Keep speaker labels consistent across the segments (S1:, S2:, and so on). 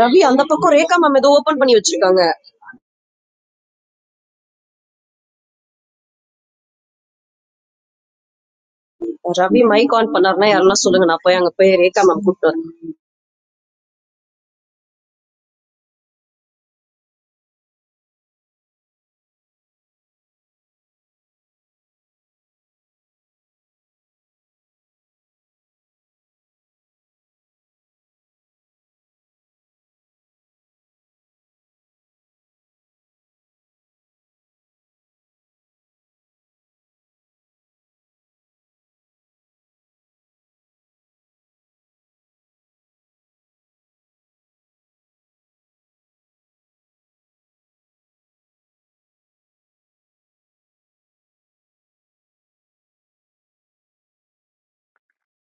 S1: ரவி அந்த பக்கம் ரேகா மேம் ஏதோ ஓபன் பண்ணி வச்சிருக்காங்க ரவி மைக் ஆன் பண்ணாருன்னா யாரெல்லாம் சொல்லுங்க நான் போய் அங்க போய் ரேகா மேம் கூப்பிட்டு வரேன்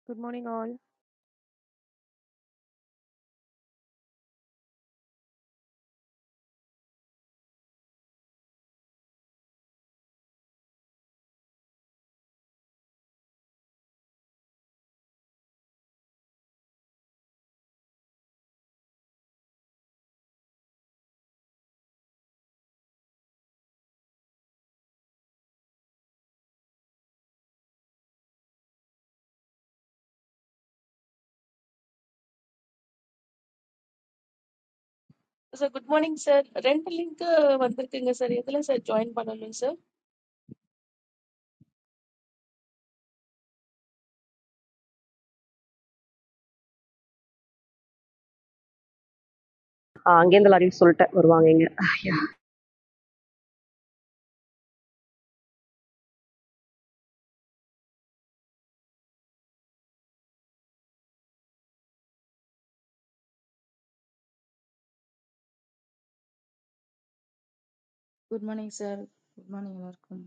S2: Good morning, all.
S3: Sir, good morning, sir. Rental link under the English, sir. Join panel, sir.
S1: ஆஹ் அங்கேருந்து லாரியில் சொல்லிட்டேன் வருவாங்க இங்க
S4: good morning sir good morning எல்லாருக்கும்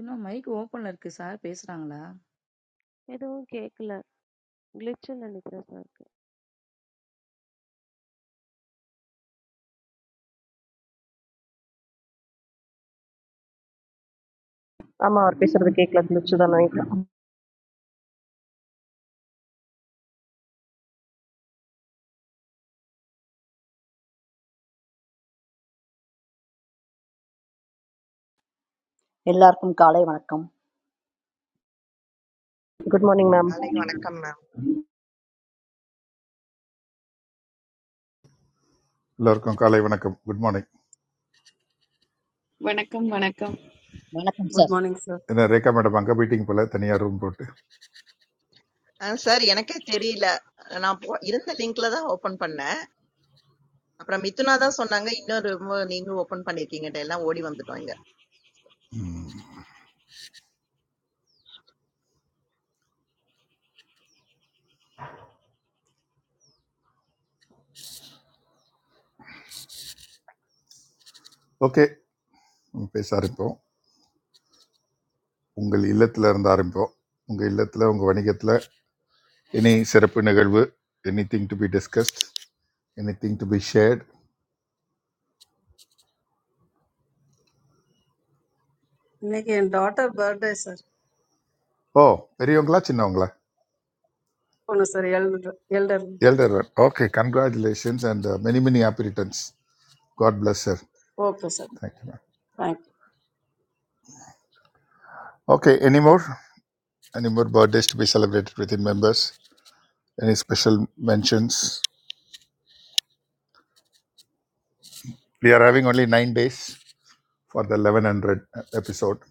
S4: இன்னும் மைக் ஓப்பன்ல இருக்கு சார் பேசுறாங்களா
S2: எதுவும் கேட்கல glitchன்னு நினைக்கிறேன் sir க்கு.
S1: ஆமா அவர் பேசுறது கேட்கல இருந்துச்சு தான் நினைக்கிறேன்
S5: Allahumma kāla minakum,
S6: காலை வணக்கம் மேம்.
S7: எல்லோருக்கும் காலை வணக்கம் good morning
S8: Welcome, welcome.
S5: minakum sir.
S9: Good morning, sir.
S7: என்ன ரேகா மேடம் அங்கே மீட்டிங் போல் தனியாக ரூம் போட்டு
S6: ஆ சார் எனக்கே தெரியல. நான் போ இருந்த லிங்க்ல தான் ஓப்பன் பண்ணேன். அப்புறம் மிதுனா தான் சொன்னாங்க, இன்னொரு room நீங்களும் ஓப்பன் பண்ணியிருக்கீங்கன்ட்டு எல்லாம் ஓடி வந்துட்டோம் இங்க.
S7: ஓகே பேச ஆரம்பிப்போம் உங்கள் இல்லத்தில் இருந்து ஆரம்பிப்போம் உங்கள் இல்லத்தில் உங்கள் வணிகத்தில் எனி சிறப்பு நிகழ்வு anything to be discussed anything to be shared
S9: I mean, daughter birthday, sir.
S7: Oh பெரியவங்களா சின்னவங்களா
S9: Oh no, sir. Elder. elder.
S7: Elder one. Okay congratulations and many many happy returns God bless sir
S9: Okay, sir.
S7: Thank you ma'am
S9: Thank. you.
S7: Okay any more any more birthdays to be celebrated with in members any special mentions we are having only nine days for the eleven hundred episode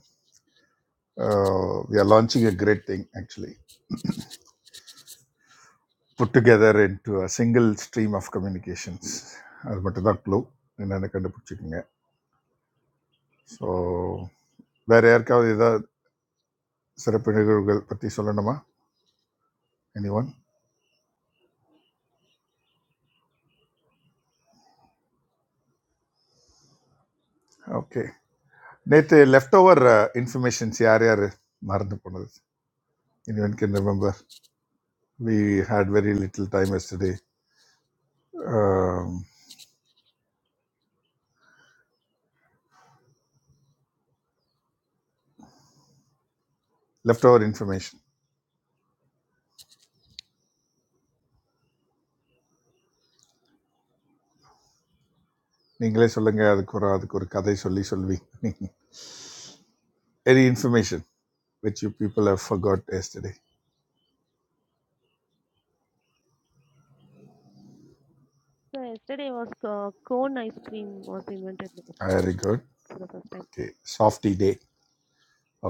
S7: Uh, we are launching a great thing actually, put together into a single stream of communications. அது மட்டும்தான் clue என்னென்னு கண்டுபிடிச்சிக்கோங்க so வேற யாருக்காவது ஏதாவது சிறப்பு நிகழ்வுகள் பற்றி சொல்லணுமா எனி ஒன் ஓகே நேற்று லெஃப்ட் ஓவர் இன்ஃபர்மேஷன்ஸ் யார் யார் மறந்து போனது anyone can remember we had very little time yesterday left over information நீங்களே சொல்லுங்கள் அதுக்கு ஒரு அதுக்கு ஒரு கதை சொல்லி சொல்வி any information which you people have forgot yesterday.
S2: Sir, yesterday was uh, cone ice cream was invented yesterday
S7: Very good.
S2: for the first time.
S7: Okay. Softy day.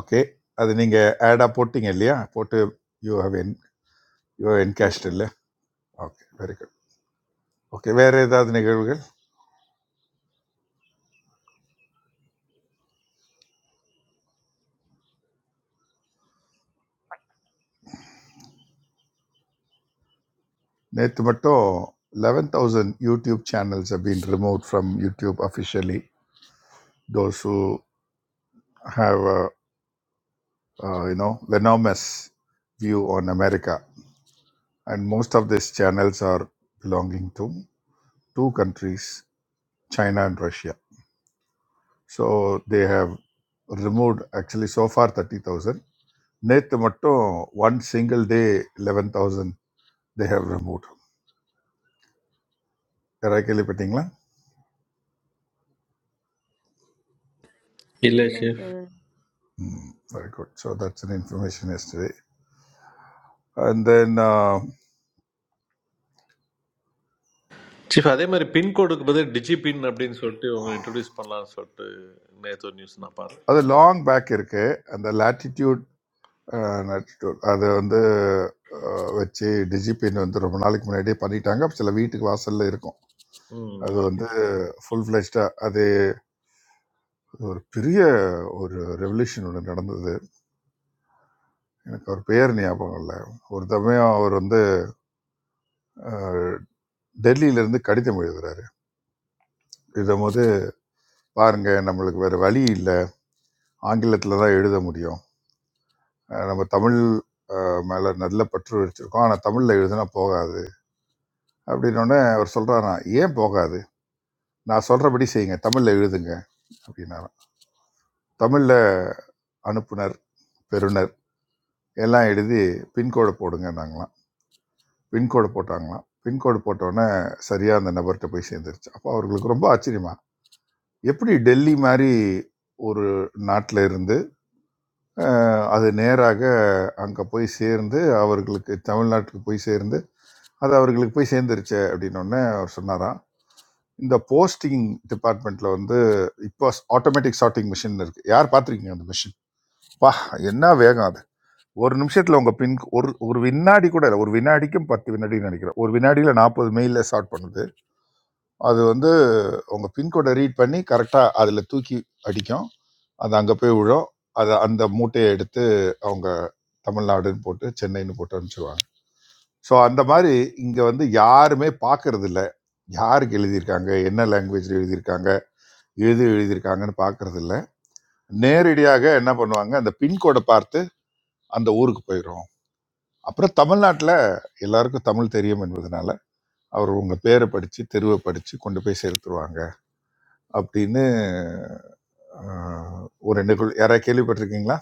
S7: Okay. அது நீங்கள் ஆடாக போட்டீங்க இல்லையா போட்டு யூ ஹவ் என் you have
S2: Yes,
S7: encashed
S2: sir.
S7: இல்லை okay very good okay வேறு ஏதாவது நிகழ்வுகள் நேற்று மட்டும் eleven thousand YouTube channels have been remove from YouTube officially those who have you know venomous view on America and most of this channels are belonging to two countries China and Russia So they have removed actually so far 30,000. நேற்று மட்டும் one single day eleven thousand they have remove யாராவது கேள்விப்பட்டீங்களா
S10: இல்லை
S4: இல்ல
S10: chief
S4: sir
S7: hmm very good so that's an information yesterday and then
S10: chief அதே மாதிரி பின்கோடுக்கு பதில் டிஜி பின் அப்படின்னு சொல்லிட்டு உங்களை இன்ட்ரடியூஸ் பண்ணலாம்னு சொல்லிட்டு நேற்று ஒரு நியூஸ் நான் பார்த்தேன்
S7: அது லாங் பேக் இருக்கு அந்த லேட்டிடியூட் லேட்டிடியூட் அது வந்து uh, வச்சு டிஜிபின் வந்து ரொம்ப நாளைக்கு முன்னாடியே பண்ணிட்டாங்க சில வீட்டுக்கு வாசல்ல இருக்கும்
S10: ம்
S7: அது
S10: ஓகே
S7: வந்து ஃபுல் ஃப்ளெஷ்டாக அது ஒரு பெரிய ஒரு ரெவல்யூஷன் ஒன்று நடந்தது எனக்கு அவர் பெயர் ஞாபகம் இல்லை ஒரு சமயம் அவர் வந்து அஹ், டெல்லியிலிருந்து கடிதம் எழுதுறாரு எழுதும்போது பாருங்க நம்மளுக்கு வேற வழி இல்லை ஆங்கிலத்தில் தான் எழுத முடியும் அஹ், நம்ம தமிழ் அஹ், மேல நல்ல பற்று வச்சிருக்கோம் ஆனால் தமிழில் எழுதுனா போகாது அப்படின்னோடனே அவர் சொல்றாரா ஏன் போகாது நான் சொல்றபடி செய்யுங்க தமிழில் எழுதுங்க அப்படின்னாராம் தமிழில் அனுப்புனர் பெறுநர் எல்லாம் எழுதி பின்கோடை போடுங்கன்னாங்களாம் பின்கோடை போட்டாங்களாம் பின்கோடு போட்டோன்னே சரியாக அந்த நபர்கிட்ட போய் சேர்ந்துருச்சு அப்போ அவர்களுக்கு ரொம்ப ஆச்சரியம் எப்படி டெல்லி மாதிரி ஒரு நாட்டில் இருந்து அஹ், அது நேராக அங்கே போய் சேர்ந்து அவர்களுக்கு தமிழ்நாட்டுக்கு போய் சேர்ந்து அது அவர்களுக்கு போய் சேர்ந்துருச்சு அப்படின்னோடனே அவர் சொன்னாராம் இந்த போஸ்டிங் டிபார்ட்மெண்ட்டில் வந்து இப்போ ஆட்டோமேட்டிக் சார்ட்டிங் மிஷின் இருக்குது யார் பார்த்துருக்கீங்க அந்த மிஷின் பா என்ன வேகம் அது ஒரு நிமிஷத்தில் உங்கள் பின் ஒரு ஒரு வினாடி கூட இல்லை ஒரு வினாடிக்கும் பத்து வினாடின்னு நினைக்கிறேன் ஒரு வினாடியில் நாற்பது மெயிலில் ஷார்ட் பண்ணுது அது வந்து உங்கள் பின்கோடை ரீட் பண்ணி கரெக்டாக அதில் தூக்கி அடிக்கும் அது அங்கே போய் விழும் அதை அந்த மூட்டையை எடுத்து அவங்க தமிழ்நாடுன்னு போட்டு சென்னைன்னு போட்டு அனுப்பிச்சிடுவாங்க ஸோ அந்த மாதிரி இங்கே வந்து யாருமே பார்க்கறது இல்ல யாருக்கு எழுதியிருக்காங்க என்ன லாங்குவேஜில் எழுதியிருக்காங்க எது எழுதியிருக்காங்கன்னு பார்க்கறது இல்ல நேரடியாக என்ன பண்ணுவாங்க அந்த பின்கோடை பார்த்து அந்த ஊருக்கு போயிடும் அப்புறம் தமிழ்நாட்டில் எல்லாருக்கும் தமிழ் தெரியும் என்பதனால அவர் உங்கள் பேரை படித்து தெருவை படித்து கொண்டு போய் சேர்த்துருவாங்க அப்படின்னு ஆஹ், ஒரு நிகழ்வு யாராவது கேள்விப்பட்டிருக்கீங்களா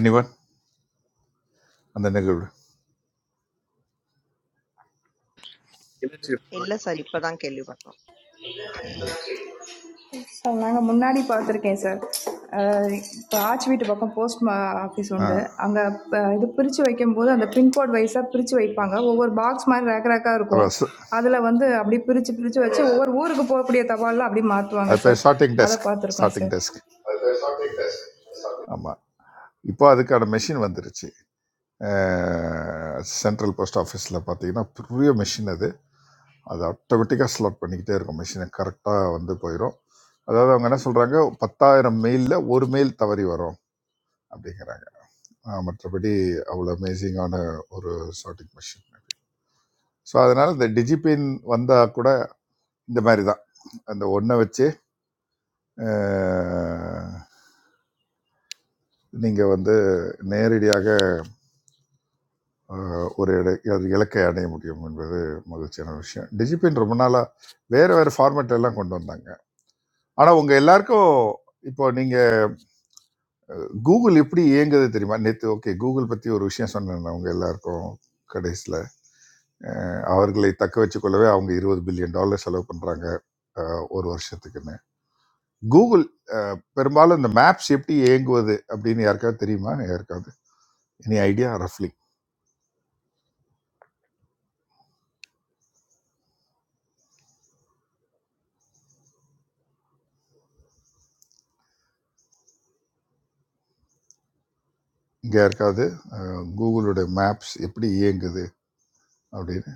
S7: எனிவன் அந்த நிகழ்வு
S10: இல்லை சீஃப்
S6: இல்ல சார் இப்பதான் கேள்விப்பட்டோம்.
S11: சார் நாங்கள் முன்னாடி பார்த்துருக்கேன் சார் இப்போ ஆச்சி வீட்டு பக்கம் போஸ்ட் ஆஃபீஸ் உண்டு அங்கே இது பிரித்து வைக்கும்போது அந்த பின்கோட் வைஸாக பிரித்து வைப்பாங்க ஒவ்வொரு பாக்ஸ் மாதிரி ரேக் ரேக்காக இருக்கும்
S7: அதான் ச-
S11: அதில் வந்து அப்படி பிரித்து பிரித்து வச்சு ஒவ்வொரு ஊருக்கு போகக்கூடிய தபால்லாம் அப்படி மாற்றுவாங்க
S7: அது பேர்
S11: சார்
S7: ஷார்ட்டிங்
S11: அதை
S7: டெஸ்க்
S11: பார்த்துருக்கோம்
S7: ஷார்ட்டிங்
S11: சார்
S7: டெஸ்க் ஆமாம் இப்போ அதுக்கான மெஷின் வந்துருச்சு சென்ட்ரல் போஸ்ட் ஆஃபீஸில் பார்த்தீங்கன்னா பெரிய மெஷின் அது அது ஆட்டோமேட்டிக்காக ஸ்லாட் பண்ணிக்கிட்டே இருக்கும் மெஷினை கரெக்டாக வந்து போயிடும் அதாவது அவங்க என்ன சொல்கிறாங்க பத்தாயிரம் மெயிலில் ஒரு மெயில் தவறி வரும் அப்படிங்கிறாங்க ஆஹ் மற்றபடி அவ்வளோ அமேசிங்கான ஒரு ஷார்ட்டிங் மெஷின் ஸோ அதனால் இந்த டிஜிபின் வந்தால் கூட இந்த மாதிரி தான் அந்த ஒன்றை வச்சு நீங்கள் வந்து நேரடியாக ஆஹ் ஒரு இடை அது இலக்கை அடைய முடியும் என்பது மகிழ்ச்சியான விஷயம் டிஜிபின் ரொம்ப நாளாக வேறு வேறு ஃபார்மேட் எல்லாம் கொண்டு வந்தாங்க ஆனால் உங்கள் எல்லாருக்கும் இப்போ நீங்கள் கூகுள் எப்படி இயங்குது தெரியுமா நேற்று ஓகே கூகுள் பற்றி ஒரு விஷயம் சொன்னேன் அவங்க எல்லாருக்கும் கடைசியில் அவர்களை தக்க வச்சுக் கொள்ளவே அவங்க இருபது பில்லியன் டாலர் செலவு பண்ணுறாங்க ஒரு வருஷத்துக்குன்னு கூகுள் அஹ், பெரும்பாலும் இந்த மேப்ஸ் எப்படி இயங்குவது அப்படின்னு யாருக்காவது தெரியுமா யாருக்காவது எனி ஐடியா ரஃப்லி இங்கே யாருக்காவது அஹ், கூகுளோட மேப்ஸ் எப்படி இயங்குது அப்படின்னு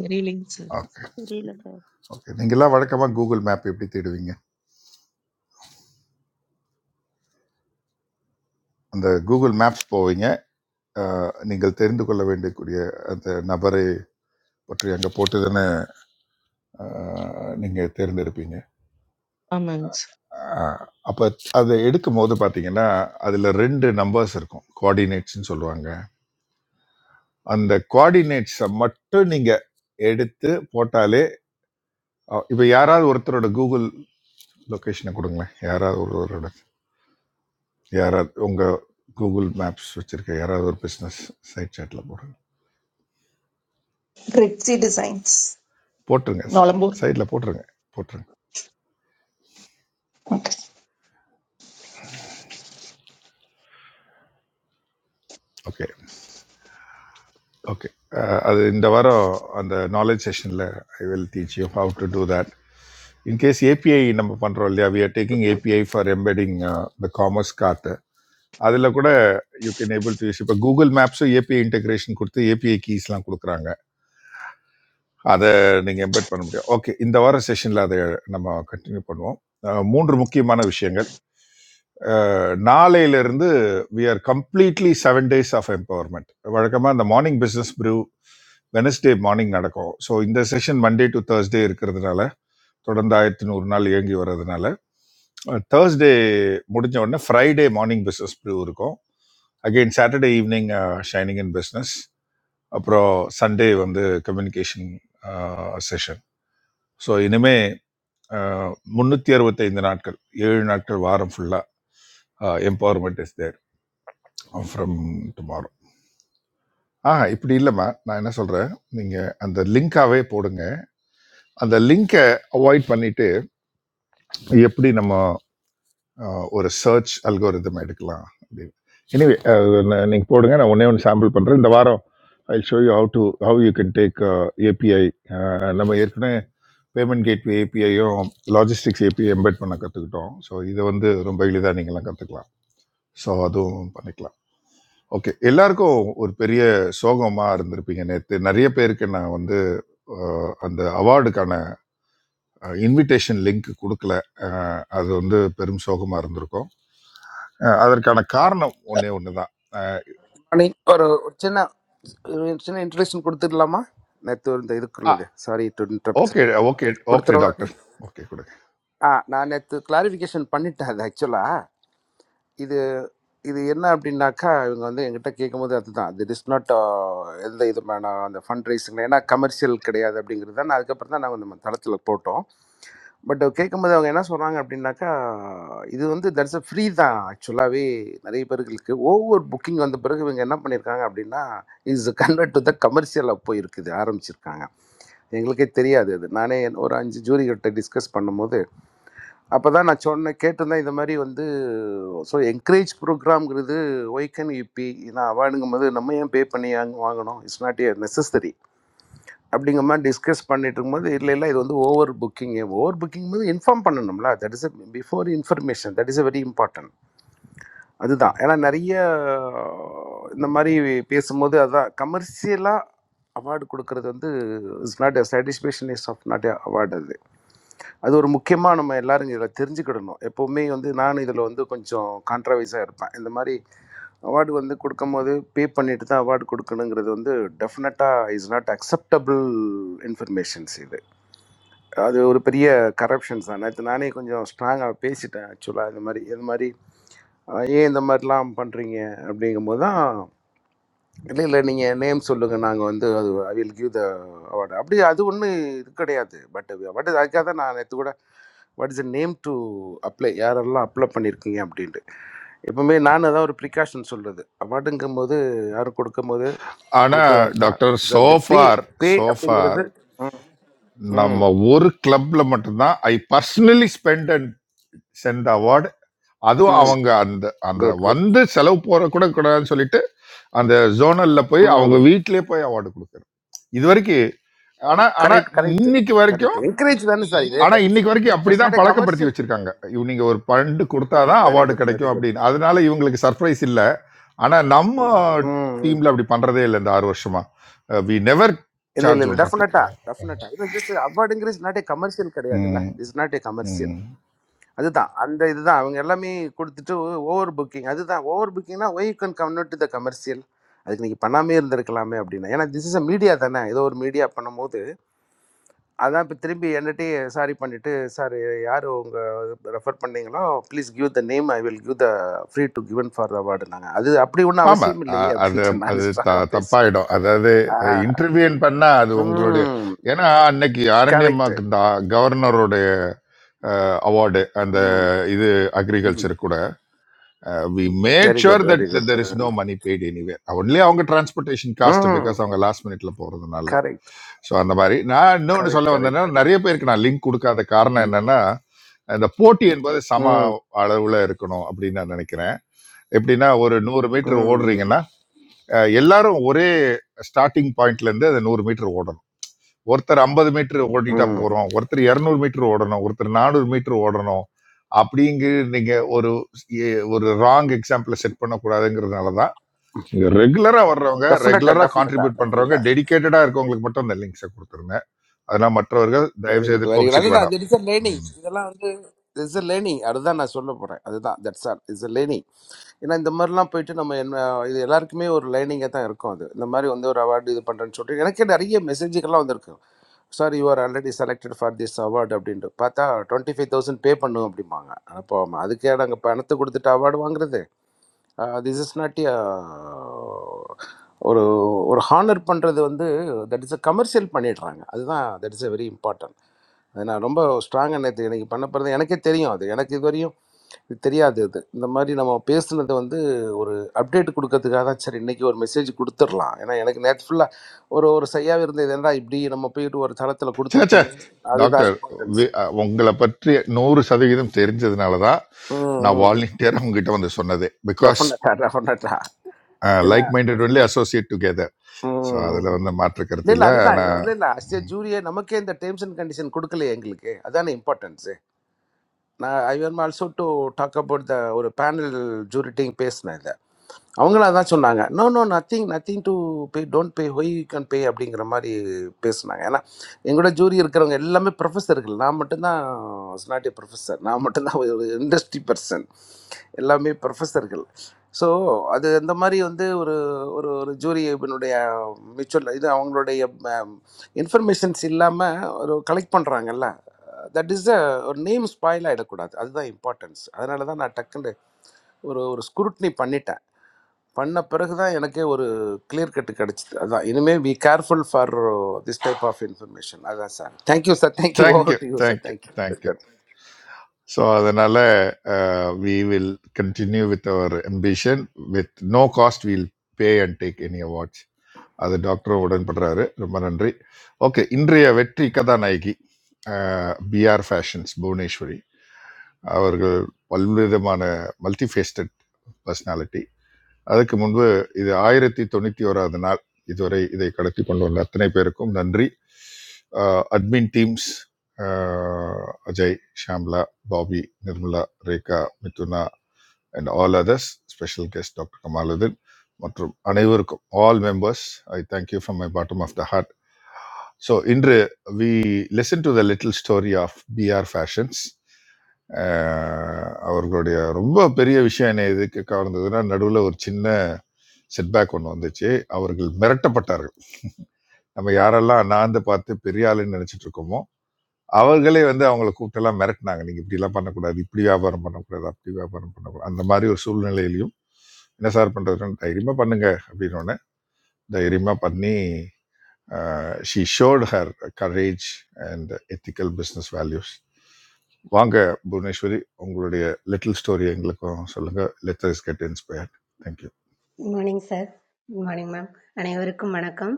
S12: வெரி லிங்க் சார்
S7: ஓகே
S4: தெரியல சார்
S7: ஓகே நீங்களாம் வழக்கமாக கூகுள் மேப் எப்படி தேடுவீங்க அந்த கூகுள் மேப்ஸ் போவீங்க அஹ், நீங்கள் தெரிந்து கொள்ள வேண்டியக்கூடிய அந்த நபரை பற்றி அங்கே போட்டு தானே நீங்கள் தேர்ந்தெடுப்பீங்க
S12: ஆமாங்க சார்
S7: அப்போ அதை எடுக்கும் போது பார்த்தீங்கன்னா அதில் ரெண்டு நம்பர்ஸ் இருக்கும் கோஆர்டினேட்ஸ்னு சொல்லுவாங்க அந்த கோஆர்டினேட்ஸை மட்டும் நீங்கள் எடுத்து போட்டாலே இப்போ யாராவது ஒருத்தரோட கூகுள் லொக்கேஷனை கொடுங்களேன் யாராவது ஒருவரோட யாராவது உங்கள் கூகுள் மேப்ஸ் வச்சுருக்க யாராவது ஒரு பிஸ்னஸ் சைட் சேட்டில் போடுங்க
S13: Grizzy Designs,
S7: போட்டுருங்க
S13: Nolambur.
S7: சைடில் போட்டுருங்க போட்டுருங்க
S13: Okay.
S7: ஓகே ஓகே அது இந்த வாரம் அந்த நாலேஜ் செஷனில் I will teach you how to do that in case API நம்ம பண்ணுறோம் இல்லையா we are taking API for embedding the commerce card அதில் கூட you can able to use இப்போ கூகுள் மேப்ஸும் ஏபிஐ இன்டகிரேஷன் கொடுத்து ஏபிஐ கீஸ்லாம் கொடுக்குறாங்க அதை நீங்கள் எம்பெட் பண்ண முடியும் ஓகே இந்த வார செஷனில் அதை நம்ம கண்டினியூ பண்ணுவோம் அஹ் மூன்று முக்கியமான விஷயங்கள் அஹ் நாளையிலிருந்து we are completely seven days of empowerment வழக்கமாக இந்த morning business brew Wednesday morning நடக்கும் ஸோ இந்த செஷன் மண்டே டு thursday இருக்கிறதுனால தொடர்ந்து ஆயிரத்தி நூறு நாள் இயங்கி வர்றதுனால தேர்ஸ்டே முடிஞ்ச உடனே ஃப்ரைடே மார்னிங் பிஸ்னஸ் ப்ரூ இருக்கும் again Saturday evening shining in business அப்புறம் சண்டே வந்து கம்யூனிகேஷன் செஷன் ஸோ இனிமே முந்நூற்றி அறுபத்தைந்து நாட்கள் ஏழு நாட்கள் வாரம் ஃபுல்லாக empowerment is there from tomorrow ஆ இப்படி இல்லைம்மா நான் என்ன சொல்கிறேன் நீங்கள் அந்த லிங்காகவே போடுங்க அந்த லிங்கை அவாய்ட் பண்ணிட்டு எப்படி நம்ம அஹ் ஒரு சர்ச் அல்கோரிதம் எடுக்கலாம் அப்படின்னு எனிவே நீங்கள் போடுங்க நான் ஒன்றே ஒன்று சாம்பிள் பண்ணுறேன் இந்த வாரம் I show you how to how you can take API நம்ம ஏற்கனவே பேமெண்ட் கேட்வே ஏபிஐயும் லாஜிஸ்டிக்ஸ் ஏபிஐ எம்பெட் பண்ண கற்றுக்கிட்டோம் ஸோ இதை வந்து ரொம்ப எளிதாக நீங்களாம் கற்றுக்கலாம் ஸோ அதுவும் பண்ணிக்கலாம் ஓகே எல்லாருக்கும் ஒரு பெரிய சோகமாக இருந்திருப்பீங்க நேற்று நிறைய பேருக்கு நான் வந்து அஹ், அந்த அவார்டுக்கான இன்விடேஷன் லிங்க் கொடுக்கல அஹ், அது வந்து பெரும் சோகமாக இருந்திருக்கும் அஹ் அதற்கான காரணம் ஒன்னே ஒண்ணுதான்
S14: அணி ஒரு ஒரு சின்ன ஒரு சின்ன இன்ட்ரடக்ஷன் கொடுத்துடலாமா நேற்று இந்த
S7: அஹ்
S14: இதுக்குள்ளது sorry to interrupt
S7: okay okay okay
S14: கொடுத்துருவா
S7: டாக்டர் ஓகே கொடுங்க
S14: ஆ நான் நேற்று கிளாரிஃபிகேஷன் பண்ணிட்டேன் அது ஆக்சுவலாக இது இது என்ன அப்படின்னாக்கா இவங்க வந்து என்கிட்ட கேட்கும்போது அதுதான் திட் இஸ் நாட் எந்த இதுமான அந்த ஃபண்ட் ரைஸிங் ஏன்னா கமர்ஷியல் கிடையாது அப்படிங்கிறது தான் நான் அதுக்கப்புறம் தான் நாங்கள் நம்ம தளத்தில் போட்டோம் பட் கேட்கும்போது அவங்க என்ன சொல்கிறாங்க அப்படின்னாக்கா இது வந்து தட்ஸ் அ ஃப்ரீ தான் ஆக்சுவலாகவே நிறைய பேர்களுக்கு ஓவர் புக்கிங் வந்த பிறகு இவங்க என்ன பண்ணியிருக்காங்க அப்படின்னா இஸ் கன்வெர்ட் டு த கமர்ஷியலாக போயிருக்குது ஆரம்பிச்சிருக்காங்க எங்களுக்கே தெரியாது அது நானே ஒரு அஞ்சு ஜூரிகிட்ட டிஸ்கஸ் பண்ணும்போது அப்போ தான் நான் சொன்னேன் கேட்டிருந்தேன் இந்த மாதிரி வந்து ஸோ என்கரேஜ் ப்ரோக்ராம்ங்கிறது ஒய்கன் யூபி நான் அவார்டுங்கும் போது நம்ம ஏன் பே பண்ணி வாங்க- வாங்கணும் இட்ஸ் நாட் ஏ நெசசரி அப்படிங்கிற மாதிரி டிஸ்கஸ் பண்ணிட்டு இருக்கும்போது இல்லை இல்லை இது வந்து ஓவர் புக்கிங் ஓவர் புக்கிங் போது இன்ஃபார்ம் பண்ணணும்ல that is before information that is very important அதுதான் ஏன்னா நிறைய இந்த மாதிரி பேசும்போது அதான் கமர்ஷியலாக அவார்டு கொடுக்கறது வந்து is not a satisfaction is of not award அது ஒரு முக்கியமாக நம்ம எல்லாரும் இதில் தெரிஞ்சுக்கிடணும் எப்போவுமே வந்து நான் இதில் வந்து கொஞ்சம் கான்ட்ரவைஸாக இருப்பேன் இந்த மாதிரி அவார்டு வந்து கொடுக்கும்போது பே பண்ணிட்டு தான் அவார்டு கொடுக்கணுங்கிறது வந்து டெஃபினட்டாக இஸ் நாட் அக்செப்டபிள் இன்ஃபர்மேஷன்ஸ் இது அது ஒரு பெரிய கரப்ஷன்ஸ் தான் நேற்று நானே கொஞ்சம் ஸ்ட்ராங்காக பேசிட்டேன் ஆக்சுவலாக இந்த மாதிரி இது மாதிரி அஹ், ஏன் இந்த மாதிரிலாம் பண்ணுறீங்க அப்படிங்கும்போது தான் இல்லை இல்லை நீங்கள் நேம் சொல்லுங்கள் நாங்கள் வந்து அது I will give the award அப்படி அது ஒன்று இது கிடையாது பட் பட் அதுக்காக தான் நான் நேற்று கூட what is a name to apply யாரெல்லாம் அப்ளை பண்ணியிருக்கீங்க அப்படின்ட்டு எப்பவுமே நான் அதான் ஒரு ப்ரிகாஷன் சொல்கிறது அவார்டுங்கும்போது யாரும் கொடுக்கும்போது
S7: ஆனா
S14: கொடுக்கறதா இருந்தால்
S7: doctor
S14: so the pay
S7: so far
S14: pay
S7: so far
S14: அப்படிங்கிறது ம் ம்
S7: நம்ம ஒரு கிளப்ல மட்டும்தான் I personally spend and send award அதுவும்
S14: ம்
S7: அவங்க அந்த அந்த
S14: குட் குட்
S7: வந்து செலவு போற கூட கூடாதுன்னு சொல்லிட்டு அந்த ஜோனல்ல போய்
S14: ம்
S7: அவங்க வீட்டிலேயே போய் அவார்டு கொடுக்கறது இது வரைக்கும் ஆனா ஆனா
S14: கரெக்ட் கரெக்ட்
S7: இன்னைக்கு வரைக்கும்
S14: கரெக்ட் என்கரேஜ் தானே சார் இது
S7: ஆனா
S14: தட் இஸ்
S7: இன்னைக்கு வரைக்கும்
S14: தட்ஸ்
S7: அப்படிதான்
S14: நாட் ஏ
S7: பழக்கப்படுத்தி
S14: கமர்ஷியல்
S7: வச்சிருக்காங்க
S14: கிடையாது
S7: இவ- நீங்க ஒரு பண்டு கொடுத்தாதான்
S14: வெரி
S7: அவார்டு
S14: குட் வெரி
S7: கிடைக்கும்
S14: குட்
S7: அப்படின்னு அதனால இவங்களுக்கு சர்ப்ரைஸ் இல்ல ஆனா நம்ம
S14: ம்
S7: டீம்ல அப்படி பண்றதே இல்லை இந்த ஆறு வருஷமா வி நெவர்
S14: இல்ல இல்ல
S7: சார்ஜ்
S14: இல்ல
S7: பண்றப்பி
S14: டெஃபினட்டா டெஃபினட்டா இல்லை திஸ் அவார்டுங்கிற இஸ் நாட் ஏ கமர்ஷியல் கிடையாதுல்ல
S7: ம்,
S14: இஸ் நாட் ஏ கமர்ஷியல்
S7: ம்.
S14: அதுதான் அந்த இதுதான் அவங்க எல்லாமே கொடுத்துட்டு ஓவர் புக்கிங் அதுதான் ஓவர் புக்கிங்னா why can convert to the commercial அதுக்கு நீங்கள் பண்ணாமே இருந்திருக்கலாமே அப்படின்னா ஏன்னா திஸ் இஸ் அ மீடியா தானே ஏதோ ஒரு மீடியா பண்ணும்போது அதான் இப்போ திரும்பி என்னட்டே சாரி பண்ணிட்டு சார் யார் உங்கள் ரெஃபர் பண்ணீங்களோ please give the name I will give the free to given for the அவார்டுனாங்க அது அப்படி ஒன்றும்
S7: ஆமா
S14: அவசியம் இல்லையே
S7: அ- அது
S14: அப்படின்ட்டு நான்
S7: அது த
S14: ஸ்ட்ராங்காக பேசிட்டேன்
S7: தப்பாயிடும் அதாவது
S14: ஆ,
S7: இன்டர்வியூன் பண்ணா அது உங்களுடைய
S14: ம்
S7: ஏன்னா அன்னைக்கு
S14: கரெக்ட்
S7: அரண்யமாக்கு இந்த கவர்னருடைய அவார்டு அந்த
S14: ம்
S7: இது
S14: ம்
S7: அக்ரிகல்ச்சர் கூட we made
S14: very good
S7: sure that
S14: very good
S7: there is no money paid anywhere only அவங்க டிரான்ஸ்போர்ட்டேஷன் காஸ்ட்
S14: ம்
S7: பிகாஸ் அவங்க லாஸ்ட் மினிட்ல போறதுனால
S14: கரெக்ட்
S7: ஸோ அந்த மாதிரி நான் இன்னொன்று
S14: கரெக்ட்
S7: சொல்ல
S14: கரெக்ட்
S7: வந்தேன்னா
S14: கரெக்ட்
S7: நிறைய பேருக்கு நான் லிங்க் கொடுக்காத காரணம்
S14: ம்
S7: என்னன்னா இந்த போட்டி என்பது சம
S14: ம்
S7: அளவுல இருக்கணும் அப்படின்னு நான் நினைக்கிறேன் எப்படின்னா ஒரு நூறு மீட்டர்
S14: ம் ம்
S7: ஓடுறீங்கன்னா அஹ், எல்லாரும் ஒரே ஸ்டார்டிங் பாயிண்ட்ல இருந்து அந்த நூறு மீட்டர் ஓடணும் ஒருத்தர் ஐம்பது மீட்டர் ஓட்டிட்டா
S14: ம்
S7: போறோம் ஒருத்தர் இரநூறு மீட்டர் ஓடணும் ஒருத்தர் நானூறு மீட்டர் ஓடணும் அப்படிங்கு நீங்க ஒரு எ- ஒரு ராங் எக்ஸாம்பிள செட் பண்ணக்கூடாதுங்கிறதுனால தான் இங்க ரெகுலரா வர்றவங்க
S14: டெஃபினட்டா
S7: ரெகுலரா
S14: டெஃபினட்டா
S7: கான்ட்ரிபியூட் பண்றவங்க
S14: டெஃபினட்டா
S7: டெடிகேட்டடா இருக்கவங்களுக்கு மட்டும் இந்த லிங்க்ஸை கொடுத்துருங்க அதெல்லாம் மற்றவர்கள் தயவு
S14: வெரி
S7: செய்து
S14: குட் வெரி குட்
S7: கோபிச்சுக்க
S14: அதுதான்
S7: வேண்டாம்
S14: இட்ஸ் அ லேர்னிங்
S7: ம்.
S14: இதெல்லாம் வந்து இட்ஸ் அ லேர்னிங் அதுதான் நான் சொல்ல போறேன் அதுதான் தட்ஸ் ஆல் இட்ஸ் அ ஏன்னா இந்த மாதிரிலாம் போயிட்டு நம்ம என்ன இது எல்லாருக்குமே ஒரு லைனிங்காக தான் இருக்கும் அது இந்த மாதிரி வந்து ஒரு அவார்டு இது பண்ணுறேன்னு சொல்லிட்டு எனக்கே நிறைய மெசேஜுக்கெல்லாம் வந்திருக்கு sir you are already selected for this award அப்படின்ட்டு பார்த்தா டுவெண்ட்டி ஃபைவ் தௌசண்ட் பே பண்ணும் அப்படிம்பாங்க அப்போ அதுக்கே நாங்கள் பணத்தை கொடுத்துட்டு அவார்டு வாங்குறது திஸ் இஸ் நாட் ஒரு ஒரு ஹானர் பண்ணுறது வந்து தட் இஸ் அ கமர்ஷியல் பண்ணிடுறாங்க அதுதான் that is a very important அது நான் ரொம்ப ஸ்ட்ராங்காக நேற்று எனக்கு பண்ண போகிறது எனக்கே தெரியும் அது எனக்கு இதுவரையும் இது தெரியாது இது இந்த மாதிரி நம்ம பேசுனது வந்து ஒரு அப்டேட் கொடுக்கறதுக்காக தான் சரி இன்றைக்கி ஒரு மெசேஜ் கொடுத்துடலாம் ஏன்னா எனக்கு நேற்று ஃபுல்லாக ஒரு ஒரு சையாக இருந்தது ஏன்னா இப்படி நம்ம போயிட்டு ஒரு தளத்தில்
S7: சே சே
S14: கொடுத்துருக்கோமே அதுதான்
S7: டாக்டர்
S14: இம்பார்ட்டன்ஸு
S7: வி- அ, உங்களை பற்றி நூறு சதவீதம் தெரிஞ்சதுனால தான்
S14: ம்
S7: நான்
S14: ம்
S7: வாலண்டியராக உங்ககிட்ட வந்து சொன்னது பிகாஸ்
S14: டெஃபினட்டாக டெஃபினட்டாக ஏன்னா
S7: like minded only associate together so அதில்
S14: ம்
S7: வந்து மாற்று
S14: இல்ல
S7: கருத்து
S14: இல்ல
S7: இல்லை
S14: அதுதான்
S7: ஆனால்
S14: இல்ல இல்ல அஸ் ஏ ஜூரியே நமக்கே இந்த டேர்ம்ஸ் அண்ட் கண்டிஷன் கொடுக்கலையே எங்களுக்கு அதான இம்பார்ட்டன்ஸ் நான் I am also to talk about the ஒரு பேனல் ஜூரிட்டையும் பேசினேன் இதை அவங்களும் அதான் சொன்னாங்க no no nothing nothing to pay don't pay why you can pay அப்படிங்கிற மாதிரி பேசுனாங்க ஏன்னா எங்களோட ஜூரி இருக்கிறவங்க எல்லாமே ப்ரொஃபஸர்கள் நான் மட்டும்தான் இஸ் நாட் ஏ ப்ரொஃபஸர் நான் மட்டும்தான் ஒரு இண்டஸ்ட்ரி பர்சன் எல்லாமே ப்ரொஃபஸர்கள் ஸோ அது அந்த மாதிரி வந்து ஒரு ஒரு ஒரு ஜூரி இதனுடைய மியூச்சுவல் இது அவங்களுடைய இன்ஃபர்மேஷன்ஸ் இல்லாமல் ஒரு கலெக்ட் பண்ணுறாங்கல்ல தட் இஸ் அ ஒரு நேம் ஸ்பாயில் ஆகிடக்கூடாது அதுதான் இம்பார்ட்டன்ஸ் அதனால தான் நான் டக்குன்னு ஒரு ஒரு ஸ்க்ரூட்னி பண்ணிட்டேன் பண்ண பிறகு தான் எனக்கே ஒரு clear கட்டு கிடச்சிது அதான் இனிமேல் be careful for this type of information அதான் sir thank you sir thank you over
S7: thank you
S14: to you sir
S7: thank you
S14: thank you
S7: thank you
S14: sir.
S7: So அதனால we will continue with our ambition with no cost will pay and take any awards அது டாக்டரும் உடன்படுறாரு ரொம்ப நன்றி okay இன்றைய வெற்றி கதாநாயகி PR fashions Bhuvaneswari அவர்கள் பல்விதமான multifaceted personality அதுக்கு முன்பு இது ஆயிரத்தி தொண்ணூற்றி ஓராவது நாள் இதுவரை இதை கடத்தி கொண்டு வந்த அத்தனை பேருக்கும் நன்றி admin teams Ajay Shamla Babi Nirmala Rekha Mithuna and all others special guest doctor Kamaluddin மற்றும் அனைவருக்கும் all members I thank you from my bottom of the heart so இன்று we listen to the little story of PR fashions அவர்களுடைய ரொம்ப பெரிய விஷயம் என்ன எதுக்கு கவர்ந்ததுன்னா நடுவில் ஒரு சின்ன செட்பேக் ஒன்று வந்துச்சு அவர்கள் மிரட்டப்பட்டார்கள் நம்ம யாரெல்லாம் நான் பார்த்து பெரிய ஆளுன்னு நினைச்சிட்டு இருக்கோமோ அவர்களே வந்து அவங்கள கூப்பிட்டெல்லாம் மிரட்டினாங்க நீங்க இப்படி எல்லாம் பண்ணக்கூடாது இப்படி வியாபாரம் பண்ணக்கூடாது அப்படி வியாபாரம் பண்ணக்கூடாது அந்த மாதிரி ஒரு சூழ்நிலையிலையும் என்ன சார் பண்றதுன்னு தைரியமா பண்ணுங்க அப்படின்னு தைரியமா பண்ணி she showed her courage and ethical business values வாங்க புவனேஸ்வரி உங்களுடைய லிட்டில் ஸ்டோரி எங்களுக்கும் சொல்லுங்க let's get inspired thank you
S15: good morning sir good morning ma'am அனைவருக்கும் வணக்கம்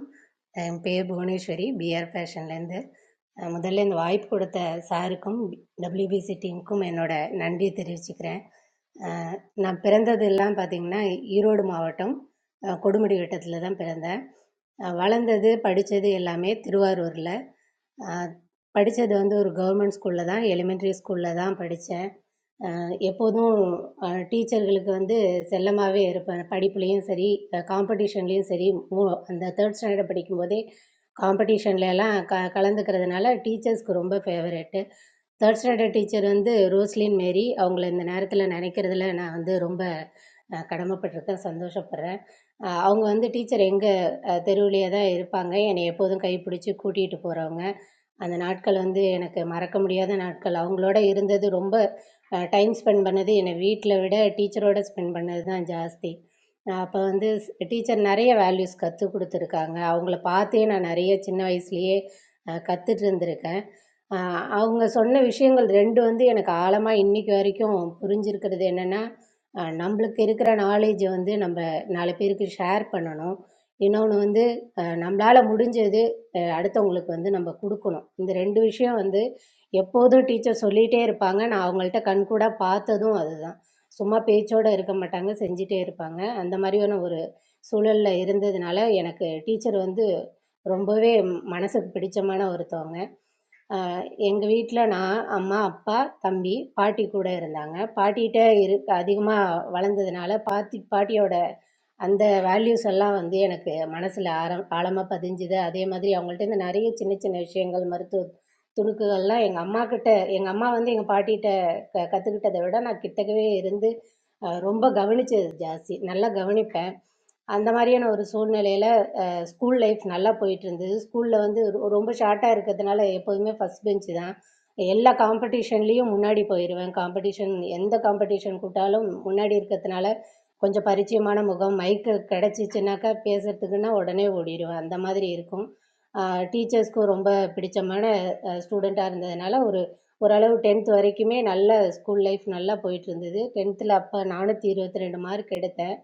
S15: என் பேர் புவனேஸ்வரி பிஆர் ஃபேஷன்லேருந்து அஹ் முதல்ல இந்த வாய்ப்பு கொடுத்த சாருக்கும் டபிள்யூபிசி டீமுக்கும் என்னோட நன்றியை தெரிவிச்சுக்கிறேன் அஹ் நான் பிறந்தது எல்லாம் பார்த்தீங்கன்னா ஈரோடு மாவட்டம் அஹ் கொடுமுடி வட்டத்தில் தான் பிறந்தேன் அஹ் வளர்ந்தது படித்தது எல்லாமே திருவாரூரில் படித்தது வந்து ஒரு கவர்மெண்ட் ஸ்கூலில் தான் எலிமெண்ட்ரி ஸ்கூலில் தான் படித்தேன் அஹ் எப்போதும் டீச்சர்களுக்கு வந்து செல்லமாகவே இருப்பேன் படிப்புலேயும் சரி காம்படிஷன்லேயும் சரி மூ அந்த தேர்ட் ஸ்டாண்டர்ட் படிக்கும்போதே காம்படிஷன்ல எல்லாம் க கலந்துக்கிறதுனால டீச்சர்ஸ்க்கு ரொம்ப ஃபேவரெட்டு தேர்ட் ஸ்டாண்டர்ட் டீச்சர் வந்து ரோஸ்லின் மேரி அவங்கள இந்த நேரத்தில் நினைக்கிறதுல நான் வந்து ரொம்ப அஹ், கடமைப்பட்டிருக்கேன் சந்தோஷப்படுறேன் அஹ், அவங்க வந்து டீச்சர் எங்கள் தெருவிலேயே தான் இருப்பாங்க என்னை எப்போதும் கைப்பிடிச்சு கூட்டிகிட்டு போகிறவங்க அந்த நாட்கள் வந்து எனக்கு மறக்க முடியாத நாட்கள் அவங்களோட இருந்தது ரொம்ப டைம் ஸ்பெண்ட் பண்ணது என்னை வீட்டில் விட டீச்சரோட ஸ்பெண்ட் பண்ணது தான் ஜாஸ்தி அப்போ வந்து டீச்சர் நிறைய வேல்யூஸ் கற்றுக் கொடுத்துருக்காங்க அவங்கள பார்த்தே நான் நிறைய சின்ன வயசுலேயே கற்றுட்டு இருந்திருக்கேன் அஹ் அவங்க சொன்ன விஷயங்கள் ரெண்டு வந்து எனக்கு ஆழமாக இன்னைக்கு வரைக்கும் புரிஞ்சிருக்கிறது என்னென்னா நம்மளுக்கு இருக்கிற நாலேஜை வந்து நம்ம நாலு பேருக்கு ஷேர் பண்ணணும் இன்னொன்று வந்து அஹ் நம்மளால முடிஞ்சது அஹ் அடுத்தவங்களுக்கு வந்து நம்ம கொடுக்கணும் இந்த ரெண்டு விஷயம் வந்து எப்போதும் டீச்சர் சொல்லிகிட்டே இருப்பாங்க நான் அவங்கள்ட்ட கண்கூடாக பார்த்ததும் அதுதான் சும்மா பேச்சோடு இருக்க மாட்டாங்க செஞ்சிட்டே இருப்பாங்க அந்த மாதிரியான ஒரு சூழலில் இருந்ததுனால எனக்கு டீச்சர் வந்து ரொம்பவே மனசுக்கு பிடிச்சமான ஒருத்தவங்க எங்கள் வீட்டில் நான் அம்மா அப்பா தம்பி பாட்டி கூட இருந்தாங்க பாட்டிகிட்ட இருக்க அதிகமாக வளர்ந்ததுனால பாத்தி பாட்டியோட அந்த வேல்யூஸ் எல்லாம் வந்து எனக்கு மனசில் ஆரம் ஆழமாக பதிஞ்சுது அதே மாதிரி அவங்கள்ட்டேருந்து நிறைய சின்ன சின்ன விஷயங்கள் மருத்துவ துணுக்குகள்லாம் எங்கள் அம்மா கிட்ட எங்கள் அம்மா வந்து எங்கள் பாட்டிகிட்ட க கற்றுக்கிட்டத விட நான் கிட்டக்கவே இருந்து அஹ் ரொம்ப கவனிச்சது ஜாஸ்தி நல்லா கவனிப்பேன் அந்த மாதிரியான ஒரு சூழ்நிலையில ஸ்கூல் லைஃப் நல்லா போயிட்டு இருந்தது ஸ்கூலில் வந்து ரொ- ரொம்ப ஷார்ட்டாக இருக்கிறதுனால எப்போதுமே ஃபர்ஸ்ட் பெஞ்சு தான் எல்லா காம்படிஷன்லேயும் முன்னாடி போயிடுவேன் காம்படிஷன் எந்த காம்படிஷன் கூட்டாலும் முன்னாடி இருக்கிறதுனால கொஞ்சம் பரிச்சயமான முகம் மைக்கு கிடச்சிச்சுனாக்கா பேசுறதுக்குன்னா உடனே ஓடிடுவேன் அந்த மாதிரி இருக்கும் டீச்சர்ஸ்க்கும் ரொம்ப பிடிச்சமான ஸ்டூடெண்ட்டாக இருந்ததுனால ஒரு ஓரளவு டென்த் வரைக்குமே நல்ல ஸ்கூல் லைஃப் நல்லா போயிட்டு இருந்தது டென்த்தில் அப்போ நானூற்றி இருபத்தி ரெண்டு மார்க் எடுத்தேன்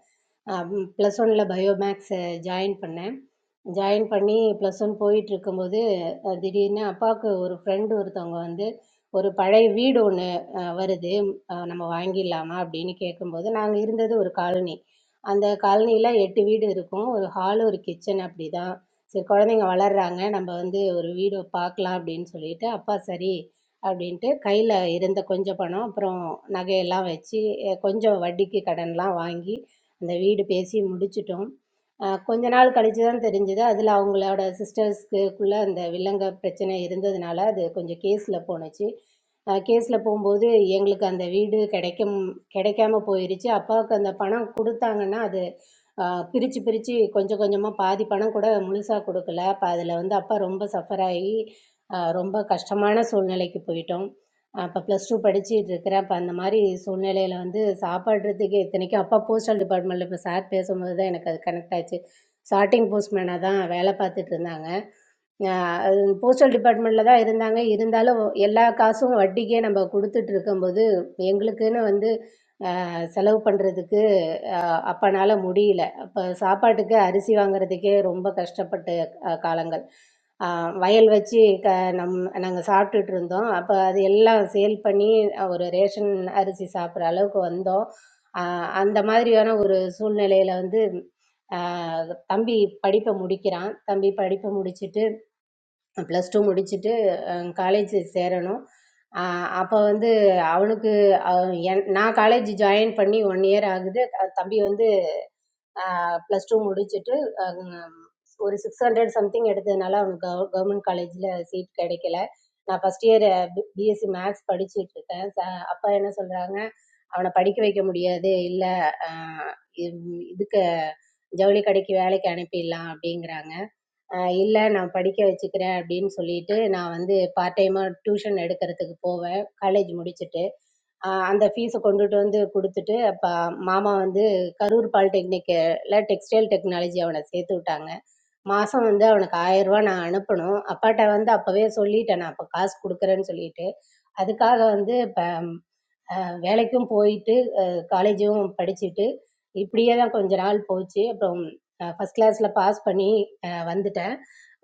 S15: ப்ளஸ் ஒனில் பயோ மேக்ஸு ஜாயின் பண்ணேன் ஜாயின் பண்ணி ப்ளஸ் ஒன் போயிட்டிருக்கும்போது திடீர்னு அப்பாவுக்கு ஒரு ஃப்ரெண்டு ஒருத்தவங்க வந்து ஒரு பழைய வீடு ஒன்று வருது அஹ், நம்ம வாங்கிடலாமா அப்படின்னு கேட்கும்போது நாங்கள் இருந்தது ஒரு காலனி அந்த காலனியில் எட்டு வீடு இருக்கும் ஒரு ஹால் ஒரு கிச்சன் அப்படி தான் சரி குழந்தைங்க வளர்கிறாங்க நம்ம வந்து ஒரு வீடு பார்க்கலாம் அப்படின்னு சொல்லிட்டு அப்பா சரி அப்படின்ட்டு கையில் இருந்த கொஞ்சம் பணம் அப்புறம் நகையெல்லாம் வச்சு அஹ், கொஞ்சம் வட்டிக்கு கடனெலாம் வாங்கி அந்த வீடு பேசி முடிச்சிட்டோம் அஹ் கொஞ்ச நாள் கழிச்சு தான் தெரிஞ்சது அதில் அவங்களோட சிஸ்டர்ஸ்க்குள்ளே அந்த வில்லங்க பிரச்சனை இருந்ததுனால அது கொஞ்சம் கேஸில் போணுச்சு கேஸில் போகும்போது எங்களுக்கு அந்த வீடு கிடைக்கும் கிடைக்காம போயிருச்சு அப்பாவுக்கு அந்த பணம் கொடுத்தாங்கன்னா அது அஹ், பிரிச்சு பிரிச்சு கொஞ்சம் கொஞ்சமாக பாதி பணம் கூட முழுசாக கொடுக்கல அப்போ அதில் வந்து அப்பா ரொம்ப சஃபர் ஆகி அஹ், ரொம்ப கஷ்டமான சூழ்நிலைக்கு போயிட்டோம் அப்போ ப்ளஸ் டூ படிச்சுட்டு இருக்கிறேன் அப்போ அந்த மாதிரி சூழ்நிலையில் வந்து சாப்பிட்றதுக்கு இத்தனைக்கும் அப்பா போஸ்டல் டிபார்ட்மெண்ட்டில் இப்போ சார் பேசும்போது தான் எனக்கு அது கனெக்ட் ஆச்சு ஸ்டார்டிங் போஸ்ட்மேனாக தான் வேலை பார்த்துட்டு இருந்தாங்க போஸ்டல் டிபார்ட்மெண்ட்டில் தான் இருந்தாங்க இருந்தாலும் எல்லா காசும் வட்டிக்கே நம்ம கொடுத்துட்டு இருக்கும்போது எங்களுக்குன்னு வந்து ஆஹ், செலவு பண்ணுறதுக்கு அப்போனால முடியல அப்போ சாப்பாட்டுக்கு அரிசி வாங்குறதுக்கே ரொம்ப கஷ்டப்பட்ட அஹ், காலங்கள் ஆ, வயல் வச்சு க நம் நாங்கள் சாப்பிட்டுட்டு இருந்தோம் அப்போ அது எல்லாம் சேல் பண்ணி ஒரு ரேஷன் அரிசி சாப்பிட்ற அளவுக்கு வந்தோம் ஆ, அந்த மாதிரியான ஒரு சூழ்நிலையில வந்து ஆ, தம்பி படிப்பை முடிக்கிறான் தம்பி படிப்பை முடிச்சுட்டு ப்ளஸ் டூ முடிச்சுட்டு காலேஜ் சேரணும் அப்போ வந்து அவனுக்கு அவன் என்- நான் காலேஜ் ஜாயின் பண்ணி ஒன் இயர் ஆகுது அஹ் தம்பி வந்து ப்ளஸ் டூ முடிச்சுட்டு ஒரு சிக்ஸ் ஹண்ட்ரட் சம்திங் எடுத்ததுனால அவனுக்கு கவ கவர்மெண்ட் காலேஜில் சீட் கிடைக்கல நான் ஃபஸ்ட் இயர் பிஎஸ்சி மேக்ஸ் படிச்சுட்டு இருக்கேன் ச அப்பா என்ன சொல்கிறாங்க அவனை படிக்க வைக்க முடியாது இல்லை இதுக்கு ஜவுளி கடைக்கு வேலைக்கு அனுப்பிடலாம் அப்படிங்கிறாங்க இல்லை நான் படிக்க வச்சுக்கிறேன் அப்படின்னு சொல்லிட்டு நான் வந்து பார்ட் டைமாக டியூஷன் எடுக்கிறதுக்கு போவேன் காலேஜ் முடிச்சுட்டு ஆஹ் அந்த ஃபீஸை கொண்டுட்டு வந்து கொடுத்துட்டு அப்போ மாமா வந்து கரூர் பாலிடெக்னிக்கில் டெக்ஸ்டைல் டெக்னாலஜி அவனை சேர்த்து விட்டாங்க மாதம் வந்து அவனுக்கு ஆயிரம் ரூபாய் நான் அனுப்பணும் அப்பாட்ட வந்து அப்போவே சொல்லிட்டேன் நான் அப்போ காசு கொடுக்குறேன்னு சொல்லிட்டு அதுக்காக வந்து இப்போ வேலைக்கும் போய்ட்டு காலேஜும் படிச்சுட்டு இப்படியே தான் கொஞ்ச நாள் போச்சு அப்புறம் ஃபஸ்ட் கிளாஸில் பாஸ் பண்ணி அஹ் வந்துட்டேன்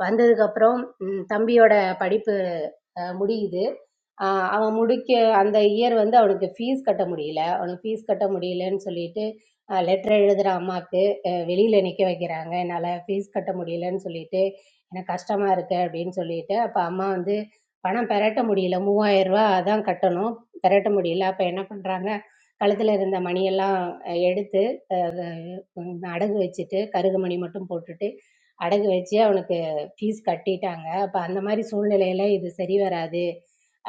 S15: வந்ததுக்கப்புறம் ம், தம்பியோட படிப்பு அஹ் முடியுது ஆஹ் அவன் முடிக்க அந்த இயர் வந்து அவனுக்கு ஃபீஸ் கட்ட முடியல அவனுக்கு ஃபீஸ் கட்ட முடியலன்னு சொல்லிட்டு லெட்டர் எழுதுகிற அம்மாவுக்கு அஹ் வெளியில நிற்க வைக்கிறாங்க என்னால் ஃபீஸ் கட்ட முடியலன்னு சொல்லிட்டு எனக்கு கஷ்டமா இருக்கு அப்படின்னு சொல்லிட்டு அப்போ அம்மா வந்து பணம் பெரட்ட முடியல மூவாயிரம் ரூபா அதான் கட்டணும் பெரட்ட முடியல அப்போ என்ன பண்ணுறாங்க கழுத்தில் இருந்த மணியெல்லாம் எடுத்து அடகு வச்சுட்டு கருகுமணி மட்டும் போட்டுட்டு அடகு வச்சு அவனுக்கு ஃபீஸ் கட்டிட்டாங்க அப்போ அந்த மாதிரி சூழ்நிலையில இது சரி வராது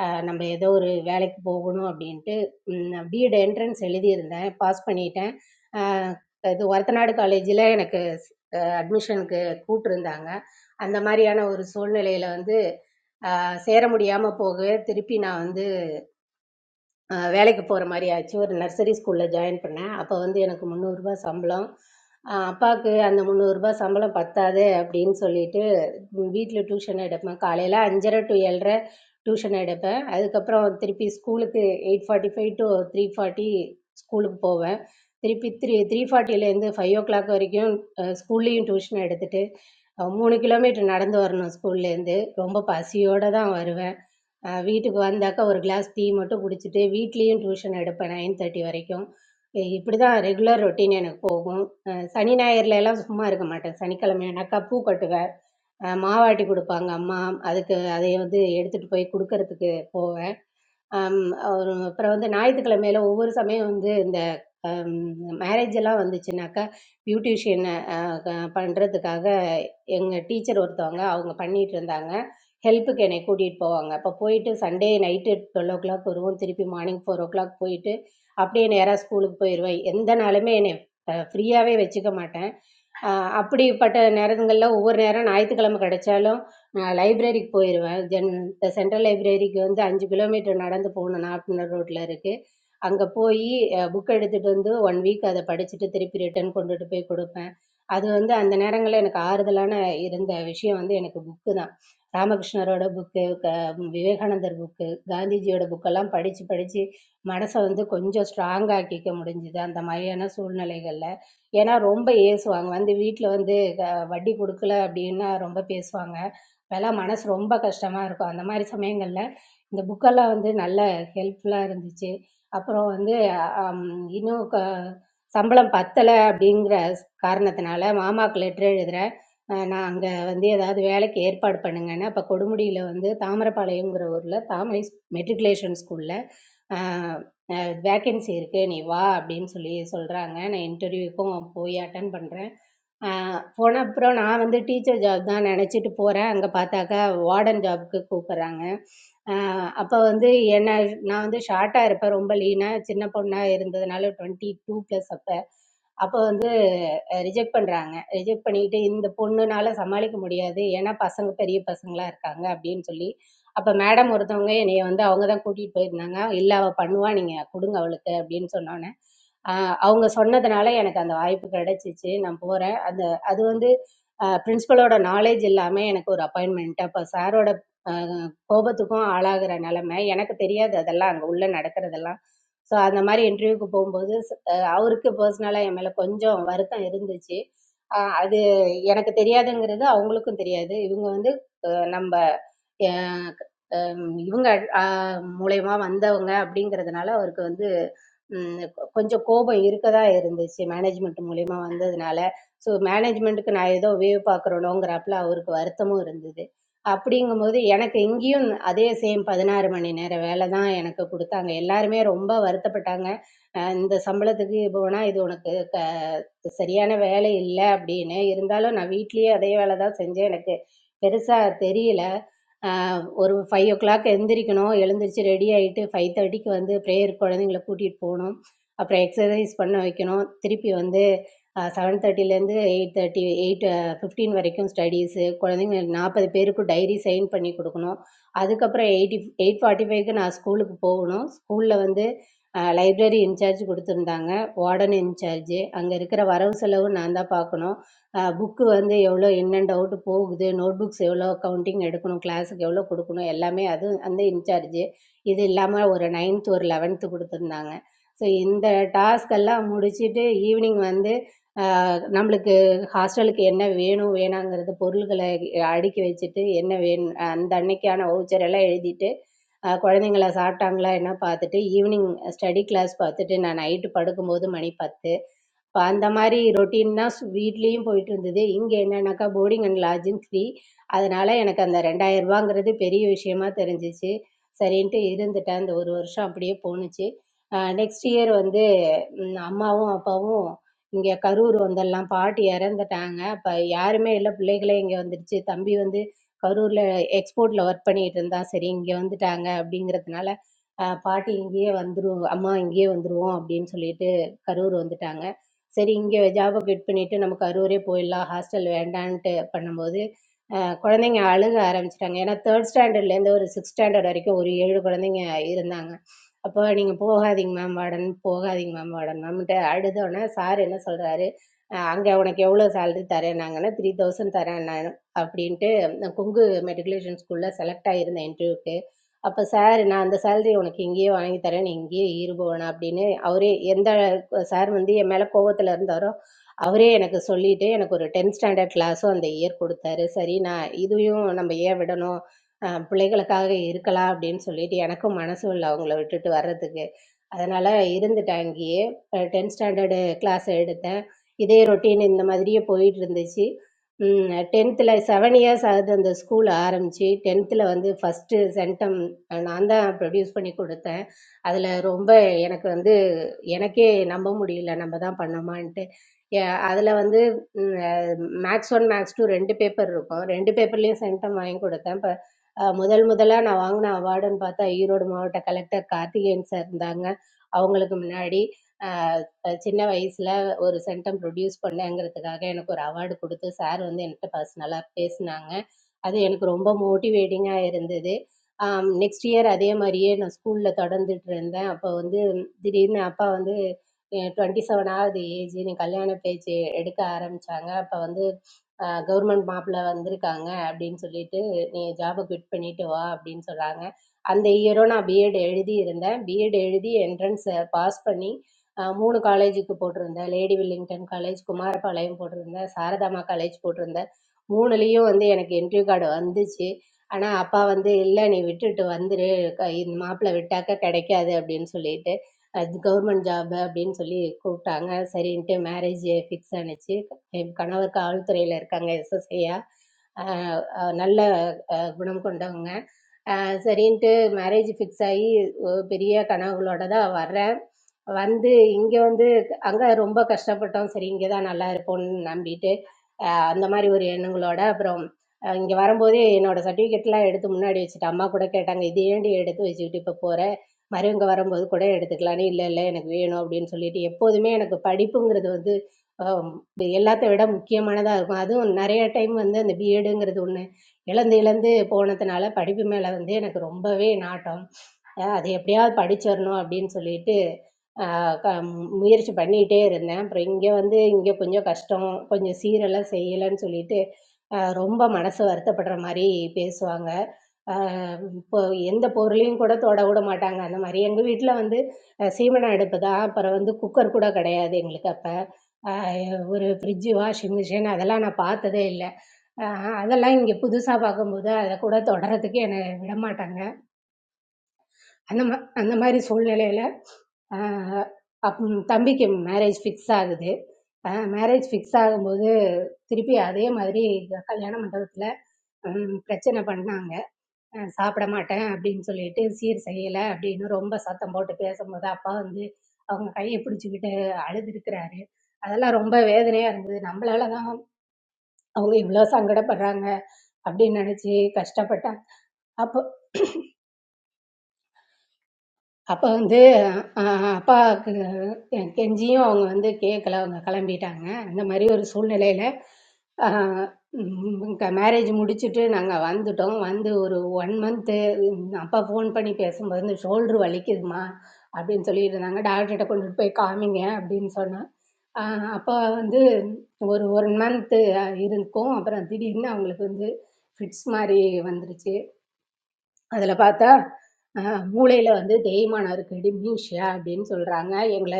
S15: அஹ் நம்ம ஏதோ ஒரு வேலைக்கு போகணும் அப்படின்ட்டு பிஎட் என்ட்ரன்ஸ் எழுதியிருந்தேன் பாஸ் பண்ணிட்டேன் அஹ் இது ஒரத்தநாடு காலேஜில் எனக்கு அட்மிஷனுக்கு கூப்பிட்டுருந்தாங்க அந்த மாதிரியான ஒரு சூழ்நிலையில வந்து அஹ் சேர முடியாமல் போகவே திருப்பி நான் வந்து அஹ் வேலைக்கு போகிற மாதிரி ஆச்சு ஒரு நர்சரி ஸ்கூலில் ஜாயின் பண்ணேன் அப்போ வந்து எனக்கு முந்நூறுரூபா சம்பளம் அஹ் அப்பாவுக்கு அந்த முந்நூறுரூபா சம்பளம் பத்தாது அப்படின்னு சொல்லிட்டு வீட்டில் டியூஷன் எடுப்பேன் காலையில் அஞ்சரை டு ஏழரை டியூஷன் எடுப்பேன் அதுக்கப்புறம் திருப்பி ஸ்கூலுக்கு eight forty five to three forty ஸ்கூலுக்கு போவேன் திருப்பி த்ரீ த்ரீ ஃபார்ட்டிலேருந்து ஃபைவ் ஓ கிளாக் வரைக்கும் ஸ்கூல்லேயும் டியூஷன் எடுத்துட்டு அஹ் மூணு கிலோமீட்டர் நடந்து வரணும் ஸ்கூல்லேருந்து ரொம்ப பசியோடு தான் வருவேன் அஹ் வீட்டுக்கு வந்தாக்கா ஒரு கிளாஸ் டீ மட்டும் குடிச்சிட்டு வீட்லேயும் டியூஷன் எடுப்பேன் நைன் தேர்ட்டி வரைக்கும் இ- இப்படிதான் ரெகுலர் ரொட்டீன் எனக்கு போகும் அஹ் சனி ஞாயிறுல எல்லாம் சும்மா இருக்க மாட்டேன் சனிக்கிழமையானாக்கா பூ கட்டுவேன் அஹ் மாவாட்டி கொடுப்பாங்க அம்மா அதுக்கு அதை வந்து எடுத்துட்டு போய் கொடுக்கறதுக்கு போவேன் அம் ஒரு அப்புறம் வந்து ஞாயித்துக்கிழமையில ஒவ்வொரு சமயம் வந்து இந்த அம், மேரேஜ் எல்லாம் வந்துச்சுனாக்கா பியூட்டிஷியனை பண்ணுறதுக்காக எங்கள் டீச்சர் ஒருத்தவங்க அவங்க பண்ணிட்டு இருந்தாங்க ஹெல்ப்புக்கு என்னை கூட்டிகிட்டு போவாங்க அப்போ போயிட்டு Sunday night twelve o'clock வருவோம் திருப்பி மார்னிங் ஃபோர் ஓ கிளாக் போயிட்டு அப்படியே நேராக ஸ்கூலுக்கு போயிடுவேன் எந்த நாளுமே என்னை ஃப்ரீயாகவே வச்சுக்க மாட்டேன் அஹ் அப்படிப்பட்ட நேரங்களில் ஒவ்வொரு நேரம் ஞாயிற்றுக்கிழமை கிடைச்சாலும் நான் லைப்ரரிக்கு போயிடுவேன் ஜென் இந்த சென்ட்ரல் லைப்ரரிக்கு வந்து அஞ்சு கிலோமீட்டர் நடந்து போகணும் நாகப்பட்டினம் ரோட்டில் இருக்குது அங்கே போய் புக் எடுத்துகிட்டு வந்து ஒன் வீக் அதை படிச்சுட்டு திருப்பி ரிட்டன் கொண்டுட்டு போய் கொடுப்பேன் அது வந்து அந்த நேரங்களில் எனக்கு ஆறுதலான இருந்த விஷயம் வந்து எனக்கு புக்கு தான் ராமகிருஷ்ணரோட புக்கு க விவேகானந்தர் புக்கு காந்திஜியோட புக்கெல்லாம் படித்து படித்து மனசை வந்து கொஞ்சம் ஸ்ட்ராங் ஆக்கிக்க முடிஞ்சுது அந்த மாதிரியான சூழ்நிலைகளில் ஏன்னா ரொம்ப ஏசுவாங்க வந்து வீட்டில் வந்து க- வட்டி கொடுக்கல அப்படின்னா ரொம்ப பேசுவாங்க அப்போல்லாம் மனது ரொம்ப கஷ்டமாக இருக்கும் அந்த மாதிரி சமயங்களில் இந்த புக்கெல்லாம் வந்து நல்ல ஹெல்ப்ஃபுல்லாக இருந்துச்சு அப்புறம் வந்து அம், இன்னும் க சம்பளம் பத்தலை அப்படிங்கிற காரணத்தினால மாமாவுக்கு லெட்டர் எழுதுகிறேன் நான் அங்கே வந்து ஏதாவது வேலைக்கு ஏற்பாடு பண்ணுங்கன்னு அப்போ கொடுமுடியில் வந்து தாமிரபாளையங்கிற ஊரில் தாமரை மெட்ரிகுலேஷன் ஸ்கூலில் வேக்கன்சி இருக்குது நீ வா அப்படின்னு சொல்லி சொல்கிறாங்க நான் இன்டர்வியூக்கும் போய் அட்டன் பண்ணுறேன் ஆ, போன அப்புறம் நான் வந்து டீச்சர் ஜாப் தான் நினச்சிட்டு போகிறேன் அங்கே பார்த்தாக்கா வார்டன் ஜாப்க்கு கூப்பிட்றாங்க அப்போ வந்து என்ன நான் வந்து ஷார்ட்டாக இருப்பேன் ரொம்ப லீனாக சின்ன பொண்ணாக இருந்ததுனால டுவெண்ட்டி டூ ப்ளஸ் அப்போ அப்போ ரிஜெக்ட் பண்ணுறாங்க ரிஜெக்ட் பண்ணிக்கிட்டு இந்த பொண்ணுனால் சமாளிக்க முடியாது ஏன்னா பசங்க பெரிய பசங்களாக இருக்காங்க அப்படின்னு சொல்லி அப்போ மேடம் ஒருத்தவங்க என்னைய வந்து அவங்க தான் கூட்டிகிட்டு போயிருந்தாங்க இல்லை அவள் பண்ணுவா நீங்கள் கொடுங்க அவளுக்கு அப்படின்னு சொன்னோன்னே ஆஹ் அவங்க சொன்னதுனால எனக்கு அந்த வாய்ப்பு கிடைச்சிச்சு நான் போகிறேன் அந்த அது வந்து பிரின்ஸிபலோட நாலேஜ் இல்லாமல் எனக்கு ஒரு அப்பாயின்மெண்ட் அப்போ சாரோட கோபத்துக்கும் ஆளாகிற நிலைமை எனக்கு தெரியாது அதெல்லாம் அங்கே உள்ள நடக்கிறதெல்லாம் ஸோ அந்த மாதிரி இன்டர்வியூக்கு போகும்போது ச- அஹ் அவருக்கு பர்சனலாக என் மேலே கொஞ்சம் வருத்தம் இருந்துச்சு அஹ் அது எனக்கு தெரியாதுங்கிறது அவங்களுக்கும் தெரியாது இவங்க வந்து அஹ் நம்ம அஹ் அஹ் இவங்க அஹ் மூலியமா வந்தவங்க அப்படிங்கிறதுனால அவருக்கு வந்து ம், கொ- கொஞ்சம் கோபம் இருக்கதா இருந்துச்சு மேனேஜ்மெண்ட் மூலியமா வந்ததுனால ஸோ மேனேஜ்மெண்ட்டுக்கு நான் ஏதோ வேவ் பார்க்குறோனோங்கிறப்பல அவருக்கு வருத்தமும் இருந்தது அப்படிங்கும்போது எனக்கு இங்கேயும் அதே சேம் பதினாறு மணி நேர வேலை தான் எனக்கு கொடுத்தாங்க எல்லாருமே ரொம்ப வருத்தப்பட்டாங்க அஹ் இந்த சம்பளத்துக்கு இது போனா இது உனக்கு க சரியான வேலை இல்லை அப்படின்னு இருந்தாலும் நான் வீட்லயே அதே வேலை தான் செஞ்சேன் எனக்கு பெருசா தெரியல ஒரு ஃபைவ் ஓ கிளாக் எழுந்திரிக்கணும் எழுந்திரிச்சு ரெடி ஆகிட்டு ஃபைவ் தேர்ட்டிக்கு வந்து ப்ரேயர் குழந்தைங்கள கூட்டிகிட்டு போகணும் அப்புறம் எக்ஸசைஸ் பண்ண வைக்கணும் திருப்பி வந்து செவன் தேர்ட்டிலேருந்து எயிட் தேர்ட்டி எயிட் ஃபிஃப்டீன் வரைக்கும் ஸ்டடீஸு குழந்தைங்க நாற்பது பேருக்கு டைரி சைன் பண்ணி கொடுக்கணும் அதுக்கப்புறம் எயிட்டி எயிட் ஃபார்ட்டி ஃபைவ்க்கு நான் ஸ்கூலுக்கு போகணும் ஸ்கூலில் வந்து லைப்ரரி இன்சார்ஜ் கொடுத்துருந்தாங்க வார்டன் இன்சார்ஜ் அங்கே இருக்கிற வரவு செலவு நான் தான் பார்க்கணும் புக்கு வந்து எவ்வளோ என்னென்னு டவுட்டு போகுது நோட் புக்ஸ் எவ்வளோ கவுண்டிங் எடுக்கணும் கிளாஸுக்கு எவ்வளோ கொடுக்கணும் எல்லாமே அது அந்த இன்சார்ஜு இது இல்லாமல் ஒரு நைன்த்து ஒரு லெவன்த்து கொடுத்துருந்தாங்க ஸோ இந்த டாஸ்க்கெல்லாம் முடிச்சுட்டு ஈவினிங் வந்து ஆஹ், நம்மளுக்கு ஹாஸ்டலுக்கு என்ன வேணும் வேணாங்கிறது பொருள்களை அடுக்கி வச்சுட்டு என்ன வேணும் அந்த அன்னைக்கான வவுச்சர் எல்லாம் எழுதிட்டு அஹ், குழந்தைங்கள சாப்பிட்டாங்களா என்ன பார்த்துட்டு ஈவினிங் ஸ்டடி கிளாஸ் பார்த்துட்டு நான் நைட்டு படுக்கும்போது மணி பத்து இப்போ அந்த மாதிரி ரொட்டீன்னா வீட்லேயும் போயிட்டு இருந்தது இங்கே என்னன்னாக்கா போர்டிங் அண்ட் லாட்ஜிங் ஃப்ரீ அதனால எனக்கு அந்த ரெண்டாயிரம் ரூபாங்கிறது பெரிய விஷயமா தெரிஞ்சிச்சு சரின்ட்டு இருந்துட்டேன் அந்த ஒரு வருஷம் அப்படியே போணுச்சு நெக்ஸ்ட் இயர் வந்து ம், அம்மாவும் அப்பாவும் இங்கே கரூர் வந்துடலாம் பாட்டி இறந்துட்டாங்க அப்போ யாருமே இல்லை பிள்ளைகளே இங்கே வந்துடுச்சு தம்பி வந்து கரூரில் எக்ஸ்போர்ட்டில் ஒர்க் பண்ணிட்டு இருந்தான் சரி இங்கே வந்துட்டாங்க அப்படிங்கிறதுனால அஹ், பாட்டி இங்கேயே வந்துருவோம் அம்மா இங்கேயே வந்துருவோம் அப்படின்னு சொல்லிட்டு கரூர் வந்துட்டாங்க சரி இங்கே ஜாபை குவிட் பண்ணிவிட்டு நமக்கு அரூரே போயிடலாம் ஹாஸ்டல் வேண்டான்ட்டு பண்ணும்போது அஹ் குழந்தைங்க அழுக ஆரம்பிச்சிட்டாங்க ஏன்னா தேர்ட் ஸ்டாண்டர்ட்லேருந்து ஒரு சிக்ஸ் ஸ்டாண்டர்ட் வரைக்கும் ஒரு ஏழு குழந்தைங்க இருந்தாங்க அப்போ நீங்கள் போகாதீங்க மேம் வார்டன் போகாதீங்க மேம் வார்டன் மேம்கிட்ட அழுதோடனே சார் என்ன சொல்கிறாரு அங்கே உனக்கு எவ்வளோ சேலரி தரேன்னாங்கன்னா த்ரீ தௌசண்ட் தரேன் நான் அப்படின்ட்டு நான் கொங்கு மெட்ரிகுலேஷன் ஸ்கூலில் செலக்ட் ஆகியிருந்தேன் இன்டர்வியூக்கு அப்போ சார் நான் அந்த சேலரி உனக்கு இங்கேயே வாங்கி தரேன் நீ இங்கேயே இருபோன அப்படின்னு அவரே எந்த சார் வந்து என் மேலே கோவத்தில் இருந்தாரோ அவரே எனக்கு சொல்லிட்டு எனக்கு ஒரு டென்த் ஸ்டாண்டர்ட் கிளாஸும் அந்த இயர் கொடுத்தாரு சரி நான் இதையும் நம்ம ஏன் விடணும் அஹ் பிள்ளைகளுக்காக இருக்கலாம் அப்படின்னு சொல்லிட்டு எனக்கும் மனசும் இல்லை அவங்கள விட்டுட்டு வர்றதுக்கு அதனால இருந்துட்டேன் அங்கேயே டென்த் ஸ்டாண்டர்டு கிளாஸ் எடுத்தேன் இதே ரொட்டீன் இந்த மாதிரியே போயிட்டு இருந்துச்சு டென்த்தில் செவன் இயர்ஸ் ஆகுது அந்த ஸ்கூல் ஆரம்பித்து டென்த்தில் வந்து ஃபஸ்ட்டு சென்டம் நான் தான் ப்ரொடியூஸ் பண்ணி கொடுத்தேன் அதில் ரொம்ப எனக்கு வந்து எனக்கே நம்ப முடியல நம்ம தான் பண்ணோமான்ட்டு ஏ- அதுல வந்து மேக்ஸ் ஒன் மேக்ஸ் டூ ரெண்டு பேப்பர் இருக்கும் ரெண்டு பேப்பர்லயும் சென்டம் வாங்கி கொடுத்தேன் இப்போ முதல் முதலா நான் வாங்கின அவார்டுன்னு பார்த்தா ஈரோடு மாவட்ட கலெக்டர் கார்த்திகேயன் சார் இருந்தாங்க அவங்களுக்கு முன்னாடி அஹ், அஹ், சின்ன வயசுல ஒரு சென்டம் ப்ரொடியூஸ் பண்ணேங்கிறதுக்காக எனக்கு ஒரு அவார்டு கொடுத்து சார் வந்து என்கிட்ட பர்சனலா பேசினாங்க அது எனக்கு ரொம்ப மோட்டிவேட்டிங்கா இருந்தது நெக்ஸ்ட் இயர் அதே மாதிரியே நான் ஸ்கூல்ல தொடர்ந்துட்டு இருந்தேன் அப்போ வந்து திடீர்னு அப்பா வந்து டுவெண்ட்டி செவன் ஆகுது ஏஜ் நீ கல்யாண பேச்சு எடுக்க ஆரம்பித்தாங்க அப்போ வந்து கவர்மெண்ட் மாப்பிள்ளை வந்திருக்காங்க அப்படின்னு சொல்லிட்டு நீ ஜாபை குவிட் பண்ணிட்டு வா அப்படின்னு சொல்கிறாங்க அந்த இயரும் நான் பிஎட் எழுதி இருந்தேன் பிஎட் எழுதி என்ட்ரன்ஸை பாஸ் பண்ணி அஹ், மூணு காலேஜுக்கு போட்டிருந்தேன் லேடி வில்லிங்டன் காலேஜ் குமாரபாளையம் போட்டிருந்தேன் சாரதாமா காலேஜ் போட்டிருந்தேன் மூணுலேயும் வந்து எனக்கு என்ட்ரி கார்டு வந்துச்சு ஆனால் அப்பா வந்து இல்லை நீ விட்டுட்டு வந்துரு க- இந்த மாப்பிள்ளை விட்டாக்க கிடைக்காது அப்படின்னு சொல்லிட்டு அது கவர்மெண்ட் ஜாப் அப்படின்னு சொல்லி கூப்பிட்டாங்க சரின்ட்டு மேரேஜ் ஃபிக்ஸ் ஆனுச்சு என் கணவர் காவல்துறையில் இருக்காங்க எஸ்எஸ்ஐயா நல்ல அஹ், குணம் கொண்டவங்க அஹ், சரின்ட்டு மேரேஜ் ஃபிக்ஸ் ஆகி ஒ- பெரிய கனவுகளோட தான் வர்றேன் வந்து இங்கே வந்து அங்கே ரொம்ப கஷ்டப்பட்டோம் சரி இங்கே தான் நல்லா இருப்போம்னு நம்பிட்டு அஹ், அந்த மாதிரி ஒரு எண்ணங்களோட அப்புறம் இங்கே வரும்போதே என்னோட சர்டிஃபிகேட்லாம் எடுத்து முன்னாடி வச்சுட்டு அம்மா கூட கேட்டாங்க இது ஏன்டி எடுத்து வச்சுக்கிட்டு இப்போ போற மற்றவங்க வரும்போது கூட எடுத்துக்கலாம் நீ இல்லை இல்லை எனக்கு வேணும் அப்படின்னு சொல்லிட்டு எப்போதுமே எனக்கு படிப்புங்கிறது வந்து ஆம், இது எல்லாத்த விட முக்கியமானதாக இருக்கும் அதுவும் நிறைய டைம் வந்து அந்த பிஎடுங்கிறது ஒன்று இழந்து இழந்து போனதுனால படிப்பு மேலே வந்து எனக்கு ரொம்பவே நாட்டம் அஹ் அது எப்படியாவது படிச்சிடணும் அப்படின்னு சொல்லிட்டு ஆஹ் க- ம், முயற்சி பண்ணிகிட்டே இருந்தேன் அப்புறம் இங்கே வந்து இங்கே கொஞ்சம் கஷ்டம் கொஞ்சம் சீரெல்லாம் செய்யலைன்னு சொல்லிட்டு ஆஹ் ரொம்ப மனசு வருத்தப்படுற மாதிரி பேசுவாங்க இப்போது எந்த பொருளையும் கூட தொட விட மாட்டாங்க அந்த மாதிரி எங்கள் வீட்டில் வந்து அஹ், சீமெண்ண அடுப்பு தான் அப்புறம் வந்து குக்கர் கூட கிடையாது எங்களுக்கு அப்போ ஒரு ஃப்ரிட்ஜு வாஷிங் மிஷின் அதெல்லாம் நான் பார்த்ததே இல்லை அதெல்லாம் இங்கே புதுசாக பார்க்கும்போது அதை கூட தொடறதுக்கு என்னை விட மாட்டாங்க அந்த மா அந்த மாதிரி சூழ்நிலையில் அப் தம்பிக்கு மேரேஜ் ஃபிக்ஸ் ஆகுது மேரேஜ் ஃபிக்ஸ் ஆகும்போது திருப்பி அதே மாதிரி கல்யாண மண்டபத்தில் பிரச்சனை பண்ணாங்க அஹ் சாப்பிட மாட்டேன் அப்படின்னு சொல்லிட்டு சீர் செய்யலை அப்படின்னு ரொம்ப சத்தம் போட்டு பேசும்போது அப்பா வந்து அவங்க கையை பிடிச்சிக்கிட்டு அழுதுருக்கிறாரு அதெல்லாம் ரொம்ப வேதனையாக இருந்தது நம்மளால தான் அவங்க இவ்வளோ சங்கடப்படுறாங்க அப்படின்னு நினச்சி கஷ்டப்பட்டேன் அப்போ அப்போ வந்து அ அப்பாவுக்கு கெஞ்சியும் அவங்க வந்து கேட்கல அவங்க கிளம்பிட்டாங்க அந்த மாதிரி ஒரு சூழ்நிலையில மேரேஜ் முடிச்சுட்டு நாங்கள் வந்துட்டோம் வந்து ஒரு ஒன் மந்த்து அப்பா ஃபோன் பண்ணி பேசும்போது இந்த ஷோல்டர் வலிக்குதுமா அப்படின்னு சொல்லிட்டு இருந்தாங்க டாக்டர்கிட்ட கொண்டுட்டு போய் காமிங்க அப்படின்னு சொன்னேன் ஆஹ் அப்பா வந்து ஒரு ஒன் மந்த்து இருக்கும் அப்புறம் திடீர்னு அவங்களுக்கு வந்து ஃபிட்ஸ் மாதிரி வந்துருச்சு அதில பார்த்தா, அ மூளையில வந்து தேய்மானம் இருக்கு, டிம்னீஷியா அப்படின்னு சொல்றாங்க. எங்கள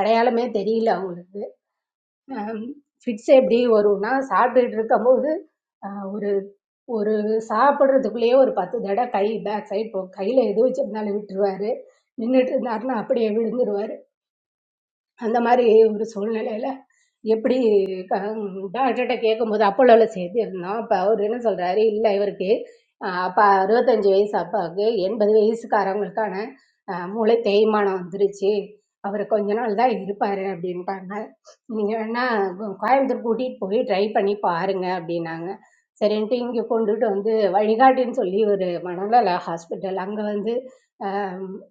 S15: அடையாளமே தெரியல அவங்களுக்கு. அம் ஃபிட்ஸ் எப்படி வரும்னா, சாப்பிட்டுட்டு இருக்கும்போது, அ ஒரு ஒரு சாப்பிடுறதுக்குள்ளேயே ஒரு 10 தடவ கை பேக் சைடு போகும். கையில எது வச்சிருந்தாலும் விட்டுருவாரு. நின்னுட்டு இருந்தாருன்னா அப்படியே விழுந்துருவாரு. அந்த மாதிரி ஒரு சூழ்நிலையில எப்படி க டாக்டர்கிட்ட கேட்கும்போது அப்போலோவில் சேர்த்துருந்தோம் அப்போ அவர் என்ன சொல்கிறாரு இல்லை இவருக்கு ஆஹ் அப்பா அறுபத்தஞ்சு வயசு அப்பாவுக்கு எண்பது வயசுக்காரவங்களுக்கான ஆஹ் மூளை தேய்மானம் வந்துருச்சு அவர் கொஞ்ச நாள் தான் இருப்பார் அப்படின்ட்டாங்க நீங்கள் வேணால் கோயம்புத்தூர் கூட்டிகிட்டு போய் ட்ரை பண்ணி பாருங்க அப்படின்னாங்க சரின்ட்டு இங்கே கொண்டுட்டு வந்து வழிகாட்டின்னு சொல்லி ஒரு மனநல ஹாஸ்பிட்டல் அங்கே வந்து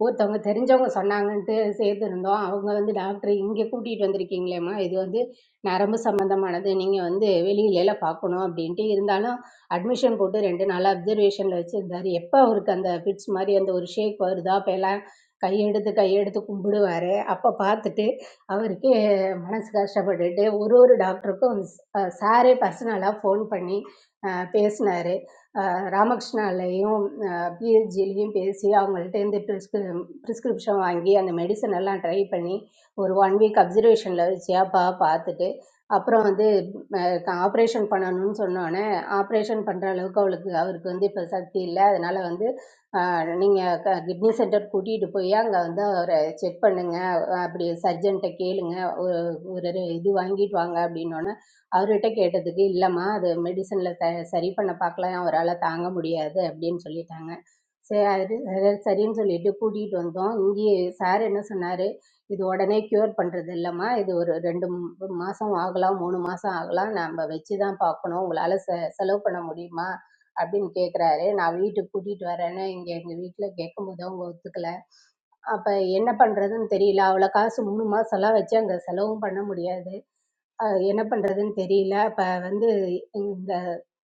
S15: ஒருத்தவங்க தெரிஞ்சவங்க சொன்னாங்கன்ட்டு சேர்த்துருந்தோம் அவங்க வந்து டாக்டர் இங்கே கூட்டிகிட்டு வந்திருக்கீங்களேம்மா இது வந்து நரம்பு சம்மந்தமானது நீங்கள் வந்து வெளியிலலாம் பார்க்கணும் அப்படின்ட்டு இருந்தாலும் அட்மிஷன் போட்டு ரெண்டு நாள் அப்சர்வேஷனில் வச்சுருந்தாரு எப்போ அவருக்கு அந்த ஃபிட்ஸ் மாதிரி அந்த ஒரு ஷேக் வருதோ அப்போ எல்லாம் கையெடுத்து கையெடுத்து கும்பிடுவார் அப்போ பார்த்துட்டு அவருக்கு மனசு கஷ்டப்பட்டுட்டு ஒரு ஒரு டாக்டருக்கும் சாரே பர்சனலாக ஃபோன் பண்ணி பேசினார் ராமகிருஷ்ணாலையும் பிஹெச்டிலையும் பேசி அவங்கள்ட்டேருந்து ப்ரிஸ்கிரி ப்ரிஸ்கிரிப்ஷன் வாங்கி அந்த மெடிசன் எல்லாம் ட்ரை பண்ணி ஒரு ஒன் வீக் அப்சர்வேஷனில் வச்சியாப்பா பார்த்துட்டு அப்புறம் வந்து ஆப்ரேஷன் பண்ணணும்னு சொன்னோடனே ஆப்ரேஷன் பண்ணுற அளவுக்கு அவளுக்கு அவருக்கு வந்து இப்போ சக்தி இல்லை அதனால் வந்து நீங்கள் க கிட்னி சென்டர் கூட்டிகிட்டு போய் அங்கே வந்து அவரை செக் பண்ணுங்க அப்படி சர்ஜன்கிட்ட கேளுங்க ஒரு ஒரு இது வாங்கிட்டு வாங்க அப்படின்னோடனே அவர்கிட்ட கேட்டதுக்கு இல்லைம்மா அது மெடிசனில் ச சரி பண்ண பார்க்கலாம் அவரால் தாங்க முடியாது அப்படின்னு சொல்லிட்டாங்க சரி அது சரி- சரின்னு சொல்லிட்டு கூட்டிகிட்டு வந்தோம் இங்கேயே சார் என்ன சொன்னார் இது உடனே க்யூர் பண்ணுறது இல்லைம்மா இது ஒரு ரெண்டு மூ- மாசம் ஆகலாம் மூணு மாசம் ஆகலாம் நம்ம வச்சு தான் பார்க்கணும் உங்களால் செ செலவு பண்ண முடியுமா அப்படின்னு கேட்குறாரு நான் வீட்டுக்கு கூட்டிகிட்டு வரேன்னு இங்கே எங்கள் வீட்டில் கேட்கும்போது அவங்க ஒத்துக்கல அப்போ என்ன பண்ணுறதுன்னு தெரியல அவ்வளோ காசு மூணு மாசம்லாம் வச்சு அங்கே செலவும் பண்ண முடியாது அ என்ன பண்றதுன்னு தெரியல. அப்ப வந்து எங்க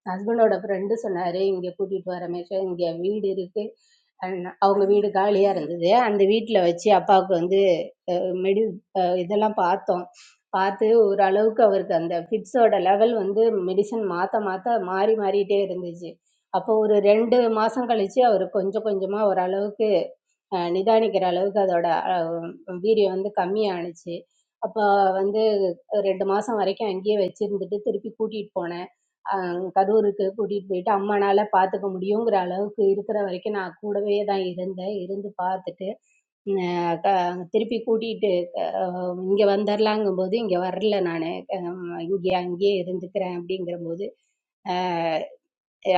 S15: ஹஸ்பண்டோட ஃப்ரெண்டு சொன்னாரு, "இங்க கூட்டிட்டு வா ரமேஷு, இங்க வீடு இருக்கு." அன் அவங்க வீடு காலியா இருந்தது. அந்த வீட்ல வச்சு அப்பாவுக்கு வந்து அ மெடி அ இதெல்லாம் பார்த்தோம். பார்த்து ஓரளவுக்கு அவருக்கு அந்த ஃபிட்ஸோட லெவல் வந்து மெடிசன் மாத்த மாத்த மாறி மாறிட்டே இருந்துச்சு. அப்போ ஒரு 2 மாசம் கழிச்சு அவரு கொஞ்சம் கொஞ்சமா ஓரளவுக்கு அ நிதானிக்கிற அளவுக்கு அதோட அ வீரியம் வந்து கம்மியானுச்சு. அப்ப வந்து ஒரு ரெண்டு மாசம் வரைக்கும் அங்கேயே வச்சிருந்துட்டு திருப்பி கூட்டிட்டு போனேன் அஹ் கரூருக்கு கூட்டிட்டு போயிட்டு அம்மானால பாத்துக்க முடியுங்கிற அளவுக்கு இருக்கிற வரைக்கும் நான் கூடவே தான் இருந்தேன் இருந்து பார்த்துட்டு உம் க- திருப்பி கூட்டிட்டு அஹ் இங்க வந்துடலாங்கும் போது இங்க வரல நானு அஹ் இங்கே அங்கேயே இருந்துக்கிறேன் அப்படிங்கிற போது ஆஹ்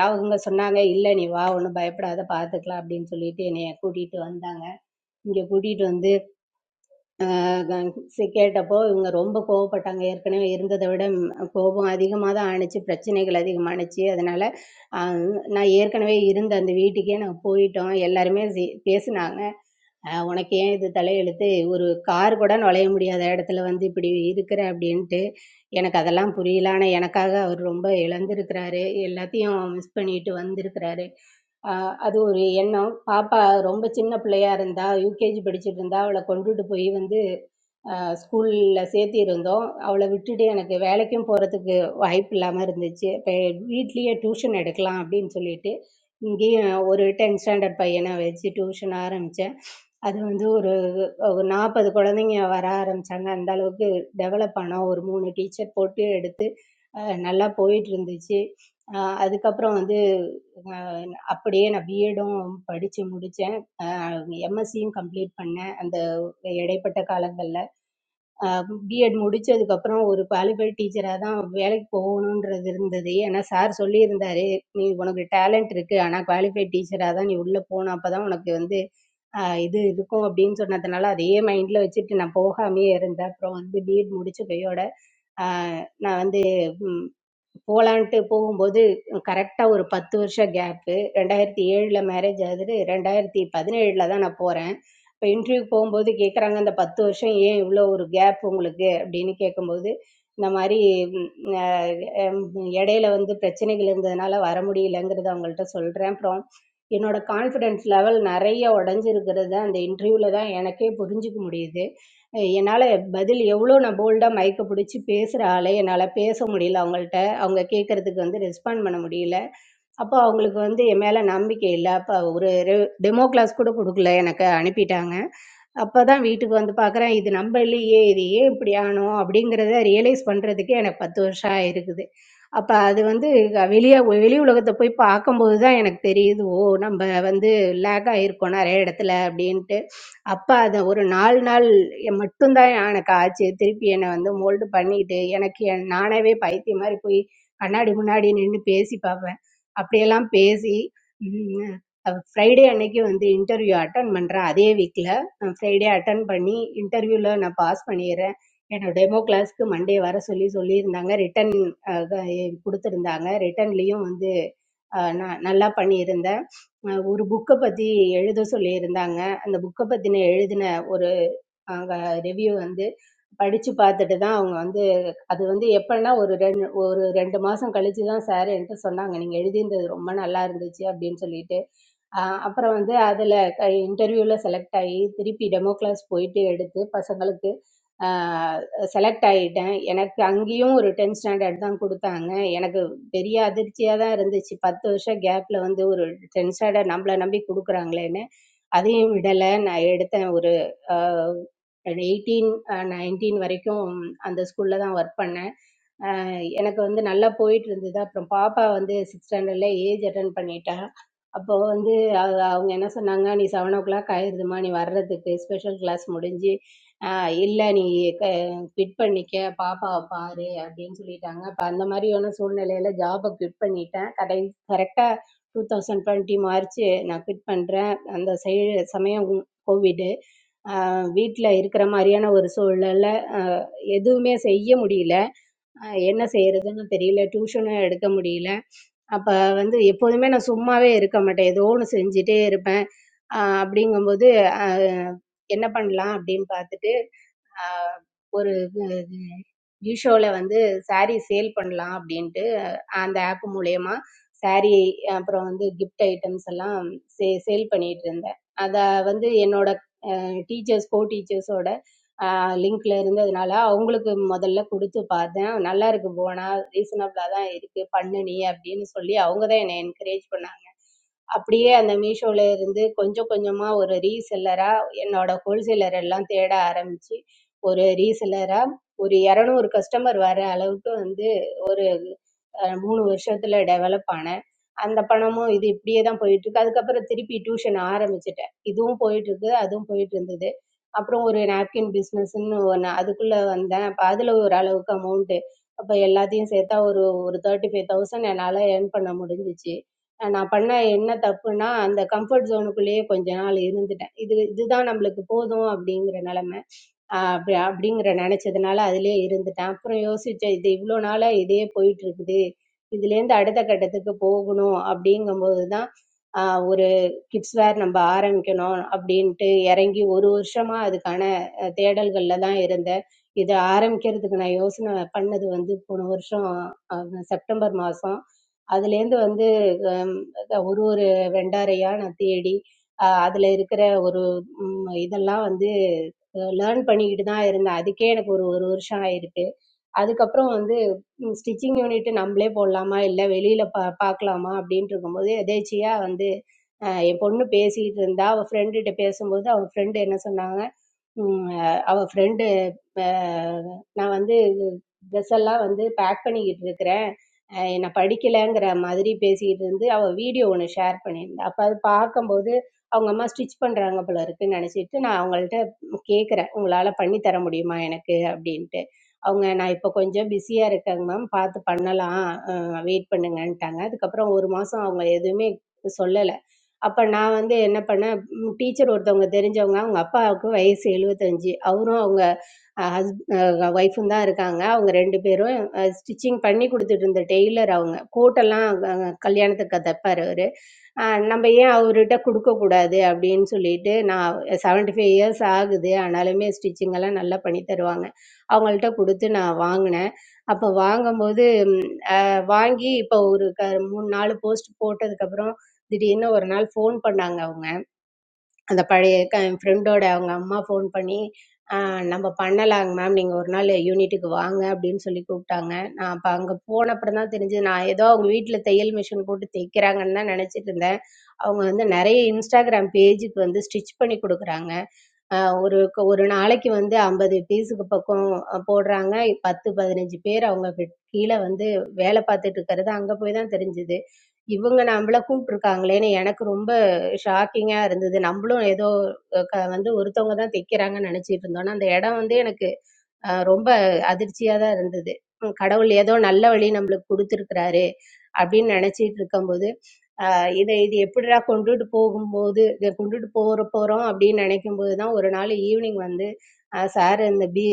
S15: அவங்க சொன்னாங்க இல்ல நீ வா ஒன்றும் பயப்படாத பாத்துக்கலாம் அப்படின்னு சொல்லிட்டு என்னைய கூட்டிட்டு வந்தாங்க இங்க கூட்டிட்டு வந்து சி- கேட்டப்போ இவங்க ரொம்ப கோவப்பட்டாங்க ஏற்கனவே இருந்ததை விட ம், கோபம் அதிகமாக தான் ஆணுச்சு பிரச்சனைகள் அதிகமானுச்சு அதனால ஆஹ், நான் ஏற்கனவே இருந்த அந்த வீட்டுக்கே நாங்கள் போயிட்டோம் எல்லாருமே சி- பேசினாங்க அஹ் உனக்கு ஏன் இது தலையெழுத்து ஒரு கார் கூட நுழைய முடியாத இடத்துல வந்து இப்படி இருக்கிற அப்படின்ட்டு எனக்கு அதெல்லாம் புரியல ஆனால் எனக்காக அவர் ரொம்ப இழந்திருக்கிறாரு எல்லாத்தையும் மிஸ் பண்ணிட்டு வந்திருக்கிறாரு ஆஹ் அது ஒரு எண்ணம் பாப்பா ரொம்ப சின்ன பிள்ளையா இருந்தா யூகேஜி படிச்சுட்டு இருந்தா அவளை கொண்டுட்டு போய் வந்து ஸ்கூலில் சேர்த்து இருந்தோம் அவளை விட்டுட்டு எனக்கு வேலைக்கும் போகிறதுக்கு வாய்ப்பு இல்லாமல் இருந்துச்சு இப்போ வீட்லேயே டியூஷன் எடுக்கலாம் அப்படின்னு சொல்லிட்டு இங்கேயும் ஒரு டென்த் ஸ்டாண்டர்ட் பையனை வச்சு டியூஷன் ஆரம்பித்தேன் அது வந்து ஒரு ஒரு 40 குழந்தைங்க வர ஆரம்பிச்சாங்க. அந்த அளவுக்கு டெவலப் ஆனோம். ஒரு 3 டீச்சர் போட்டு எடுத்து அ நல்லா போயிட்டுருந்துச்சு. அ அதுக்கப்புறம் வந்து அ அப்படியே நான் பிஎட்டும் படிச்சு முடிச்சேன். அ எம்எஸ்சியும் கம்ப்ளீட் பண்ணேன் அந்த இடைப்பட்ட காலங்கள்ல. பிஎட் முடிச்சதுக்கப்புறம் ஒரு குவாலிஃபைட் டீச்சராக தான் வேலைக்கு போகணுன்றது இருந்தது ஏன்னா சார் சொல்லியிருந்தாரு நீ உனக்கு டேலண்ட் இருக்கு ஆனால் குவாலிஃபைட் டீச்சராக தான் நீ உள்ளே போகணும் அப்போ தான் உனக்கு வந்து ஆஹ் இது இருக்கும் அப்படின்னு சொன்னதுனால அதையே மைண்டில் வச்சுட்டு நான் போகாமையே இருந்தேன் அப்புறம் வந்து பிஎட் முடிச்ச கையோட ஆஹ் நான் வந்து போகலான்ட்டு போகும்போது கரெக்டாக ஒரு பத்து வருஷம் கேப்பு ரெண்டாயிரத்தி ஏழில் மேரேஜ் ஆகுது ரெண்டாயிரத்தி பதினேழில் தான் நான் போகிறேன் இப்போ இன்டர்வியூக்கு போகும்போது கேட்குறாங்க அந்த பத்து வருஷம் ஏன் இவ்வளோ ஒரு கேப் உங்களுக்கு அப்படின்னு கேட்கும்போது இந்த மாதிரி ம், அஹ், இடையில வந்து பிரச்சனைகள் இருந்ததுனால வர முடியலங்கிறத அவங்கள்ட்ட சொல்கிறேன் அப்புறம் என்னோட கான்ஃபிடென்ஸ் லெவல் நிறைய உடஞ்சிருக்கிறது அந்த இன்டர்வியூவில் தான் எனக்கே புரிஞ்சுக்க முடியுது அஹ் என்னால் பதில் எவ்வளோ நான் போல்டாக மயக்க பிடிச்சி பேசுகிற ஆளே என்னால் பேச முடியல அவங்கள்ட்ட அவங்க கேட்குறதுக்கு வந்து ரெஸ்பாண்ட் பண்ண முடியல அப்போ அவங்களுக்கு வந்து என் மேலே நம்பிக்கை இல்லை அப்போ ஒரு ரெ டெமோ கிளாஸ் கூட கொடுக்கல எனக்கு அனுப்பிட்டாங்க அப்பதான் வீட்டுக்கு வந்து பார்க்குறேன், இது நம்ம இல்லையே! இது ஏன் இப்படி ஆனோம்? அப்படிங்கிறத ரியலைஸ் பண்றதுக்கே எனக்கு 10 வருஷம் ஆயிருக்குது. அப்ப அது வந்து வெளிய வெளி உலகத்த போய் பார்க்கும்போது தான் எனக்கு தெரியுது, "ஓ! நம்ம வந்து லேக் ஆயிருக்கோம் நெறைய இடத்துல" அப்படின்ட்டு. அப்ப அது ஒரு 4 நாள் மட்டும் தான் எனக்கு ஆச்சு. திருப்பி என்ன வந்து மோல்டு பண்ணிட்டு, எனக்கு என் நானாவே பைத்தியம் மாரி போய் கண்ணாடி முன்னாடி நின்னு பேசி பார்ப்பேன். அப்படியெல்லாம் பேசி, ம் அ ஃப்ரைடே அன்னைக்கு வந்து இன்டர்வியூ அட்டெண்ட் பண்றேன் அதே வீக்ல. நான் ஃப்ரைடே அட்டன் பண்ணி இன்டர்வியூவில் நான் பாஸ் பண்ணிடுறேன் என்னோட டெமோ கிளாஸ்க்கு மண்டே வர சொல்லி சொல்லியிருந்தாங்க ரிட்டன் கொடுத்துருந்தாங்க ரிட்டன்லேயும் வந்து அஹ் நான் நல்லா பண்ணியிருந்தேன் அஹ் ஒரு புக்கை பற்றி எழுத சொல்லியிருந்தாங்க அந்த புக்கை பற்றின எழுதின அவங்க ரிவ்யூ வந்து படிச்சு பார்த்துட்டு தான் அவங்க வந்து அது வந்து எப்படின்னா ஒரு ரெண்டு ஒரு ரெண்டு மாசம் கழிச்சு தான் சார் என்கிட்ட சொன்னாங்க நீங்க எழுதியிருந்தது ரொம்ப நல்லா இருந்துச்சு அப்படின்னு சொல்லிட்டு ஆஹ் அப்புறம் வந்து அதில் இன்டர்வியூவில் செலக்ட் ஆகி திருப்பி டெமோ கிளாஸ் போயிட்டு எடுத்து பசங்களுக்கு செலக்ட் ஆகிட்டேன் எனக்கு அங்கேயும் ஒரு டென்த் ஸ்டாண்டர்ட் தான் கொடுத்தாங்க எனக்கு பெரிய அதிர்ச்சியாக தான் இருந்துச்சு பத்து வருஷம் கேப்பில் வந்து ஒரு டென்த் ஸ்டாண்டர்ட் நம்மளை நம்பி கொடுக்குறாங்களேன்னு அதையும் விடலை நான் எடுத்தேன் ஒரு எயிட்டீன் நைன்டீன் வரைக்கும் அந்த ஸ்கூலில் தான் ஒர்க் பண்ணேன் எனக்கு வந்து நல்லா போயிட்டு இருந்தது அப்புறம் பாப்பா வந்து சிக்ஸ் ஸ்டாண்டர்டில் ஏஜ் அட்டன் பண்ணிட்டா அப்போ வந்து அவ- அவங்க என்ன சொன்னாங்க நீ செவன் ஓ கிளாக் ஆயிடுதுமா நீ வர்றதுக்கு ஸ்பெஷல் கிளாஸ் முடிஞ்சு இல்லை நீ குவிட் பண்ணிக்க பாப்பாவை பாரு அப்படின்னு சொல்லிட்டாங்க அப்போ அந்த மாதிரியான சூழ்நிலையில ஜாபை குவிட் பண்ணிட்டேன் கடை கரெக்டாக டூ தௌசண்ட் டுவெண்ட்டி மார்ச் நான் குவிட் பண்ணுறேன் அந்த சைடு சமயம் கோவிடு வீட்டில் இருக்கிற மாதிரியான ஒரு சூழ்நிலை எதுவுமே செய்ய முடியல அஹ் என்ன செய்யறதுன்னு தெரியல டியூஷனும் எடுக்க முடியல அப்போ வந்து எப்போதுமே நான் சும்மாவே இருக்க மாட்டேன் ஏதோ ஒன்று செஞ்சுட்டே இருப்பேன் அஹ் அப்படிங்கும்போது அஹ் என்ன பண்ணலாம் அப்படின்னு பார்த்துட்டு அஹ் ஒரு மீஷோவில் வந்து saree சேல் பண்ணலாம் அப்படின்ட்டு அந்த ஆப் மூலயமா saree அப்புறம் வந்து gift ஐட்டம்ஸ் எல்லாம் சே சேல் பண்ணிட்டு இருந்தேன் அதை வந்து என்னோட டீச்சர்ஸ் கோ டீச்சர்ஸோட லிங்க்ல இருந்ததுனால அவங்களுக்கு முதல்ல கொடுத்து பார்த்தேன் நல்லா இருக்கு போனா ரீசனபிளா தான் இருக்கு பண்ணு நீ அப்படின்னு சொல்லி அவங்க தான் என்னை என்கரேஜ் பண்ணாங்க அப்படியே அந்த மீஷோல இருந்து கொஞ்சம் கொஞ்சமா ஒரு ரீசெல்லரா என்னோட ஹோல்சேலர் எல்லாம் தேட ஆரம்பிச்சு ஒரு ரீசெல்லரா ஒரு இரநூறு கஸ்டமர் வர அளவுக்கு வந்து மூணு வருஷத்தில் டெவலப் ஆனேன் அந்த பணமும் இது இப்படியே தான் போயிட்டுருக்கு அதுக்கப்புறம் திருப்பி டியூஷன் ஆரம்பிச்சிட்டேன் இதுவும் போயிட்டுருக்கு அதுவும் போயிட்டுருந்தது அப்புறம் ஒரு நாப்கின் பிஸ்னஸ்ன்னு ஒன்று அதுக்குள்ளே வந்தேன் அப்போ அதில் ஓரளவுக்கு அமௌண்ட்டு அப்போ எல்லாத்தையும் சேர்த்தா ஒரு ஒரு தேர்ட்டி ஃபைவ் தௌசண்ட் என்னால் earn பண்ண முடிஞ்சிச்சு நான் பண்ண என்ன தப்புன்னா அந்த கம்ஃபர்ட் ஜோனுக்குள்ளேயே கொஞ்ச நாள் இருந்துட்டேன் இது இதுதான் நம்மளுக்கு போதும் அப்படிங்கிற நிலமை அப்படி அப்படிங்கிற நினச்சதுனால அதிலே இருந்துட்டேன் அப்புறம் யோசித்தேன் இது இவ்வளோ நாளாக இதே போயிட்டுருக்குது இதுலேருந்து அடுத்த கட்டத்துக்கு போகணும் அப்படிங்கும்போது தான் ஆஹ் ஒரு கிட்ஸ் வேர் நம்ம ஆரம்பிக்கணும் அப்படின்ட்டு இறங்கி ஒரு வருஷமாக அதுக்கான அஹ், தேடல்கள்ல தான் இருந்தேன் இதை ஆரம்பிக்கிறதுக்கு நான் யோசனை பண்ணது வந்து போன வருஷம் அஹ், செப்டம்பர் மாதம் அதுலேருந்து வந்து ஹம், ஒரு ஒரு வெண்டாரையாக நான் தேடி அஹ், அதுல இருக்கிற ஒரு ம், இதெல்லாம் வந்து லேர்ன் பண்ணிக்கிட்டு தான் இருந்தேன் அதுக்கே எனக்கு ஒரு ஒரு வருஷம் ஆயிருக்கு அதுக்கப்புறம் வந்து ஸ்டிச்சிங் யூனிட் நம்மளே போடலாமா இல்லை வெளியில் பா பார்க்கலாமா அப்படின்ட்டு இருக்கும்போது எதேச்சியாக வந்து அஹ் என் பொண்ணு பேசிக்கிட்டு இருந்தா அவள் ஃப்ரெண்டுகிட்ட பேசும்போது அவள் ஃப்ரெண்டு என்ன சொன்னாங்க உம் அஹ் அவ ஃப்ரெண்டு நான் வந்து ட்ரெஸ் எல்லாம் வந்து பேக் பண்ணிக்கிட்டு இருக்கிறேன் அஹ் என்னை படிக்கலைங்கிற மாதிரி பேசிக்கிட்டு இருந்து அவள் வீடியோ ஒன்று ஷேர் பண்ணியிருந்தா அப்போ அது பார்க்கும்போது அவங்க அம்மா ஸ்டிச் பண்ணுறாங்க போல இருக்குன்னு நினச்சிட்டு நான் அவங்கள்ட்ட கேட்குறேன் உங்களால் பண்ணி தர முடியுமா எனக்கு அப்படின்ட்டு அவங்க நான் இப்போ கொஞ்சம் பிஸியாக இருக்கேங்க மேம் பார்த்து பண்ணலாம் வெயிட் பண்ணுங்கன்ட்டாங்க அதுக்கப்புறம் ஒரு மாதம் அவங்க எதுவுமே சொல்லலை அப்போ நான் வந்து என்ன பண்ணேன் டீச்சர் ஒருத்தவங்க தெரிஞ்சவங்க அவங்க அப்பாவுக்கு வயசு எழுபத்தஞ்சு அவரும் அவங்க ஹஸ்ப ஒய்ஃபும் தான் இருக்காங்க அவங்க ரெண்டு பேரும் ஸ்டிச்சிங் பண்ணி கொடுத்துட்டு இருந்த டெய்லர் அவங்க கோட்டெல்லாம் கல்யாணத்துக்கு தைப்பார் அவர் அ நம்ம ஏன் அவர்ட்ட குடுக்கக்கூடாது அப்படின்னு சொல்லிட்டு, நான் 75 இயர்ஸ் ஆகுது. ஆனாலுமே ஸ்டிச்சிங் எல்லாம் நல்லா பண்ணி தருவாங்க. அவங்கள்ட்ட குடுத்து நான் வாங்குனேன். அப்ப வாங்கும்போது அஹ், வாங்கி இப்ப ஒரு க 3, 4 போஸ்ட் போட்டதுக்கப்புறம், திடீர்னு ஒரு நாள் ஃபோன் பண்ணாங்க அவங்க. அந்த பழைய க என் ஃப்ரெண்டோட அவங்க அம்மா ஃபோன் பண்ணி "ஆ, நம்ம பண்ணலாங்க மேம் நீங்கள் ஒரு நாள் யூனிட்டுக்கு வாங்க அப்படின்னு சொல்லி கூப்பிட்டாங்க நான் அப்போ அங்கே போனப்புறம் தான் தெரிஞ்சது நான் ஏதோ அவங்க வீட்டில் தையல் மிஷின் போட்டு தைக்கிறாங்கன்னு தான் நினச்சிட்டு இருந்தேன் அவங்க வந்து நிறைய இன்ஸ்டாகிராம் பேஜுக்கு வந்து ஸ்டிச் பண்ணி கொடுக்குறாங்க ஆஹ் ஒரு க ஒரு நாளைக்கு வந்து ஐம்பது பீஸுக்கு பக்கம் அஹ், போடுறாங்க பத்து பதினஞ்சு பேர் அவங்க கிட்ட- கீழே வந்து வேலை பார்த்துட்டு இருக்கிறது அங்கே போய் தான் தெரிஞ்சுது இவங்க நம்மள கூப்பிட்ருக்காங்களேன்னு எனக்கு ரொம்ப ஷாக்கிங்காக இருந்தது நம்மளும் ஏதோ அஹ், க வந்து ஒருத்தவங்க தான் தைக்கிறாங்கன்னு நினச்சிட்டு இருந்தோன்னா அந்த இடம் வந்து எனக்கு அஹ் ரொம்ப அதிர்ச்சியா தான் இருந்தது உம் கடவுள் ஏதோ நல்ல வழி நம்மளுக்கு கொடுத்துருக்கிறாரு அப்படின்னு நினைச்சிட்டு இருக்கும்போது ஆஹ் இதை இது எப்படிடா கொண்டுட்டு போகும்போது இதை கொண்டுட்டு போற போறோம் அப்படின்னு நினைக்கும் போது தான் ஒரு நாள் ஈவினிங் வந்து சார் இந்த பி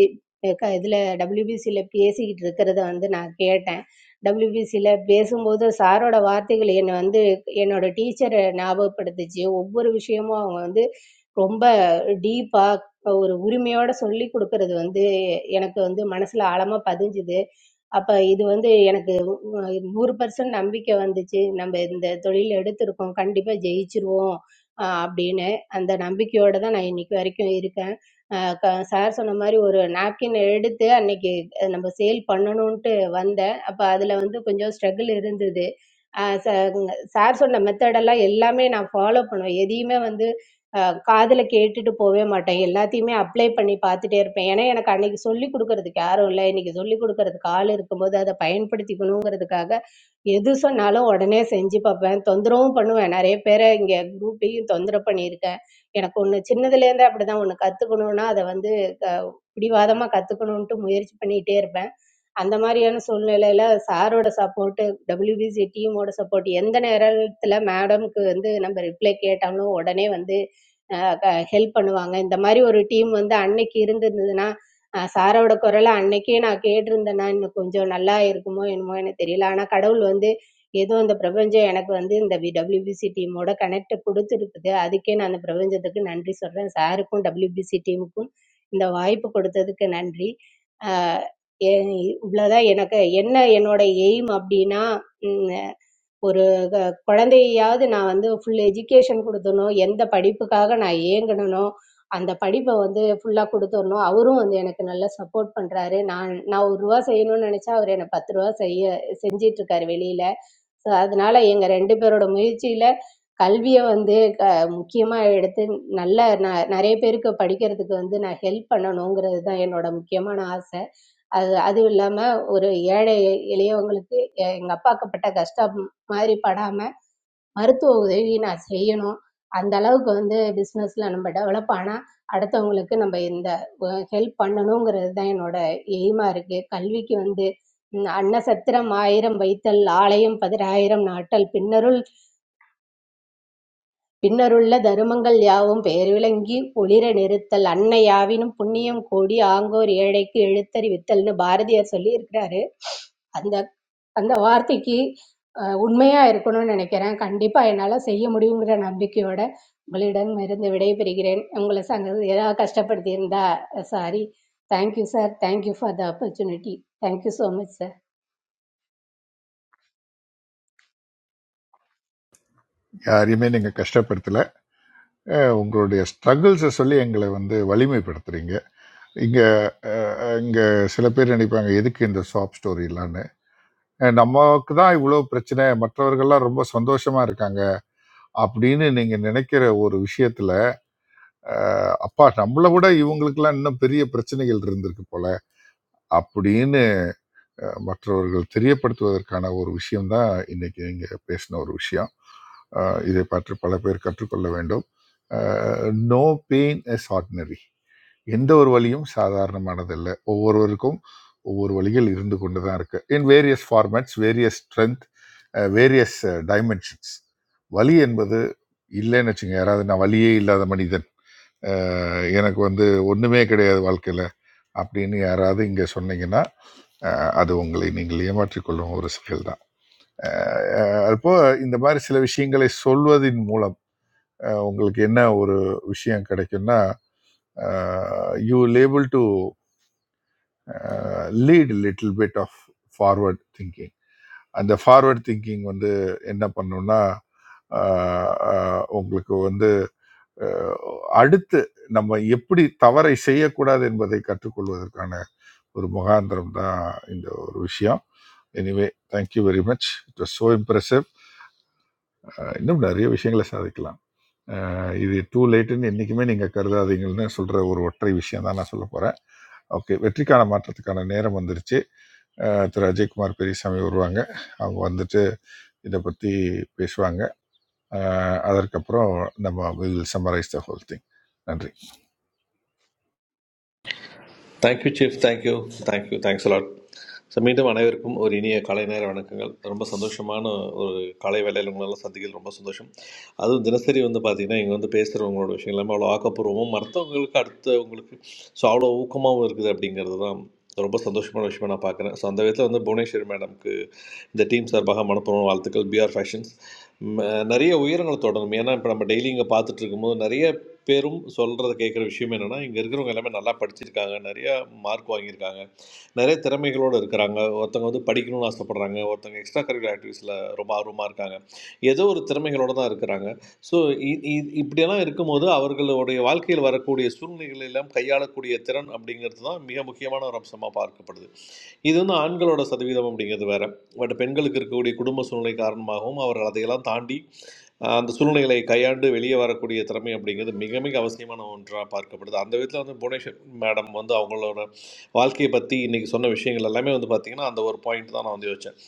S15: க- இதுல டபிள்யூபிசியில பேசிக்கிட்டு இருக்கிறத வந்து நான் கேட்டேன் டபிள்யூபிசியில பேசும்போது சாரோட வார்த்தைகள் என்னை வந்து என்னோட டீச்சரை ஞாபகப்படுத்துச்சு ஒவ்வொரு விஷயமும் அவங்க வந்து ரொம்ப டீப்பா ஒரு உரிமையோட சொல்லி கொடுக்கறது வந்து எனக்கு வந்து மனசுல ஆழமா பதிஞ்சுது அப்ப இது வந்து எனக்கு நூறு பர்சன்ட் நம்பிக்கை வந்துச்சு நம்ம இந்த தொழில் எடுத்திருக்கோம் கண்டிப்பா ஜெயிச்சிருவோம் ஆஹ் அப்படின்னு அந்த நம்பிக்கையோட தான் நான் இன்னைக்கு வரைக்கும் இருக்கேன் சார் சொன்ன மாதிரி ஒரு நாப்கின் எடுத்து அன்னைக்கு அஹ் நம்ம சேல் பண்ணணும்ட்டு வந்தேன் அப்ப அதுல வந்து கொஞ்சம் ஸ்ட்ரகிள் இருந்தது சார் சொன்ன மெத்தடெல்லாம் எல்லாமே நான் ஃபாலோ பண்ணுவேன் எதையுமே வந்து காதில் கேட்டுட்டு போகவே மாட்டேன் எல்லாத்தையுமே அப்ளை பண்ணி பார்த்துட்டே இருப்பேன் ஏன்னா எனக்கு அன்னைக்கு சொல்லிக் கொடுக்கறதுக்கு யாரும் இல்லை இன்னைக்கு சொல்லிக் கொடுக்கறதுக்கு ஆள் இருக்கும்போது அதை பயன்படுத்திக்கணுங்கிறதுக்காக எது சொன்னாலும் உடனே செஞ்சு பார்ப்பேன் தொந்தரவும் பண்ணுவேன் நிறைய பேரை இங்கே குரூப்லேயும் தொந்தரவு பண்ணியிருக்கேன் எனக்கு ஒன்று சின்னதுலேருந்தே அப்படி தான் ஒன்று கற்றுக்கணுன்னா அதை வந்து பிடிவாதமாக கற்றுக்கணுன்ட்டு முயற்சி பண்ணிகிட்டே இருப்பேன் அந்த மாதிரியான சூழ்நிலையில் சாரோட சப்போர்ட்டு டபிள்யூபிசி டீமோட சப்போர்ட் எந்த நேரத்தில் மேடம்க்கு வந்து நம்ம ரிப்ளை கேட்டாலும் உடனே வந்து ஹெல்ப் பண்ணுவாங்க இந்த மாதிரி ஒரு டீம் வந்து அன்னைக்கு இருந்திருந்ததுன்னா அஹ், சாரோட குரலை அன்னைக்கே நான் கேட்டிருந்தேன்னா இன்னும் கொஞ்சம் நல்லா இருக்குமோ என்னமோ எனக்கு தெரியல ஆனால் கடவுள் வந்து ஏதோ அந்த பிரபஞ்சம் எனக்கு வந்து இந்த டபிள்யூபிசி டீமோட கனெக்ட் கொடுத்துருக்குது அதுக்கே நான் அந்த பிரபஞ்சத்துக்கு நன்றி சொல்கிறேன் சாருக்கும் டபிள்யூபிசி டீமுக்கும் இந்த வாய்ப்பு கொடுத்ததுக்கு நன்றி எ- இவ்வளவுதான் எனக்கு என்ன என்னோட எய்ம் அப்படின்னா ஒரு க குழந்தையையாவது நான் வந்து ஃபுல் எஜுகேஷன் கொடுத்தனோ எந்த படிப்புக்காக நான் ஏங்கினனோ அந்த படிப்பை வந்து ஃபுல்லாக கொடுத்துடணும் அவரும் வந்து எனக்கு நல்லா சப்போர்ட் பண்ணுறாரு நான் நான் ஒரு ரூபா செய்யணும்னு நினச்சா அவர் எனக்கு பத்து ரூபா செய்ய செஞ்சிட்டு இருக்காரு வெளியில ஸோ அதனால எங்கள் ரெண்டு பேரோட முயற்சியில கல்வியை வந்து க முக்கியமாக எடுத்து நல்ல ந நிறைய பேருக்கு படிக்கிறதுக்கு வந்து நான் ஹெல்ப் பண்ணணுங்கிறது தான் என்னோட முக்கியமான ஆசை அது அதுவும் இல்லாமல் ஒரு ஏழை எளியவங்களுக்கு எங்கள் அப்பாக்கப்பட்ட கஷ்டம் மாதிரி படாமல் மருத்துவ உதவி நான் செய்யணும் அந்த அளவுக்கு வந்து பிஸ்னஸில் நம்ம டெவலப் ஆனால் அடுத்தவங்களுக்கு நம்ம இந்த ஹெல்ப் பண்ணணுங்கிறது தான் என்னோட எய்மாக இருக்குது கல்விக்கு வந்து ம், அன்னசத்திரம் ஆயிரம் வைத்தல் ஆலயம் பதினாயிரம் நாட்டல் பின்னருள் பின்னருள்ள தருமங்கள் யாவும் பெயர் விளங்கி ஒளிர நிறுத்தல் அன்னை யாவினும் புண்ணியம் கோடி ஆங்கோர் ஏழைக்கு எழுத்தறிவித்தல்னு பாரதியார் சொல்லி இருக்கிறாரு. அந்த அந்த வார்த்தைக்கு உண்மையாக இருக்கணும்னு நினைக்கிறேன் கண்டிப்பாக என்னால் செய்ய முடியுங்கிற நம்பிக்கையோட உங்களிடம் இருந்து விடைபெறுகிறேன் உங்களை சங்க ஏதாவது கஷ்டப்படுத்தி இருந்தா sorry thank you sir thank you for the opportunity thank you so much sir
S7: யாரையுமே நீங்க கஷ்டப்படுத்தல அஹ் உங்களுடைய ஸ்ட்ரகிள்ஸை சொல்லி எங்களை வந்து வலிமைப்படுத்துறீங்க இங்க அஹ், இங்க சில பேர் நினைப்பாங்க எதுக்கு இந்த ஷாப் ஸ்டோரிலான்னு நமக்கு தான் இவ்வளவு பிரச்சனை மற்றவர்கள்லாம் ரொம்ப சந்தோஷமா இருக்காங்க அப்படின்னு நீங்க நினைக்கிற ஒரு விஷயத்துல அஹ், அப்பா நம்மளை விட இவங்களுக்கெல்லாம் இன்னும் பெரிய பிரச்சனைகள் இருந்திருக்கு போல அப்படின்னு அஹ், மற்றவர்கள் தெரியப்படுத்துவதற்கான ஒரு விஷயம் தான் இன்னைக்கு நீங்க பேசின ஒரு விஷயம் அஹ், இதை பற்றி பல பேர் கற்றுக்கொள்ள வேண்டும் நோ பெயின் இஸ் ஆர்டினரி எந்த ஒரு வழியும் சாதாரணமானதல்ல ஒவ்வொருவருக்கும் ஒவ்வொரு வழிகள் இருந்து கொண்டு தான் இருக்கு in various formats various strength various dimensions வலி என்பது இல்லைன்னு வச்சுங்க யாராவது நான் வலியே இல்லாத மனிதன் அஹ், எனக்கு வந்து ஒன்றுமே கிடையாது வாழ்க்கையில் அப்படின்னு யாராவது இங்கே சொன்னீங்கன்னா அஹ், அது உங்களை நீங்கள் ஏமாற்றிக்கொள்ளும் ஒரு செயல் தான் அப்போ இந்த மாதிரி சில விஷயங்களை சொல்வதின் மூலம் அஹ், உங்களுக்கு என்ன ஒரு விஷயம் கிடைக்கும்னா you able to uh, lead a little bit of forward thinking அந்த ஃபார்வர்ட் திங்கிங் வந்து என்ன பண்ணும்னா ஆஹ், ஆஹ், உங்களுக்கு வந்து ஆஹ், அடுத்து நம்ம எப்படி தவறை செய்யக்கூடாது என்பதை கற்றுக்கொள்வதற்கான ஒரு முகாந்திரம் தான் இந்த ஒரு விஷயம் anyway thank you very much it was so impressive இன்னும் நிறைய விஷயங்களை சாதிக்கலாம் ஆஹ், இது டூ லேட்டுன்னு என்றைக்குமே நீங்கள் கருதாதீங்கன்னு சொல்கிற ஒரு ஒற்றை விஷயம் தான் நான் சொல்ல போகிறேன் ஓகே வெற்றிக்கான மாற்றத்துக்கான நேரம் வந்துருச்சு அஹ் திரு அஜய்குமார் பெரியசாமி வருவாங்க அவங்க வந்துட்டு இதை பற்றி பேசுவாங்க அஹ் அதற்கப்புறம் நம்ம will summarise the whole thing நன்றி
S10: thank you chief thank you thank you thanks a lot so மீண்டும் அனைவருக்கும் ஒரு இனிய காலை நேர வணக்கங்கள் ரொம்ப சந்தோஷமான ஒரு காலை வேலையில் உங்களெல்லாம் சந்திக்கிறது ரொம்ப சந்தோஷம் அதுவும் தினசரி வந்து பார்த்திங்கன்னா இங்கே வந்து பேசுகிறவங்களோட விஷயம் எல்லாமே அவ்வளோ ஆக்கப்பூர்வமும் மற்றவங்களுக்கு அடுத்து உங்களுக்கு ஸோ அவ்வளோ ஊக்கமாகவும் இருக்குது அப்படிங்கிறது தான் ரொம்ப சந்தோஷமான விஷயமா நான் பார்க்குறேன் ஸோ அந்த விதத்தில் வந்து புவனேஸ்வர் மேடம்க்கு இந்த டீம் சார்பாக மனப்பூர்வம் வாழ்த்துக்கள் பிஆர் ஃபேஷன்ஸ் ம, நிறைய உயரங்களை தொடரும் ஏன்னா இப்போ நம்ம டெய்லி இங்கே பார்த்துட்டு இருக்கும்போது நிறைய பேரும் சொல்கிறத கேட்குற விஷயம் என்னென்னா இங்கே இருக்கிறவங்க எல்லாமே நல்லா படிச்சிருக்காங்க நிறையா மார்க் வாங்கியிருக்காங்க நிறைய திறமைகளோடு இருக்கிறாங்க ஒருத்தவங்க வந்து படிக்கணும்னு ஆசைப்பட்றாங்க ஒருத்தவங்க எக்ஸ்ட்ரா கரிக்குலர் ஆக்டிவிஸில் ரொம்ப ஆர்வமாக இருக்காங்க ஏதோ ஒரு திறமைகளோடு தான் இருக்கிறாங்க ஸோ இப்படியெல்லாம் இருக்கும்போது அவர்களுடைய வாழ்க்கையில் வரக்கூடிய சூழ்நிலைகள் எல்லாம் கையாளக்கூடிய திறன் அப்படிங்கிறது தான் மிக முக்கியமான ஒரு அம்சமாக பார்க்கப்படுது இது வந்து ஆண்களோட சதவீதம் அப்படிங்கிறது வேற பட் பெண்களுக்கு இருக்கக்கூடிய குடும்ப சூழ்நிலை காரணமாகவும் அவர்கள் அதையெல்லாம் தாண்டி ஆஹ் அந்த சூழ்நிலைகளை கையாண்டு வெளியே வரக்கூடிய திறமை அப்படிங்கிறது மிக மிக அவசியமான ஒன்றாக பார்க்கப்படுது அந்த விதத்தில் வந்து புவனேஸ்வர் மேடம் வந்து அவங்களோட வாழ்க்கையை பற்றி இன்னைக்கு சொன்ன விஷயங்கள் எல்லாமே வந்து பார்த்திங்கன்னா அந்த ஒரு பாயிண்ட் தான் நான் வந்து யோசித்தேன்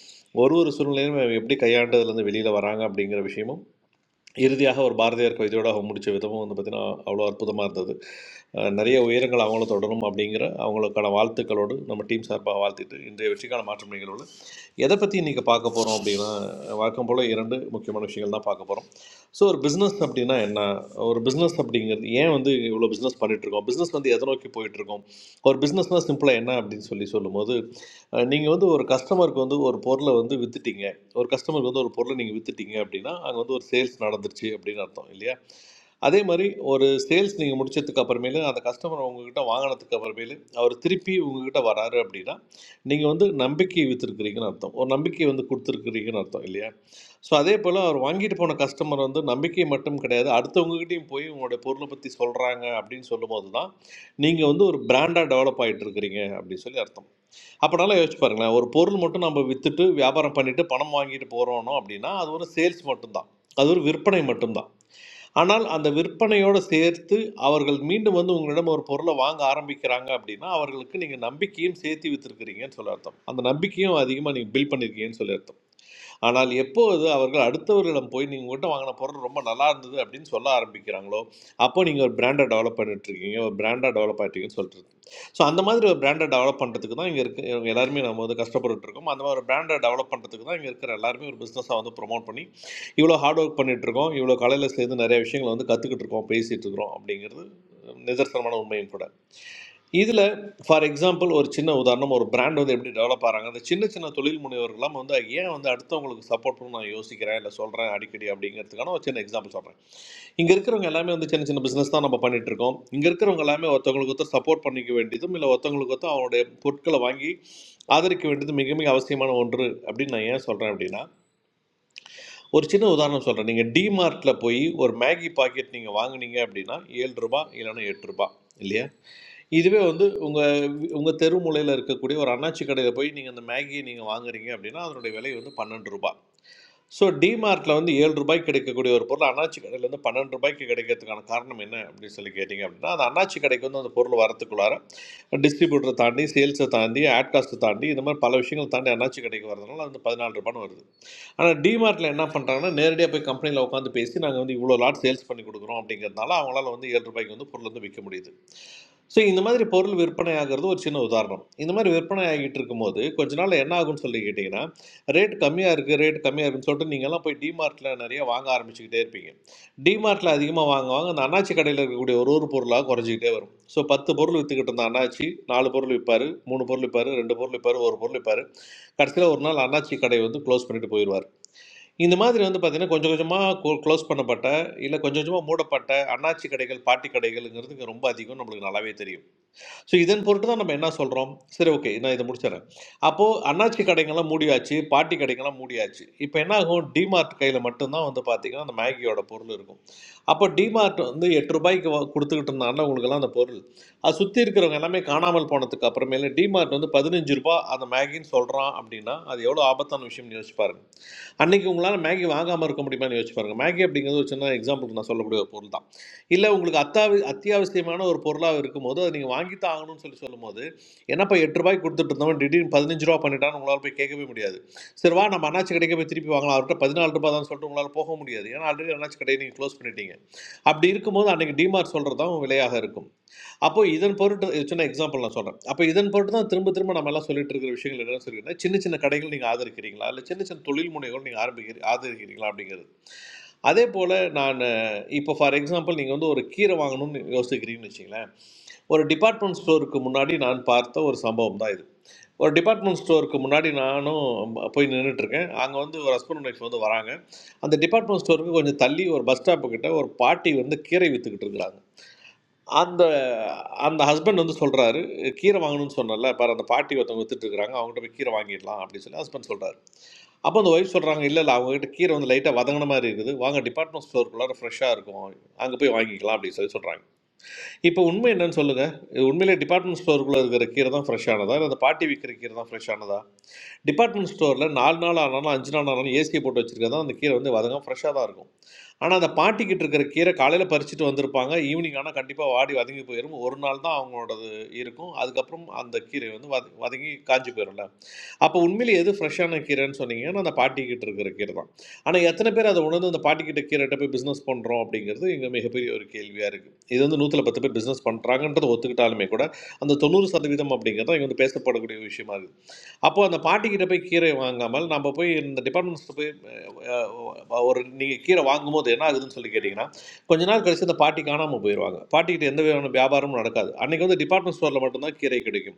S10: ஒரு ஒரு சூழ்நிலையும் எப்படி கையாண்டதுலேருந்து வெளியில் வராங்க அப்படிங்கிற விஷயமும் இறுதியாக ஒரு பாரதியார் கவிதையோட அவங்க முடிச்ச விதமும் வந்து பார்த்திங்கன்னா அவ்வளோ அற்புதமாக இருந்தது அஹ் நிறைய உயரங்கள் அவங்களும் தொடரும் அப்படிங்கிற அவங்களுக்கான வாழ்த்துக்களோடு நம்ம டீம் சார்பாக வாழ்த்திட்டு இன்றைய வெற்றிக்கான மாற்றம் நிகழ்வில் எதை பற்றி இன்றைக்கி பார்க்க போகிறோம் அப்படின்னா வழக்கம் போல் இரண்டு முக்கியமான விஷயங்கள் தான் பார்க்க போகிறோம் ஸோ ஒரு பிஸ்னஸ் அப்படின்னா என்ன ஒரு பிஸ்னஸ் அப்படிங்கிறது ஏன் வந்து இவ்வளோ பிஸ்னஸ் இருக்கோம் பிஸ்னஸ் வந்து எதை நோக்கி போயிட்டுருக்கோம் ஒரு பிஸ்னஸ்னால் சிம்பிளாக என்ன அப்படின்னு சொல்லி சொல்லும்போது நீங்கள் வந்து ஒரு கஸ்டமருக்கு வந்து ஒரு பொருளை வந்து வித்துட்டீங்க ஒரு கஸ்டமருக்கு வந்து ஒரு பொருளை நீங்கள் வித்துட்டீங்க அப்படின்னா அங்கே வந்து ஒரு சேல்ஸ் நடந்துருச்சு அப்படின்னு அர்த்தம் இல்லையா அதே மாதிரி ஒரு சேல்ஸ் நீங்கள் முடிச்சதுக்கு அப்புறமேலு அந்த கஸ்டமர் உங்ககிட்ட வாங்கினதுக்கு அப்புறமேலு அவர் திருப்பி உங்ககிட்ட வராரு அப்படின்னா நீங்கள் வந்து நம்பிக்கை வித்துருக்கிறீங்கன்னு அர்த்தம் ஒரு நம்பிக்கை வந்து கொடுத்துருக்கிறீங்கன்னு அர்த்தம் இல்லையா ஸோ அதே போல் அவர் வாங்கிட்டு போன கஸ்டமர் வந்து நம்பிக்கை மட்டும் கிடையாது அடுத்தவங்ககிட்டயும் போய் உங்களுடைய பொருளை பற்றி சொல்கிறாங்க அப்படின்னு சொல்லும்போது தான் நீங்கள் வந்து ஒரு பிராண்டாக டெவலப் ஆகிட்டு இருக்கிறீங்க அப்படின்னு சொல்லி அர்த்தம் அப்படினாலும் யோசிச்சு பாருங்களேன் ஒரு பொருள் மட்டும் நம்ம விற்றுட்டு வியாபாரம் பண்ணிட்டு பணம் வாங்கிட்டு போகிறோனோ அப்படின்னா அது ஒரு சேல்ஸ் மட்டும்தான் அது ஒரு விற்பனை மட்டும்தான் ஆனால் அந்த விற்பனையோடு சேர்த்து அவர்கள் மீண்டும் வந்து உங்களிடம் ஒரு பொருளை வாங்க ஆரம்பிக்கிறாங்க அப்படின்னா அவர்களுக்கு நீங்கள் நம்பிக்கையும் சேர்த்து விற்றுருக்கிறீங்கன்னு சொல்ல அர்த்தம் அந்த நம்பிக்கையும் அதிகமாக நீங்கள் பில்ட் பண்ணியிருக்கீங்கன்னு சொல்லி அர்த்தம் ஆனால் எப்போது அவர்கள் அடுத்தவர்களிடம் போய் நீங்கள் உங்கள்கிட்ட வாங்கின பொருள் ரொம்ப நல்லா இருந்தது அப்படின்னு சொல்ல ஆரம்பிக்கிறாங்களோ அப்போ நீங்கள் ஒரு பிராண்டை டெவலப் பண்ணிட்டு இருக்கீங்க ஒரு பிராண்டாக டெவலப் ஆகிட்டீங்கன்னு சொல்லிட்டு ஸோ அந்த மாதிரி ஒரு பிராண்டை டெவலப் பண்ணுறதுக்கு தான் இங்கே இருக்க இவங்க எல்லாருமே நம்ம வந்து கஷ்டப்பட்டுட்டு இருக்கோம் அந்த மாதிரி ஒரு பிராண்டை டெவலப் பண்ணுறதுக்கு தான் இங்கே இருக்கிற எல்லாருமே ஒரு பிஸ்னஸாக வந்து ப்ரொமோட் பண்ணி இவ்வளோ ஹார்ட் ஒர்க் பண்ணிட்டு இருக்கோம் இவ்வளோ காலையில் சேர்ந்து நிறைய விஷயங்களை வந்து கற்றுக்கிட்டு இருக்கோம் பேசிகிட்டு இருக்கிறோம் அப்படிங்கிறது நிதர்சனமான உண்மையும் கூட இதில் ஃபார் எக்ஸாம்பிள் ஒரு சின்ன உதாரணம் ஒரு பிராண்ட் வந்து எப்படி டெவலப் ஆகிறாங்க அந்த சின்ன சின்ன தொழில் முனைவர்கள்லாம் வந்து ஏன் வந்து அடுத்தவங்களுக்கு சப்போர்ட் பண்ண நான் யோசிக்கிறேன் இல்லை சொல்கிறேன் அடிக்கடி அப்படிங்கிறதுக்கான ஒரு சின்ன எக்ஸாம்பிள் சொல்கிறேன் இங்கே இருக்கிறவங்க எல்லாமே வந்து சின்ன சின்ன பிஸ்னஸ் தான் நம்ம பண்ணிட்டு இருக்கோம் இங்கே இருக்கிறவங்க எல்லாமே ஒருத்தவங்களுக்கு ஒருத்தர் சப்போர்ட் பண்ணிக்க வேண்டியதும் இல்லை ஒருத்தவங்களுக்கு ஒருத்தர் அவனுடைய பொருட்களை வாங்கி ஆதரிக்க வேண்டியது மிக மிக அவசியமான ஒன்று அப்படின்னு நான் ஏன் சொல்கிறேன் அப்படின்னா ஒரு சின்ன உதாரணம் சொல்கிறேன் நீங்கள் டிமார்ட்டில் போய் ஒரு மேகி பாக்கெட் நீங்கள் வாங்குனீங்க அப்படின்னா ஏழு ரூபாய் இல்லைன்னா எட்டு ரூபாய் இல்லையா இதுவே வந்து உங்கள் உங்கள் தெரு மூலையில் இருக்கக்கூடிய ஒரு அண்ணாச்சி கடையில் போய் நீங்கள் அந்த மேகியை நீங்கள் வாங்குறீங்க அப்படின்னா அதனுடைய விலை வந்து பன்னெண்டு ரூபாய் ஸோ டிமார்ட்டில் வந்து ஏழு ரூபாய்க்கு கிடைக்கக்கூடிய ஒரு பொருள் அண்ணாச்சி கடையில் வந்து பன்னெண்டு ரூபாய்க்கு கிடைக்கிறதுக்கான காரணம் என்ன அப்படின்னு சொல்லி கேட்டிங்க அப்படின்னா அந்த அண்ணாச்சி கடைக்கு வந்து அந்த பொருள் வரத்துக்குள்ளார டிஸ்ட்ரிபியூட்டரை தாண்டி சேல்ஸை தாண்டி ஆட் காஸ்ட்டை தாண்டி இந்த மாதிரி பல விஷயங்கள் தாண்டி அண்ணாச்சி கடைக்கு வரதுனால வந்து பதினாலு ரூபான்னு வருது ஆனால் டிமார்ட்டில் என்ன பண்ணுறாங்கன்னா நேரடியாக போய் கம்பெனியில் உட்காந்து பேசி நாங்கள் வந்து இவ்வளோ லாட் சேல்ஸ் பண்ணி கொடுக்குறோம் அப்படிங்கிறதுனால அவங்களால வந்து ஏழு ரூபாய்க்கு வந்து பொருள் வந்து விற்க முடியுது ஸோ இந்த மாதிரி பொருள் விற்பனை ஆகிறது ஒரு சின்ன உதாரணம் இந்த மாதிரி விற்பனை ஆகிட்டு இருக்கும்போது கொஞ்ச நாள் என்ன ஆகும்னு சொல்லி கேட்டிங்கன்னா ரேட் கம்மியாக இருக்குது ரேட் கம்மியாக இருக்குன்னு சொல்லிட்டு நீங்கள்லாம் போய் டிமார்ட்டில் நிறைய வாங்க ஆரம்பிச்சுக்கிட்டே இருப்பீங்க டிமார்ட்டில் அதிகமாக வாங்க வாங்க அந்த அண்ணாச்சி கடையில் இருக்கக்கூடிய ஒரு ஒரு பொருளாக குறைஞ்சிக்கிட்டே வரும் ஸோ பத்து பொருள் விற்றுக்கிட்டு இருந்த அண்ணாச்சி நாலு பொருள் விற்பார் மூணு பொருள் விற்பார் ரெண்டு பொருள் விற்பார் ஒரு பொருள் விற்பார் கடைசியில் ஒரு நாள் அண்ணாச்சி கடை வந்து க்ளோஸ் பண்ணிட்டு போயிடுவார் இந்த மாதிரி வந்து பார்த்திங்கன்னா கொஞ்சம் கொஞ்சமாக க்ளோஸ் பண்ணப்பட்ட இல்லை கொஞ்சம் கொஞ்சமாக மூடப்பட்ட அண்ணாச்சி கடைகள் பாட்டி கடைகள்ங்கிறது இங்க ரொம்ப அதிகம் நம்மளுக்கு நல்லாவே தெரியும் ஸோ இதன் பொருட்டு தான் நம்ம என்ன சொல்கிறோம் சரி ஓகே நான் இதை முடிச்சிடறேன் அப்போது அண்ணாச்சி கடைங்கெல்லாம் மூடியாச்சு பாட்டி கடைங்கெல்லாம் மூடியாச்சு இப்போ என்ன ஆகும் டிமார்ட் கையில் மட்டும்தான் வந்து பார்த்தீங்கன்னா அந்த மேகியோட பொருள் இருக்கும் அப்போ டிமார்ட் வந்து எட்டு ரூபாய்க்கு வா- கொடுத்துக்கிட்டு இருந்தாங்கன்னா உங்களுக்கெல்லாம் அந்த பொருள் அது சுற்றி இருக்கிறவங்க எல்லாமே காணாமல் போனதுக்கு அப்புறமேல டிமார்ட் வந்து பதினஞ்சு ரூபாய் அந்த மேகின்னு சொல்கிறான் அப்படின்னா அது எவ்வளோ ஆபத்தான விஷயம்னு யோசிச்சு பாருங்க அன்னைக்கு உங்களால் மேகி வாங்காமல் இருக்க முடியுமான்னு யோசிச்சு பாருங்க மேகி அப்படிங்கிறது ஒரு சின்ன எக்ஸாம்பிளுக்கு நான் சொல்லக்கூடிய ஒரு பொருள் தான் இல்லை உங்களுக்கு அத்தாவி அத்தியாவசியமான ஒரு பொருளாக இருக்கும்போது அதை நீங்கள் வாங்கித்தான் ஆகணும்னு சொல்லி சொல்லும்போது என்னப்பா எட்டு ரூபாய்க்கு கொடுத்துட்டு இருந்தவன் திடீர்னு பதினஞ்சு ரூபா பண்ணிட்டான்னு உங்களால் போய் கேட்கவே முடியாது சரி வா நம்ம அண்ணாச்சி கடைக்கு போய் திருப்பி வாங்கலாம் அவர்கிட்ட பதினாலு ரூபாய் தான் சொல்லிட்டு உங்களால் போக முடியாது ஏன்னா ஆல்ரெடி அண்ணாச்சி கடையை நீங்கள் க்ளோஸ் பண்ணிட்டீங்க அப்படி இருக்கும்போது அன்னைக்கு டிமார்ட் சொல்கிறது தான் விலையாக இருக்கும் அப்போ இதன் பொருட்டு இது சின்ன எக்ஸாம்பிள் நான் சொல்கிறேன் அப்போ இதன் பொருட்டு தான் திரும்ப திரும்ப நம்ம எல்லாம் சொல்லிட்டு இருக்கிற விஷயங்கள் என்னன்னு சொல்லிக்கிறேன் சின்ன சின்ன கடைகள் நீங்கள் ஆதரிக்கிறீங்களா இல்லை சின்ன சின்ன தொழில் முனைகள் நீங்கள் ஆரம்பிக்கிறீ ஆதரிக்கிறீங்களா அப்படிங்கிறது அதே போல் நான் இப்போ ஃபார் எக்ஸாம்பிள் நீங்கள் வந்து ஒரு கீரை வாங்கணும்னு யோசிக்கிறீங்கன்னு வச்சுங்களேன் ஒரு டிபார்ட்மெண்ட் ஸ்டோருக்கு முன்னாடி நான் பார்த்த ஒரு சம்பவம் தான் இது ஒரு டிபார்ட்மெண்ட் ஸ்டோருக்கு முன்னாடி நானும் ப- போய் நின்றுட்டு இருக்கேன் அங்கே வந்து ஒரு ஹஸ்பண்ட் ஒய்ஃப் வந்து வராங்க அந்த டிபார்ட்மெண்ட் ஸ்டோருக்கு கொஞ்சம் தள்ளி ஒரு பஸ் ஸ்டாப்பு கிட்ட ஒரு பாட்டி வந்து கீரை விற்றுக்கிட்டு இருக்கிறாங்க அந்த அந்த ஹஸ்பண்ட் வந்து சொல்கிறாரு கீரை வாங்கணும்னு சொன்னல பாரு அந்த பாட்டி ஒருத்தவங்க வித்துட்டு இருக்காங்க அவங்ககிட்ட போய் கீரை வாங்கிடலாம் அப்படின்னு சொல்லி ஹஸ்பண்ட் சொல்கிறாரு அப்போ அந்த ஒய்ஃப் சொல்கிறாங்க இல்லை இல்லை அவங்ககிட்ட கீரை வந்து லைட்டாக வதங்கின மாதிரி இருக்குது வாங்க டிபார்ட்மெண்ட் ஸ்டோருக்குள்ளார ஃப்ரெஷ்ஷாக இருக்கும் அங்கே போய் வாங்கிக்கலாம் அப்படின்னு சொல்லி சொல்கிறாங்க இப்போ உண்மை என்னன்னு சொல்லுங்கள் இது உண்மையிலே டிபார்ட்மெண்ட் ஸ்டோருக்குள்ளே இருக்கிற கீரை தான் ஃப்ரெஷ்ஷானதா இல்லை அந்த பாட்டி விற்கிற கீரை தான் ஃப்ரெஷ்ஷானதா டிபார்ட்மெண்ட் ஸ்டோரில் நாலு நாள் ஆனாலும் அஞ்சு நாள் ஆனாலும் ஏசியை போட்டு வச்சிருக்கறது தான் அந்த கீரை வந்து வதங்க ஃப்ரெஷ்ஷாக தான் இருக்கும் ஆனால் அந்த பாட்டிக்கிட்ட இருக்கிற கீரை காலையில் பறிச்சுட்டு வந்திருப்பாங்க ஈவினிங் ஆனால் கண்டிப்பாக வாடி வதங்கி போயிடும் ஒரு நாள் தான் அவங்களோடது இருக்கும் அதுக்கப்புறம் அந்த கீரை வந்து வத வதங்கி காஞ்சு போயிடும்ல அப்போ உண்மையிலே எது ஃப்ரெஷ்ஷான கீரைன்னு சொன்னீங்கன்னா, அந்த பாட்டிக்கிட்ட இருக்கிற கீரை தான். ஆனா, எத்தனை பேர் அத உணர்ந்து அந்த பாட்டிக்கிட்ட கீரைட்ட போய் பிசினஸ் பண்றோம் அப்படிங்கிறது இங்க மிகப்பெரிய ஒரு கேள்வியா இருக்கு. இது வந்து 100ல 10 பேர் பிசினஸ் பண்றாங்கன்றத ஒத்துக்கிட்டாலுமே கூட, அந்த 90% அப்படிங்கிறது தான் இங்க வந்து பேசப்படக்கூடிய விஷயமா இருக்கு. அப்போ அந்த பாட்டிக்கிட்ட போய் கீரை வாங்காமல், நம்ம போய் இந்த டிபார்ட்மெண்ட் ஸ்டோர் போய் அ அ ஒரு நீங்க கீரை வாங்கும்போது என்ன ஆகுதுன்னு சொல்லி கேட்டீங்கன்னா, கொஞ்ச நாள் கழிச்சு அந்த பாட்டி காணாம போயிருவாங்க. பாட்டிக்கிட்ட எந்த விதமான வியாபாரமும் நடக்காது. அன்னைக்கு வந்து டிபார்ட்மெண்ட் ஸ்டோர்ல மட்டும் தான் கீரை கிடைக்கும்.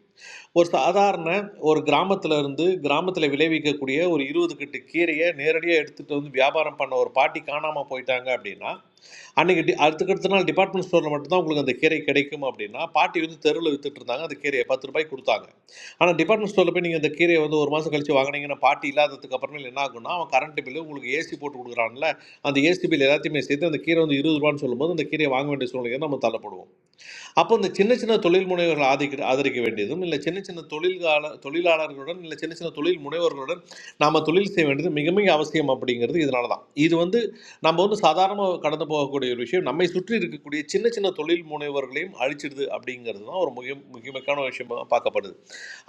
S10: ஒரு சாதாரண ஒரு கிராமத்துல இருந்து கிராமத்துல விளைவிக்கக்கூடிய ஒரு இருபது கட்டு கீரையை நேரடியாக எடுத்துட்டு வந்து வியாபாரம் பண்ண ஒரு பாட்டி காணாம போயிட்டாங்க அப்படின்னா அன்னைக்கு டி- அடுத்துக்கு அடுத்த நாள் டிபார்ட்மெண்ட் ஸ்டோர்ல மட்டும்தான் உங்களுக்கு அந்த கீரை கிடைக்கும் அப்படின்னா பாட்டி வந்து தெருவில் வித்துட்டு இருந்தாங்க அந்த கீரையை பத்து ரூபாய்க்கு கொடுத்தாங்க ஆனா டிபார்ட்மெண்ட் ஸ்டோர்ல போய் நீங்க அந்த கீரையை வந்து ஒரு மாசம் கழிச்சு வாங்குனீங்கன்னா பாட்டி இல்லாததுக்கு அப்புறமேல என்ன ஆகும்னா அவன் கரண்ட் பில்லு உங்களுக்கு ஏசி போட்டு கொடுக்குறான்ல அந்த ஏசி பில் எல்லாத்தையுமே சேர்த்து அந்த கீரை வந்து இருபது ரூபான்னு சொல்லும்போது அந்த கீரையை வாங்க வேண்டிய சூழ்நிலைக்கு நம்ம தள்ளப்படுவோம் அப்போ இந்த சின்ன சின்ன தொழில் முனைவர்கள் ஆதரிக்க ஆதரிக்க வேண்டியதும் இல்லை சின்ன சின்ன தொழில்கால தொழிலாளர்களுடன் இல்லை சின்ன சின்ன தொழில் முனைவர்களுடன் நாம் தொழில் செய்ய வேண்டியது மிக மிக அவசியம் அப்படிங்கிறது இதனால தான் இது வந்து நம்ம வந்து சாதாரணமாக கடந்து போகக்கூடிய ஒரு விஷயம் நம்மை சுற்றி இருக்கக்கூடிய சின்ன சின்ன தொழில் முனைவர்களையும் அழிச்சிடுது அப்படிங்கிறது தான் ஒரு மிக முக்கியமான விஷயமாக பார்க்கப்படுது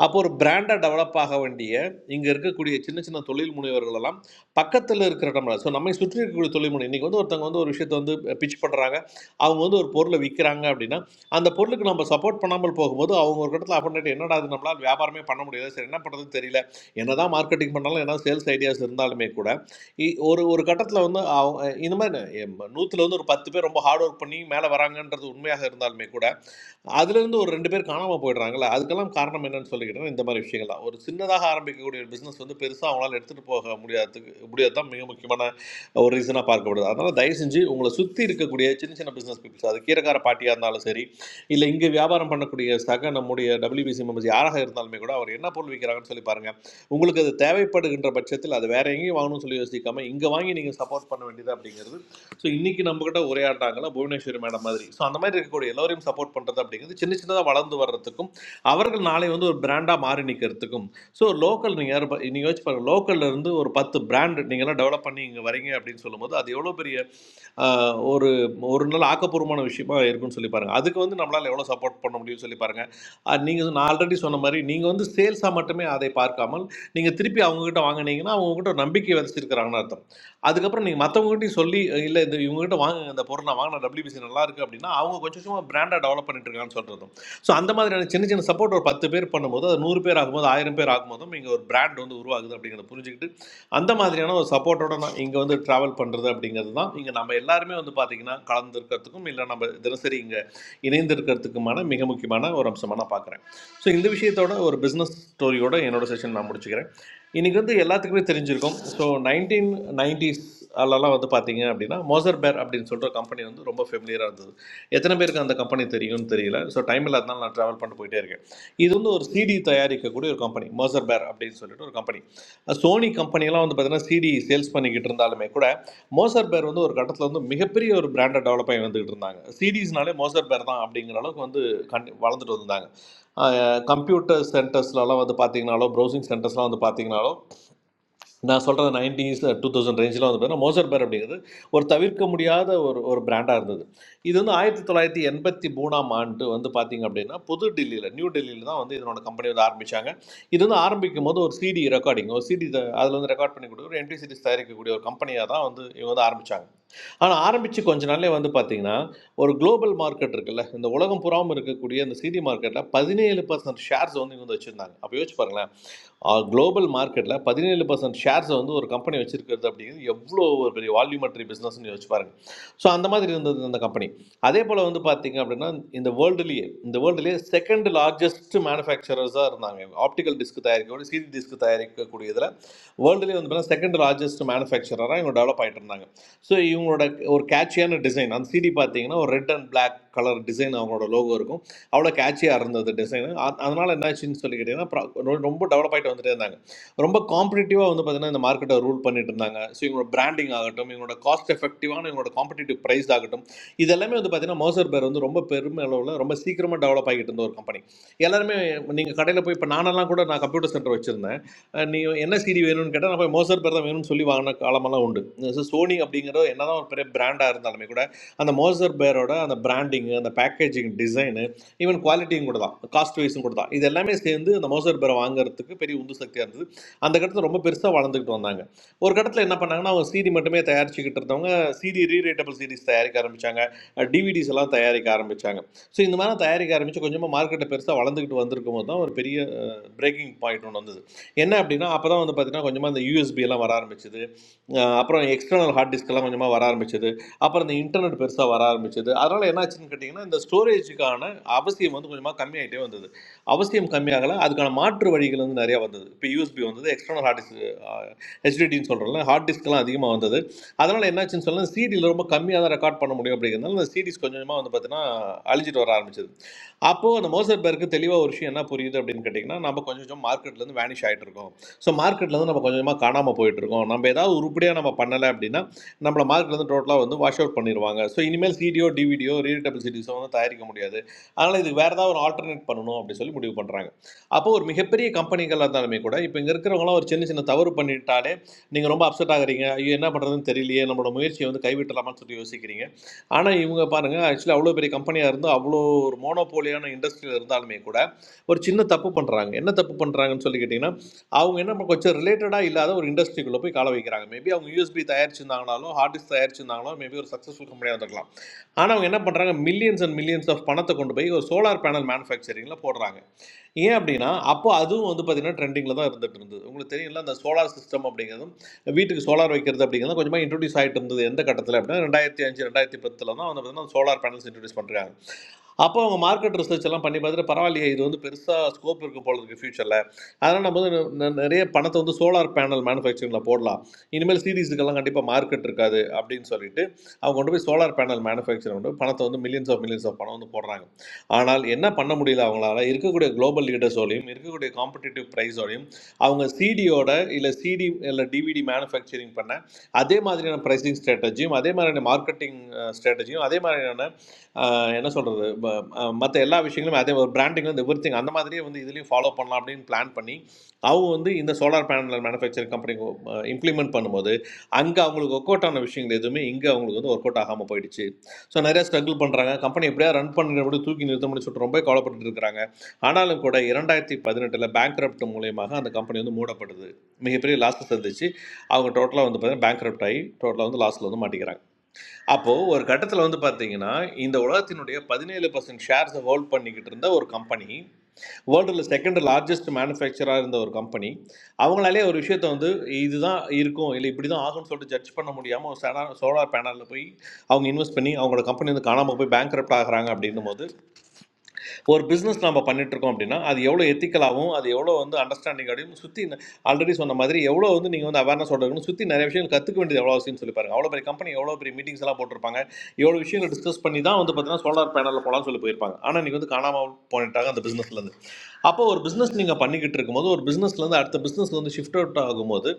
S10: அப்போ ஒரு பிராண்டாக டெவலப் ஆக வேண்டிய இங்கே இருக்கக்கூடிய சின்ன சின்ன தொழில் முனைவர்கள் எல்லாம் பக்கத்தில் இருக்கிற நம்ம ஸோ நம்மை சுற்றி இருக்கக்கூடிய தொழில் முனை இன்றைக்கி வந்து ஒருத்தவங்க வந்து ஒரு விஷயத்தை வந்து பிச் பண்ணுறாங்க அவங்க வந்து ஒரு பொருளை விற்கிறாங்க அப்படின்னா அந்த பொருளுக்கு நம்ம சப்போர்ட் பண்ணாமல் போகும்போது அவங்க ஒரு இடத்துல அப்படின்ட்டு என்னடா இது நம்மளால் வியாபாரமே பண்ண முடியாது சரி என்ன பண்ணுறதுன்னு தெரியல என்னதான் மார்க்கெட்டிங் பண்ணாலும் என்ன சேல்ஸ் ஐடியாஸ் இருந்தாலுமே கூட இ- ஒரு ஒரு கட்டத்தில் வந்து அவங்க இந்த மாதிரி நூற்றுல வந்து ஒரு பத்து பேர் ரொம்ப ஹார்ட் ஒர்க் பண்ணி மேலே வராங்கன்றது உண்மையாக இருந்தாலுமே கூட அதுலேருந்து ஒரு ரெண்டு பேர் காணாமல் போயிடுறாங்கல்ல அதுக்கெல்லாம் காரணம் என்னன்னு சொல்லிக்கிட்டோன்னா இந்த மாதிரி விஷயங்கள் தான் ஒரு சின்னதாக ஆரம்பிக்கக்கூடிய ஒரு பிஸ்னஸ் வந்து பெருசாக அவங்களால எடுத்துகிட்டு போக முடியாததுக்கு முடியாது தான் மிக முக்கியமான ஒரு ரீசனாக பார்க்கப்படுது அதனால் தயவு செஞ்சு உங்களை சுற்றி இருக்கக்கூடிய சின்ன சின்ன பிஸ்னஸ் பீப்புள்ஸ் அது கீரைக்கார பாட்டியாக இருந்தாலும் சரி இல்லை இங்கே வியாபாரம் பண்ணக்கூடிய சக நம்முடைய டபிள்யூபிசி மெம்பர்ஸ் யாராக இருந்தாலுமே கூட அவர் என்ன பொருள் விற்கிறாங்கன்னு சொல்லி பாருங்கள் உங்களுக்கு அது தேவைப்படுகின்ற பட்சத்தில் அது வேற எங்கேயும் வாங்கணும்னு சொல்லி யோசிக்காமல் இங்கே வாங்கி நீங்கள் சப்போர்ட் பண்ண வேண்டியது அப்படிங்கிறது ஸோ இன்னைக்கு நம்ம கிட்ட உரையாடுறாங்களா புவனேஸ்வரி மேடம் மாதிரி ஸோ அந்த மாதிரி இருக்கக்கூடிய எல்லோரையும் சப்போர்ட் பண்ணுறது அப்படிங்கிறது சின்ன சின்னதாக வளர்ந்து வர்றதுக்கும் அவர்கள் நாளை வந்து ஒரு பிராண்டாக மாறி நிற்கிறதுக்கும் ஸோ லோக்கல் நீங்கள் யார் நீங்கள் யோசிச்சு பாருங்கள் லோக்கல்ல இருந்து ஒரு பத்து பிராண்ட் நீங்கள்லாம் டெவலப் பண்ணி இங்கே வரீங்க அப்படின்னு சொல்லும்போது அது எவ்வளோ பெரிய ஆஹ், ஒரு ஒரு நாள் ஆக்கப்பூர்வமான விஷயமா இருக்கும்னு சொல்லி பாருங்கள் அதுக்கு வந்து நம்மளால் எவ்வளோ சப்போர்ட் பண்ண முடியும்னு சொல்லி பாருங்கள் நீங்கள் நான் ஆல்ரெடி சொன்ன மாதிரி நீங்கள் வந்து சேல்ஸாக மட்டுமே அதை பார்க்காமல் நீங்கள் திருப்பி அவங்கக்கிட்ட வாங்கினீங்கன்னா அவங்கக்கிட்ட நம்பிக்கை விதைச்சிருக்கிறாங்கன்னு அர்த்தம் அதுக்கப்புறம் நீங்க மத்தவங்ககிட்டயும் சொல்லி இல்ல இது இவங்ககிட்ட வாங்குங்க இந்த பொருள் நான் வாங்கின WBC நல்லா இருக்கு அப்படின்னா அவங்க கொஞ்சம் கொஞ்சமா பிராண்டா டெவலப் பண்ணிட்டு இருக்கான்னு சொல்றதும் ஸோ அந்த மாதிரியான சின்ன சின்ன சப்போர்ட் ஒரு பத்து பேர் பண்ணும்போது அது நூறு பேர் ஆகும்போது ஆயிரம் பேர் ஆகும்போதும் இங்க ஒரு பிராண்ட் வந்து உருவாகுது அப்படிங்கிறத புரிஞ்சுக்கிட்டு அந்த மாதிரியான ஒரு சப்போர்ட்டோட நான் இங்க வந்து டிராவல் பண்றது அப்படிங்கிறது தான் இங்க நம்ம எல்லாருமே வந்து பாத்தீங்கன்னா கலந்துருக்கிறதுக்கும் இல்ல நம்ம தினசரி இங்க இணைந்து இருக்கிறதுக்குமான மிக முக்கியமான ஒரு அம்சமா நான் பார்க்குறேன் ஸோ இந்த விஷயத்தோட ஒரு பிஸ்னஸ் ஸ்டோரியோட என்னோட செஷன் நான் முடிச்சுக்கிறேன் இன்றைக்கி வந்து எல்லாத்துக்குமே தெரிஞ்சிருக்கும் ஸோ நைன்டீன் நைன்டிஸ்லலாம் வந்து பார்த்தீங்க அப்படின்னா மோசர் பேர் அப்படின்னு சொல்கிற கம்பெனி வந்து ரொம்ப ஃபெமிலியராக இருந்தது எத்தனை பேருக்கு அந்த கம்பெனி தெரியும்னு தெரியல ஸோ டைம் இல்லாதனால நான் ட்ராவல் பண்ணிட்டு போயிட்டே இருக்கேன் இது வந்து ஒரு சிடி தயாரிக்கக்கூடிய ஒரு கம்பெனி மோசர் பேர் அப்படின்னு சொல்லிட்டு ஒரு கம்பெனி சோனி கம்பெனிலாம் வந்து பார்த்தீங்கன்னா சிடி சேல்ஸ் பண்ணிக்கிட்டு இருந்தாலுமே கூட மோசர் பேர் வந்து ஒரு கட்டத்தில் வந்து மிகப்பெரிய ஒரு பிராண்டை டெவலப் ஆகி வந்துக்கிட்டு இருந்தாங்க சிடிஸ்னாலே மோசர் பேர் தான் அப்படிங்கிற அளவுக்கு வந்து கண் வளர்ந்துட்டு வந்தாங்க கம்ப்யூட்டர் சென்டர்ஸ்லலாம் வந்து பார்த்தீங்கனாலோ ப்ரௌசிங் சென்டர்ஸ்லாம் வந்து பார்த்தீங்கனாலோ நான் சொல்கிற நைன்டிஸ் டூ தௌசண்ட் ரேஞ்சில் வந்து பார்த்தீங்கன்னா மோசர் பேர் அப்படிங்கிறது ஒரு தவிர்க்க முடியாத ஒரு ஒரு பிராண்டாக இருந்தது இது வந்து ஆயிரத்தி தொள்ளாயிரத்தி எண்பத்தி மூணாம் ஆண்டு வந்து பார்த்தீங்க அப்படின்னா புது டெல்லியில் நியூ டெல்லியில் தான் வந்து இதனோட கம்பெனி வந்து ஆரம்பித்தாங்க இது வந்து ஆரம்பிக்கும் போது ஒரு சிடி ரெக்கார்டிங் ஒரு சிடி அதில் வந்து ரெக்கார்ட் பண்ணி கொடுக்குற ஒரு எம்டி சிடிஸ் தயாரிக்கக்கூடிய ஒரு கம்பெனியாக தான் வந்து இவங்க வந்து ஆரம்பித்தாங்க ஆனால் ஆரம்பித்து கொஞ்ச நாள்லே வந்து பார்த்தீங்கன்னா ஒரு குளோபல் மார்க்கெட் இருக்குல்ல இந்த உலகம் புறாமல் இருக்கக்கூடிய அந்த சிடி மார்க்கெட்டில் பதினேழு பர்சன்ட் ஷேர்ஸ் வந்து இவங்க வந்து வச்சுருந்தாங்க அப்போ யோசிச்சு பாருங்களேன் குளோபல் மார்க்கெட்டில் பதினேழு பர்சன்ட் ஷேர்ஸை வந்து ஒரு கம்பெனி வச்சிருக்கிறது அப்படிங்கிறது எவ்வளோ ஒரு பெரிய வால்யூமெட்ரி பிஸ்னஸ்னு யோசிச்சு பாருங்க ஸோ அந்த மாதிரி இருந்தது அந்த கம்பெனி அதே போல் வந்து பார்த்தீங்க அப்படின்னா இந்த வேர்ல்டுலேயே இந்த வேர்ல்டுலேயே செகண்ட் லார்ஜஸ்ட் மேனுஃபேக்சரர்ஸாக இருந்தாங்க ஆப்டிக்கல் டிஸ்க் தயாரிக்கக்கூடிய சிடி டிஸ்க் தயாரிக்கக்கூடிய இதில் வேர்ல்டுலேயே வந்து பார்த்தீங்கன்னா செகண்ட் லார்ஜஸ்ட் மேனுஃபேக்சரராக இவங்க டெவலப் ஆகிட்டு இருந்தாங்க ஸோ இவங்களோட ஒரு கேட்சியான டிசைன் அந்த சிடி பார்த்தீங்கன்னா ஒரு red and Black colour design அவங்களோட லோகோ இருக்கும் அவ்வளோ கேட்சியாக இருந்தது டிசைனு அதனால என்னாச்சுன்னு சொல்லி கேட்டிங்கன்னா pro- ரொ- ரொம்ப டெவலப் ஆகிட்டு வந்துட்டே இருந்தாங்க ரொம்ப காம்படிட்டிவாக வந்து பார்த்தீங்கன்னா இந்த மார்க்கெட்டை ரூல் பண்ணிட்டு இருந்தாங்க ஸோ இவங்களோட பிராண்டிங் ஆகட்டும் இவங்களோட காஸ்ட் எஃபெக்டிவான இவங்களோட காம்படிட்டிவ் ப்ரைஸ் ஆகட்டும் இதெல்லாமே வந்து பார்த்தீங்கன்னா மோசர் பேர் வந்து ரொம்ப பெருமை அளவில் ரொம்ப சீக்கிரமாக டெவலப் ஆகிட்டு இருந்த ஒரு கம்பெனி எல்லாருமே நீங்கள் கடையில் போய் இப்போ நானெல்லாம் கூட நான் கம்ப்யூட்டர் சென்டர் வச்சுருந்தேன் அஹ் நீ என்ன சீடி வேணும்னு கேட்டால் நான் போய் மோசர் பேர் தான் வேணும்னு சொல்லி வாங்கின காலமெல்லாம் உண்டு ஸோ சோனி அப்படிங்கிறது என்னதான் ஒரு பெரிய பிராண்டாக இருந்தாலுமே கூட அந்த மோசர் பேரோட அந்த பிராண்டிங்கு அந்த பேக்கேஜிங் டிசைனு ஈவன் குவாலிட்டியும் கூட தான் காஸ்ட் வைஸும் கூட தான் இது எல்லாமே சேர்ந்து அந்த மோசர் பேரை வாங்குறதுக்கு பெரிய உந்து சக்தியாக இருந்தது அந்த கட்டத்தில் ரொம்ப பெருசாக வளர்ந்துக்கிட்டு வந்தாங்க ஒரு கட்டத்தில் என்ன பண்ணாங்கன்னா அவங்க சீடி மட்டுமே தயாரிச்சுக்கிட்டு இருந்தவங்க சீடி ரீரேட்டபிள் சீரிஸ் தயாரிக்க ஆரம்பித்தாங்க டிவிடிஸ் எல்லாம் தயாரிக்க ஆரம்பித்தாங்க ஸோ இந்த மாதிரி தயாரிக்க ஆரம்பித்து கொஞ்சமாக மார்க்கெட்டை பெருசாக வளர்ந்துக்கிட்டு வந்திருக்கும் போது தான் ஒரு பெரிய பிரேக்கிங் பாயிண்ட் ஒன்று வந்தது என்ன அப்படின்னா அப்போ தான் வந்து பார்த்தீங்கன்னா கொஞ்சமாக இந்த யூஎஸ்பி எல்லாம் வர ஆரம்பிச்சது அஹ் அப்புறம் எக்ஸ்டர்னல் ஹார்ட் டிஸ்க் எல்லாம் கொஞ்சமாக வர ஆரம்பிச்சது அப்புறம் இந்த இன்டர்நெட் பெருசாக வர ஆரம்பிச்சது அதனால் என்னாச்சுன்னு கேட்டிங்கன்னா இந்த ஸ்டோரேஜுக்கான அவசியம் வந்து கொஞ்சமாக கம்மியாயிட்டே வந்தது அவசியம் கம்மியாகல அதுக்கான மாற்று வழிகள் வந்து நிறையா வந்தது இப்போ யூஎஸ்பி வந்தது எக்ஸ்டர்னல் ஹார்ட் டிஸ்க் ஹெச்டிடின்னு சொல்கிறோம்ல ஹார்ட் டிஸ்க்லாம் அதிகமாக வந்தது அதனால் என்னாச்சுன்னு சொன்னால் சிடியில் ரொம்ப கம்மியாக தான் ரெக்கார்ட் பண்ண முடியும் அப்படிங்கிறதுனால இந்த சிடிஸ் கொஞ்சமாக வந்து பார்த்தீங்கன்னா அழிஞ்சிட்டு வர ஆரம்பிச்சது அப்போது அந்த மோசர்பர்க்கு தெளிவாக ஒரு விஷயம் என்ன புரியுது அப்படின்னு கேட்டிங்கன்னா நம்ம கொஞ்சம் கொஞ்சம் மார்க்கெட்லேருந்து வேனிஷ் ஆகிட்டு இருக்கோம் ஸோ மார்க்கெட்லேருந்து நம்ம கொஞ்சம் கொஞ்சமாக காணாமல் போயிட்டு இருக்கோம் நம்ம ஏதாவது உருப்படியாக நம்ம பண்ணலை அப்படின்னா நம்மளை மார்க்கெட்லேருந்து டோட்டலாக வந்து வாஷ் அவுட் பண்ணிடுவாங்க ஸோ இனிமேல் சிடிஓ டிவிடியோ ரீடபிள் சிடிஸோ வந்து தயாரிக்க முடியாது அதனால் இதுக்கு வேறு ஏதாவது ஒரு ஆல்டர்னேட் பண்ணணும் அப்படின்னு சொல்லி முடிவு பண்ணுறாங்க அப்போ ஒரு மிகப்பெரிய கம்பெனிகளாக இருந்தாலுமே கூட இப்போ இங்கே இருக்கிறவங்களாம் ஒரு சின்ன சின்ன தவறு பண்ணிட்டாலே நீங்கள் ரொம்ப அப்செட் ஆகுறீங்க ஐயோ என்ன பண்ணுறதுன்னு தெரியலையே நம்மளோட முயற்சியை வந்து கைவிட்டலாமான்னு சொல்லி யோசிக்கிறீங்க ஆனா, இவங்க பாருங்க, ஆக்சுவலா அவ்வளோ பெரிய கம்பெனியா இருந்தும், அவ்வளோ ஒரு மோனோபோலியான இண்டஸ்ட்ரியில இருந்தாலுமே கூட, ஒரு சின்ன தப்பு பண்றாங்க. என்ன தப்பு பண்றாங்கன்னு சொல்லி கேட்டீங்கன்னா, அவங்க என்ன ப கொஞ்சம் ரிலேட்டடா இல்லாத ஒரு இண்டஸ்ட்ரிக்குள்ள போய் கால வைக்கிறாங்க. மேபி அவங்க யூஎஸ்பி தயாரிச்சிருந்தாங்கனாலும், ஹார்ட் டிஸ்க் தயாரிச்சிருந்தாங்கனாலும், மேபி ஒரு சக்ஸஸ்ஃபுல் கம்பெனியா இருந்திருக்கலாம். ஆனா, அவங்க என்ன பண்றாங்க, மில்லியன்ஸ் அண்ட் மில்லியன்ஸ் ஆஃப் பணத்த கொண்டு போய் ஒரு சோலார் பேனல் மேனுஃபேக்சரிங்ல போடுறாங்க. ஏன் அப்படின்னா, அப்போ அதுவும் வந்து பார்த்தீங்கன்னா, ட்ரெண்டிங்கில தான் இருந்துட்டு இருந்தது. உங்களுக்கு தெரியும்ல, அந்த சோலார் சிஸ்டம் அப்படிங்கிறதும், வீட்டுக்கு சோலார் வைக்கிறது அப்படிங்கிறதும் கொஞ்சமா இன்ட்ரோடியூஸ் ஆயிட்டு இருந்தது. எந்த கட்டத்தில அப்படின்னா, 2005, 2010 தான் வந்து பார்த்தீங்கன்னா, சோலார் பேனல்ஸ் இன்ட்ரோடியூஸ் பண்றாங்க. அப்போ அவங்க மார்க்கெட் ரிசர்ச் எல்லாம் பண்ணி பார்த்துட்டு, பரவாயில்லையே இது வந்து பெருசா ஸ்கோப் இருக்கு போல இருக்கு ஃபியூச்சர்ல. அதனால நம்ம வந்து நெ நிறைய பணத்த வந்து சோலார் பேனல் மேனுஃபேக்சரிங்ல போடலாம். இனிமேல் சீரிஸுக்கெல்லாம் கண்டிப்பா மார்க்கெட் இருக்காது அப்படின்னு சொல்லிட்டு, அவங்க கொண்டு போய் சோலார் பேனல் மேனுஃபேக்சர் கொண்டு போய் பணத்த வந்து மில்லியன்ஸ் ஆஃப் மில்லியன்ஸ் ஆஃப் பணம் வந்து போடுறாங்க. ஆனால் என்ன பண்ண முடியல அவங்களால இருக்கக்கூடிய குளோபல் லீடர்ஸோடையும் இருக்கக்கூடிய காம்படிட்டிவ் ப்ரைஸோடையும் அவங்க சிடியோட இல்லை சிடி இல்லை டிவிடி மேனுஃபேக்சரிங் பண்ண அதே மாதிரியான ப்ரைஸிங் ஸ்ட்ராட்டஜியும் அதே மாதிரியான மார்க்கெட்டிங் ஸ்ட்ராட்டஜியும் அதே மாதிரியான அஹ், என்ன சொல்கிறது மற்ற எல்லா விஷயங்களும் அதே ஒரு பிராண்டிங் வந்து எவ்ரி திங் அந்த மாதிரியே வந்து இதுலேயும் ஃபாலோ பண்ணலாம் அப்படின்னு பிளான் பண்ணி அவங்க வந்து இந்த solar panel manufacturing company implement பண்ணும்போது அங்கே அவங்களுக்கு ஒர்க் அவுட் ஆன விஷயங்கள் எதுவுமே இங்கே அவங்களுக்கு வந்து ஒர்க் அவுட் ஆகாமல் போயிடுச்சு ஸோ நிறைய ஸ்ட்ரகிள் பண்ணுறாங்க கம்பெனி எப்படியா ரன் பண்ணுறபடி தூக்கி நிறுத்தணும்னு சொல்லிட்டு ரொம்ப கவலைப்பட்டு இருக்காங்க ஆனாலும் கூட இரண்டாயிரத்தி பதினெட்டில் பேங்க் மூலியமாக அந்த கம்பெனி வந்து மூடப்படுது மிகப்பெரிய லாஸ் சந்திச்சு அவங்க டோட்டலாக வந்து பார்த்தீங்கன்னா பேங்க் ஆகி டோட்டலாக வந்து லாஸில் வந்து மாட்டிக்கிறாங்க அப்போ ஒரு கட்டத்துல வந்து பாத்தீங்கன்னா, இந்த உலகத்தினுடைய 17% ஷேர்ஸ ஹோல்ட் பண்ணிக்கிட்டு இருந்த ஒரு கம்பெனி, வேர்ல்டுல 2 லார்ஜஸ்ட் மேனுஃபேக்சரா இருந்த ஒரு கம்பெனி, அவங்களாலேயே ஒரு விஷயத்த வந்து இதுதான் இருக்கும், இல்ல இப்படிதான் ஆகும்ன்னு சொல்லிட்டு ஜட்ஜ் பண்ண முடியாம ஒரு சனா சோலார் பேனல்ல போய் அவங்க இன்வெஸ்ட் பண்ணி அவங்களோட கம்பெனி வந்து காணாம போய் பேங்க்ரப்ட் ஆகுறாங்க அப்படின்னும்போது, ஒரு பிஸ்னஸ் நம்ம பண்ணிட்டு இருக்கோம் அப்படின்னா அது எவ்வளோ எத்திக்கலாகவும் அது எவ்வளோ வந்து அண்டர்ஸ்டாண்டிங் அப்படியும் சுற்றி ஆல்ரெடி சொன்ன மாதிரி எவ்வளோ வந்து நீங்கள் வந்து அவேர்னஸ் இருக்கணும் சுற்றி நிறைய விஷயங்கள் கற்றுக்க வேண்டியது எவ்வளோ அவசியம் சொல்லி பாருங்க அவ்வளோ பெரிய கம்பெனி எவ்வளோ பெரிய மீட்டிங்ஸ் எல்லாம் போட்டிருப்பாங்க எவ்வளோ விஷயங்கள் டிஸ்கஸ் பண்ணி தான் வந்து பார்த்தீங்கன்னா சோலார் பேனலில் போகலாம்னு சொல்லி போயிருப்பாங்க ஆனால் நீங்கள் வந்து காணாமல் போனிட்டாங்க அந்த பிஸ்னஸ்லேருந்து அப்போ ஒரு பிஸ்னஸ் நீங்கள் பண்ணிக்கிட்டு இருக்கும்போது ஒரு பிஸ்னஸ்லேருந்து அடுத்த பிஸ்னஸ் வந்து ஷிஃப்ட் அவுட் ஆகும்போது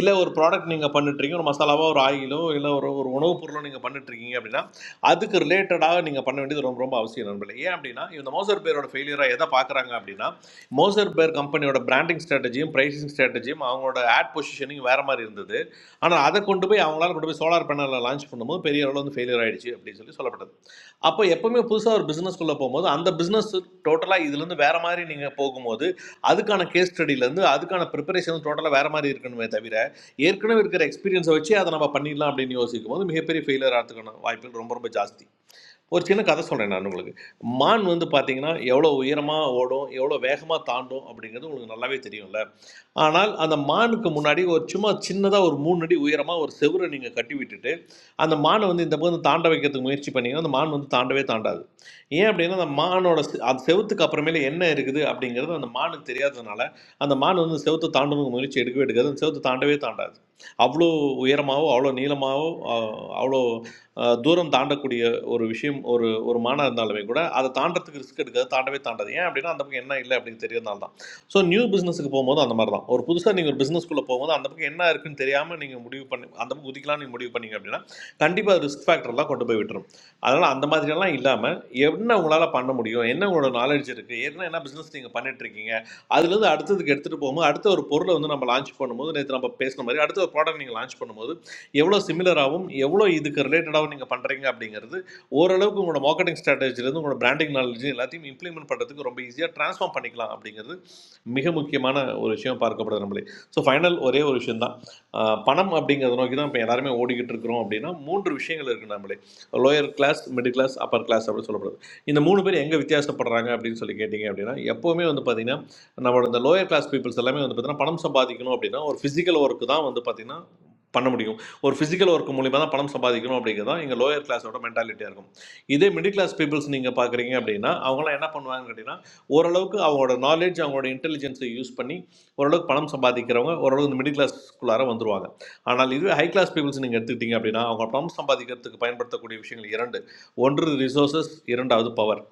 S10: இல்லை ஒரு ப்ராடக்ட் நீங்கள் பண்ணிட்டுருக்கீங்க ஒரு மசாலாவாக ஒரு ஆயிலோ இல்லை ஒரு ஒரு உணவுப் பொருளோ நீங்கள் பண்ணிட்டுருக்கீங்க அப்படின்னா அதுக்கு ரிலேட்டடாக நீங்கள் பண்ண வேண்டியது ரொம்ப ரொம்ப அவசியம் நண்பர்களே ஏன் அப்படின்னா இந்த மோசர் பேரோட ஃபெயிலியராக எதை பார்க்குறாங்க அப்படின்னா மோசர் பேர் கம்பெனியோட பிராண்டிங் ஸ்ட்ராட்டஜியும் பிரைசிங் ஸ்ட்ராட்டஜியும் அவங்களோட ஆட் பொசிஷனிங் வேறு மாதிரி இருந்தது ஆனால் அதை கொண்டு போய் அவங்களால கொண்டு போய் சோலார் பேனலில் லான்ச் பண்ணும்போது பெரிய அளவில் வந்து ஃபெயிலியர் ஆயிடுச்சு அப்படின்னு சொல்லி சொல்லப்பட்டது அப்போ எப்பவுமே புதுசாக ஒரு பிஸ்னஸ்க்குள்ளே போகும்போது அந்த பிஸ்னஸ் டோட்டலாக இதுலேருந்து வேறு மாதிரி நீங்கள் போகும்போது அதுக்கான கேஸ் ஸ்டடியிலேருந்து அதுக்கான ப்ரிப்பரேஷன் டோட்டலாக வேறு மாதிரி இருக்கணுமே தவிர ஏற்கனவே இருக்கிற எக்ஸ்பீரியன்ஸை வச்சு அதை நம்ம பண்ணிடலாம் அப்படின்னு யோசிக்கும் போது மிகப்பெரிய ஃபெயிலியர் ஆகிறதுக்கான வாய்ப்புகள் ரொம்ப ரொம்ப ஜாஸ்தி ஒரு சின்ன கதை சொல்கிறேன் நான் உங்களுக்கு மான் வந்து பார்த்தீங்கன்னா எவ்வளோ உயரமாக ஓடும் எவ்வளோ வேகமாக தாண்டும் அப்படிங்கிறது உங்களுக்கு நல்லாவே தெரியும்ல ஆனால் அந்த மானுக்கு முன்னாடி ஒரு சும்மா சின்னதாக ஒரு மூணு அடி உயரமாக ஒரு செவுரை நீங்கள் கட்டி விட்டுட்டு அந்த மானை வந்து இந்த பக்கம் தாண்ட வைக்கிறதுக்கு முயற்சி பண்ணீங்கன்னா அந்த மான் வந்து தாண்டவே தாண்டாது ஏன் அப்படின்னா அந்த மானோட செ- அந்த செவுத்துக்கு அப்புறமேல என்ன இருக்குது அப்படிங்கிறது அந்த மானுக்கு தெரியாததுனால அந்த மான் வந்து செவுத்தை தாண்டணுக்கு முயற்சி எடுக்கவே எடுக்காது அந்த செவுத்தை தாண்டவே தாண்டாது அவ்வளோ உயரமாகவோ அவ்வளோ நீளமாகவோ அவ்வளோ அஹ், தூரம் தாண்டக்கூடிய ஒரு விஷயம் ஒரு ஒரு மானம் இருந்தாலுமே கூட அதை தாண்டறதுக்கு ரிஸ்க் எடுக்காது தாண்டவே தாண்டாது ஏன் அப்படின்னா அந்த பக்கம் என்ன இல்லை அப்படின்னு தெரியறதுனால தான் ஸோ நியூ பிஸ்னஸுக்கு போகும்போது அந்த மாதிரி தான் ஒரு புதுசாக நீங்கள் ஒரு பிஸ்னஸ்க்குள்ளே போகும்போது அந்த பக்கம் என்ன இருக்குன்னு தெரியாமல் நீங்கள் முடிவு பண்ணி அந்த பக்கம் குதிக்கலாம் நீங்கள் முடிவு பண்ணீங்க அப்படின்னா கண்டிப்பாக ரிஸ்க் ஃபேக்டர்லாம் கொண்டு போய் விட்டுரும் அதனால் அந்த மாதிரியெல்லாம் இல்லாமல் என்ன உங்களால் பண்ண முடியும் என்ன உங்களோட நாலேஜ் இருக்குது என்ன என்ன பிஸ்னஸ் நீங்கள் பண்ணிட்டு இருக்கீங்க அதுலேருந்து அடுத்ததுக்கு எடுத்துகிட்டு போகும்போது அடுத்த ஒரு பொருளை வந்து நம்ம லான்ச் பண்ணும்போது நேற்று நம்ம பேசின மாதிரி அடுத்த ஒரு ப்ராடக்ட் நீங்கள் லான்ச் பண்ணும்போது எவ்வளோ சிமிலராகவும் எவ்வளோ இதுக்கு ரிலேட்டடாகவும் நீங்கள் பண்ணுறீங்க அப்படிங்கிறது ஓரளவுக்கு உங்களோட மார்க்கெட்டிங் ஸ்ட்ராட்டஜிலேருந்து உங்களோட பிராண்டிங் நாலேஜ் எல்லாத்தையும் இம்ப்ளிமெண்ட் பண்ணுறதுக்கு ரொம்ப ஈஸியாக ட்ரான்ஸ்ஃபார்ம் பண்ணிக்கலாம் அப்படிங்கிறது மிக முக்கியமான ஒரு விஷயம் பார்க்கப்படுது நம்மளே ஸோ ஃபைனல் ஒரே ஒரு விஷயம் தான் பணம் அப்படிங்கிறத நோக்கி தான் இப்போ எல்லாருமே ஓடிக்கிட்டு இருக்கிறோம் அப்படின்னா மூன்று விஷயங்கள் இருக்குது நம்மளே lower class middle class upper class அப்படின்னு சொல்லப்படுது இந்த மூணு பேர் எங்கே வித்தியாசப்படுறாங்க அப்படின்னு சொல்லி கேட்டிங்க அப்படின்னா எப்போவுமே வந்து பார்த்தீங்கன்னா நம்மளோட இந்த லோயர் கிளாஸ் பீப்புள்ஸ் எல்லாமே வந்து பார்த்தீங்கன்னா பணம் சம்பாதிக்கணும் அப்படின்னா ஒரு ஃபிசிக்கல் ஒர்க்கு தான் வந்து பார்த்தீங்கன்னா பண்ண முடியும் ஒரு ஃபிசிக்கல் ஒர்க் மூலிமா தான் பணம் சம்பாதிக்கணும் அப்படிங்கிறது தான் எங்கள் லோயர் கிளாஸோட மென்டாலிட்டியாக இருக்கும் இதே மிடில் கிளாஸ் பீப்புள்ஸ் நீங்கள் பார்க்குறீங்க அப்படின்னா அவங்களாம் என்ன பண்ணுவாங்கன்னு கேட்டிங்கன்னா ஓரளவுக்கு அவங்களோட நாலேஜ் அவங்களோட இன்டெலிஜென்ஸை யூஸ் பண்ணி ஓரளவுக்கு பணம் சம்பாதிக்கிறவங்க ஓரளவு இந்த மிடில் கிளாஸ்க்குள்ளார வந்துருவாங்க ஆனால் இதுவே ஹை கிளாஸ் பீப்புள்ஸ் நீங்கள் எடுத்துக்கிட்டீங்க அப்படின்னா அவங்க பணம் சம்பாதிக்கிறதுக்கு பயன்படுத்தக்கூடிய விஷயங்கள் இரண்டு ஒன்று ரிசோர்சஸ் இரண்டாவது பவர்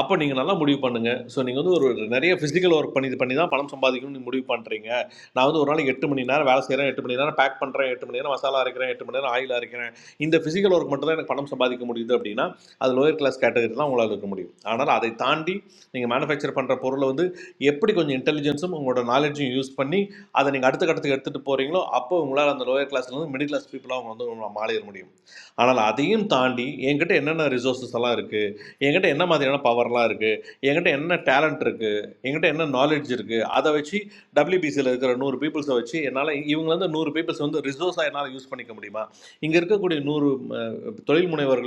S10: அப்போ நீங்கள் நல்லா முடிவு பண்ணுங்கள் ஸோ நீங்கள் வந்து ஒரு ஒரு நிறைய ஃபிசிக்கல் ஒர்க் பண்ணி இது பண்ணி தான் பணம் சம்பாதிக்கணும்னு நீங்க முடிவு பண்ணுறீங்க நான் வந்து ஒரு நாளைக்கு எட்டு மணி நேரம் வேலை செய்கிறேன் எட்டு மணி நேரம் பேக் பண்ணுறேன் எட்டு மணி நேரம் மசாலா அரைக்கிறேன் எட்டு மணி நேரம் ஆயில் அரைக்கிறேன் இந்த ஃபிசிக்கல் ஒர்க் மட்டும் தான் எனக்கு பணம் சம்பாதிக்க முடியுது அப்படின்னா அது லோயர் கிளாஸ் கேட்டகரி தான் உங்களால் இருக்க முடியும் ஆனால் அதை தாண்டி நீங்கள் மேனுஃபேக்சர் பண்ணுற பொருளை வந்து எப்படி கொஞ்சம் இன்டெலிஜென்ஸும் உங்களோட நாலேஜும் யூஸ் பண்ணி அதை நீங்கள் அடுத்த கட்டத்துக்கு எடுத்துகிட்டு போகிறீங்களோ அப்போ உங்களால் அந்த லோயர் கிளாஸ்லேருந்து மிடில் கிளாஸ் பீப்புளாக அவங்க வந்து உங்களை மாறிட முடியும் ஆனால் அதையும் தாண்டி என்கிட்ட என்னென்ன ரிசோர்ஸஸ் எல்லாம் இருக்குது என்கிட்ட என்ன மாதிரியான பவர்லாம் இருக்குது என்கிட்ட என்ன டேலண்ட் இருக்குது என்கிட்ட என்ன நாலேஜ் இருக்குது அதை வச்சு டபிள்யூபிசியில் இருக்கிற நூறு பீப்புள்ஸை வச்சு என்னால் இவங்கள வந்து நூறு பீப்புள்ஸ் வந்து ரிசோர்ஸாக என்னால் யூஸ் பண்ணிக்க முடியுமா இங்கே இருக்கக்கூடிய நூறு அஹ், தொழில் முனைவர்களே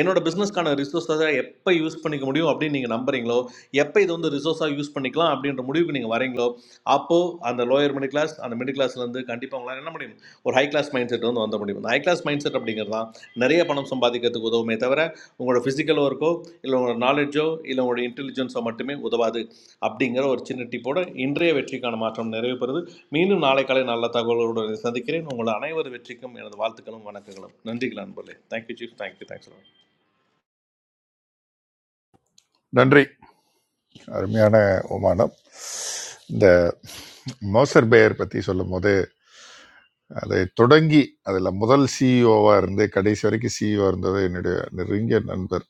S10: என்னோட பிஸ்னஸ்க்கான ரிசோர்ஸை எப்போ யூஸ் பண்ணிக்க முடியும் அப்படின்னு நீங்கள் நம்புறீங்களோ எப்போ இது வந்து ரிசோர்ஸாக யூஸ் பண்ணிக்கலாம் அப்படின்ற முடிவுக்கு நீங்கள் வரீங்களோ அப்போது அந்த லோயர் மிடில் கிளாஸ் அந்த மிடில் கிளாஸ்லேருந்து கண்டிப்பாக உங்களால் என்ன முடியும் ஒரு ஹை கிளாஸ் மைண்ட் செட் வந்து வந்த முடியும் ஹை கிளாஸ் மைண்ட் செட் அப்படிங்கிறது தான் நிறைய பணம் சம்பாதிக்கிறதுக்கு உதவுமே தவிர உங்களோட ஃபிசிக்கல் ஒர்க்கோ இல்லை உங்களோட நாலேஜோ இல்லை உங்களோட இன்டெலிஜென்ஸோ மட்டுமே உதவாது அப்படிங்கிற ஒரு சின்ன டிப்போட இன்றைய வெற்றிக்கான மாற்றம் நிறைவு பெறுது மீண்டும் நாளை காலை நல்ல தகவலோடு சந்திக்கிறேன் உங்கள் அனைவர் வெற்றிக்கும் எனது வாழ்த்துக்களும் வணக்கங்களும் நன்றிகள் நண்பர்களே தேங்க்யூ சீஃப் தேங்க்யூ தேங்க்ஸ்
S7: நன்றி அருமையான உமானம் இந்த மோசர் பேயர் பற்றி சொல்லும் போது அதை தொடங்கி அதில் முதல் சிஇஓவாக இருந்து கடைசி வரைக்கும் சிஇஓ இருந்தது என்னுடைய நெருங்கிய நண்பர்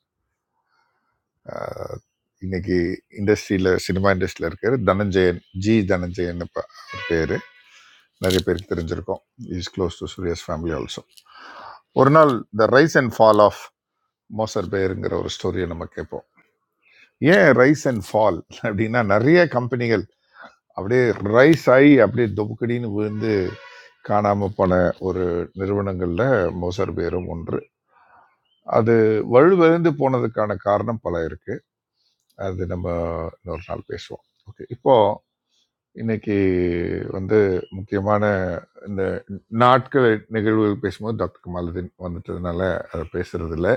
S7: அஹ், இன்னைக்கு இண்டஸ்ட்ரியில் சினிமா இண்டஸ்ட்ரியில் இருக்கார் தனஞ்சயன் ஜி தனஞ்சயன் இப்போ பேர் நிறைய பேருக்கு தெரிஞ்சிருக்கோம் இஸ் க்ளோஸ் டு சூரியஸ் ஃபேமிலி ஆல்சோ ஒரு நாள் the rise and fall of Moser பேருங்கிற ஒரு ஸ்டோரியை நம்ம கேட்போம் ஏன் ரைஸ் அண்ட் ஃபால் அப்படின்னா நிறைய கம்பெனிகள் அப்படியே ரைஸ் ஆகி அப்படியே தொபுக்கடின்னு விழுந்து காணாமல் போன ஒரு நிறுவனங்களில் மோசர் பேரும் ஒன்று அது வலுவிழந்து போனதுக்கான காரணம் பல இருக்கு அது நம்ம இன்னொரு நாள் பேசுவோம் ஓகே இப்போ இன்னைக்கு வந்து முக்கியமான இந்த நாட்கள் நிகழ்வுகள் பேசும்போது டாக்டர் கமாலுதீன் வந்துட்டதுனால அதை பேசுறது இல்லை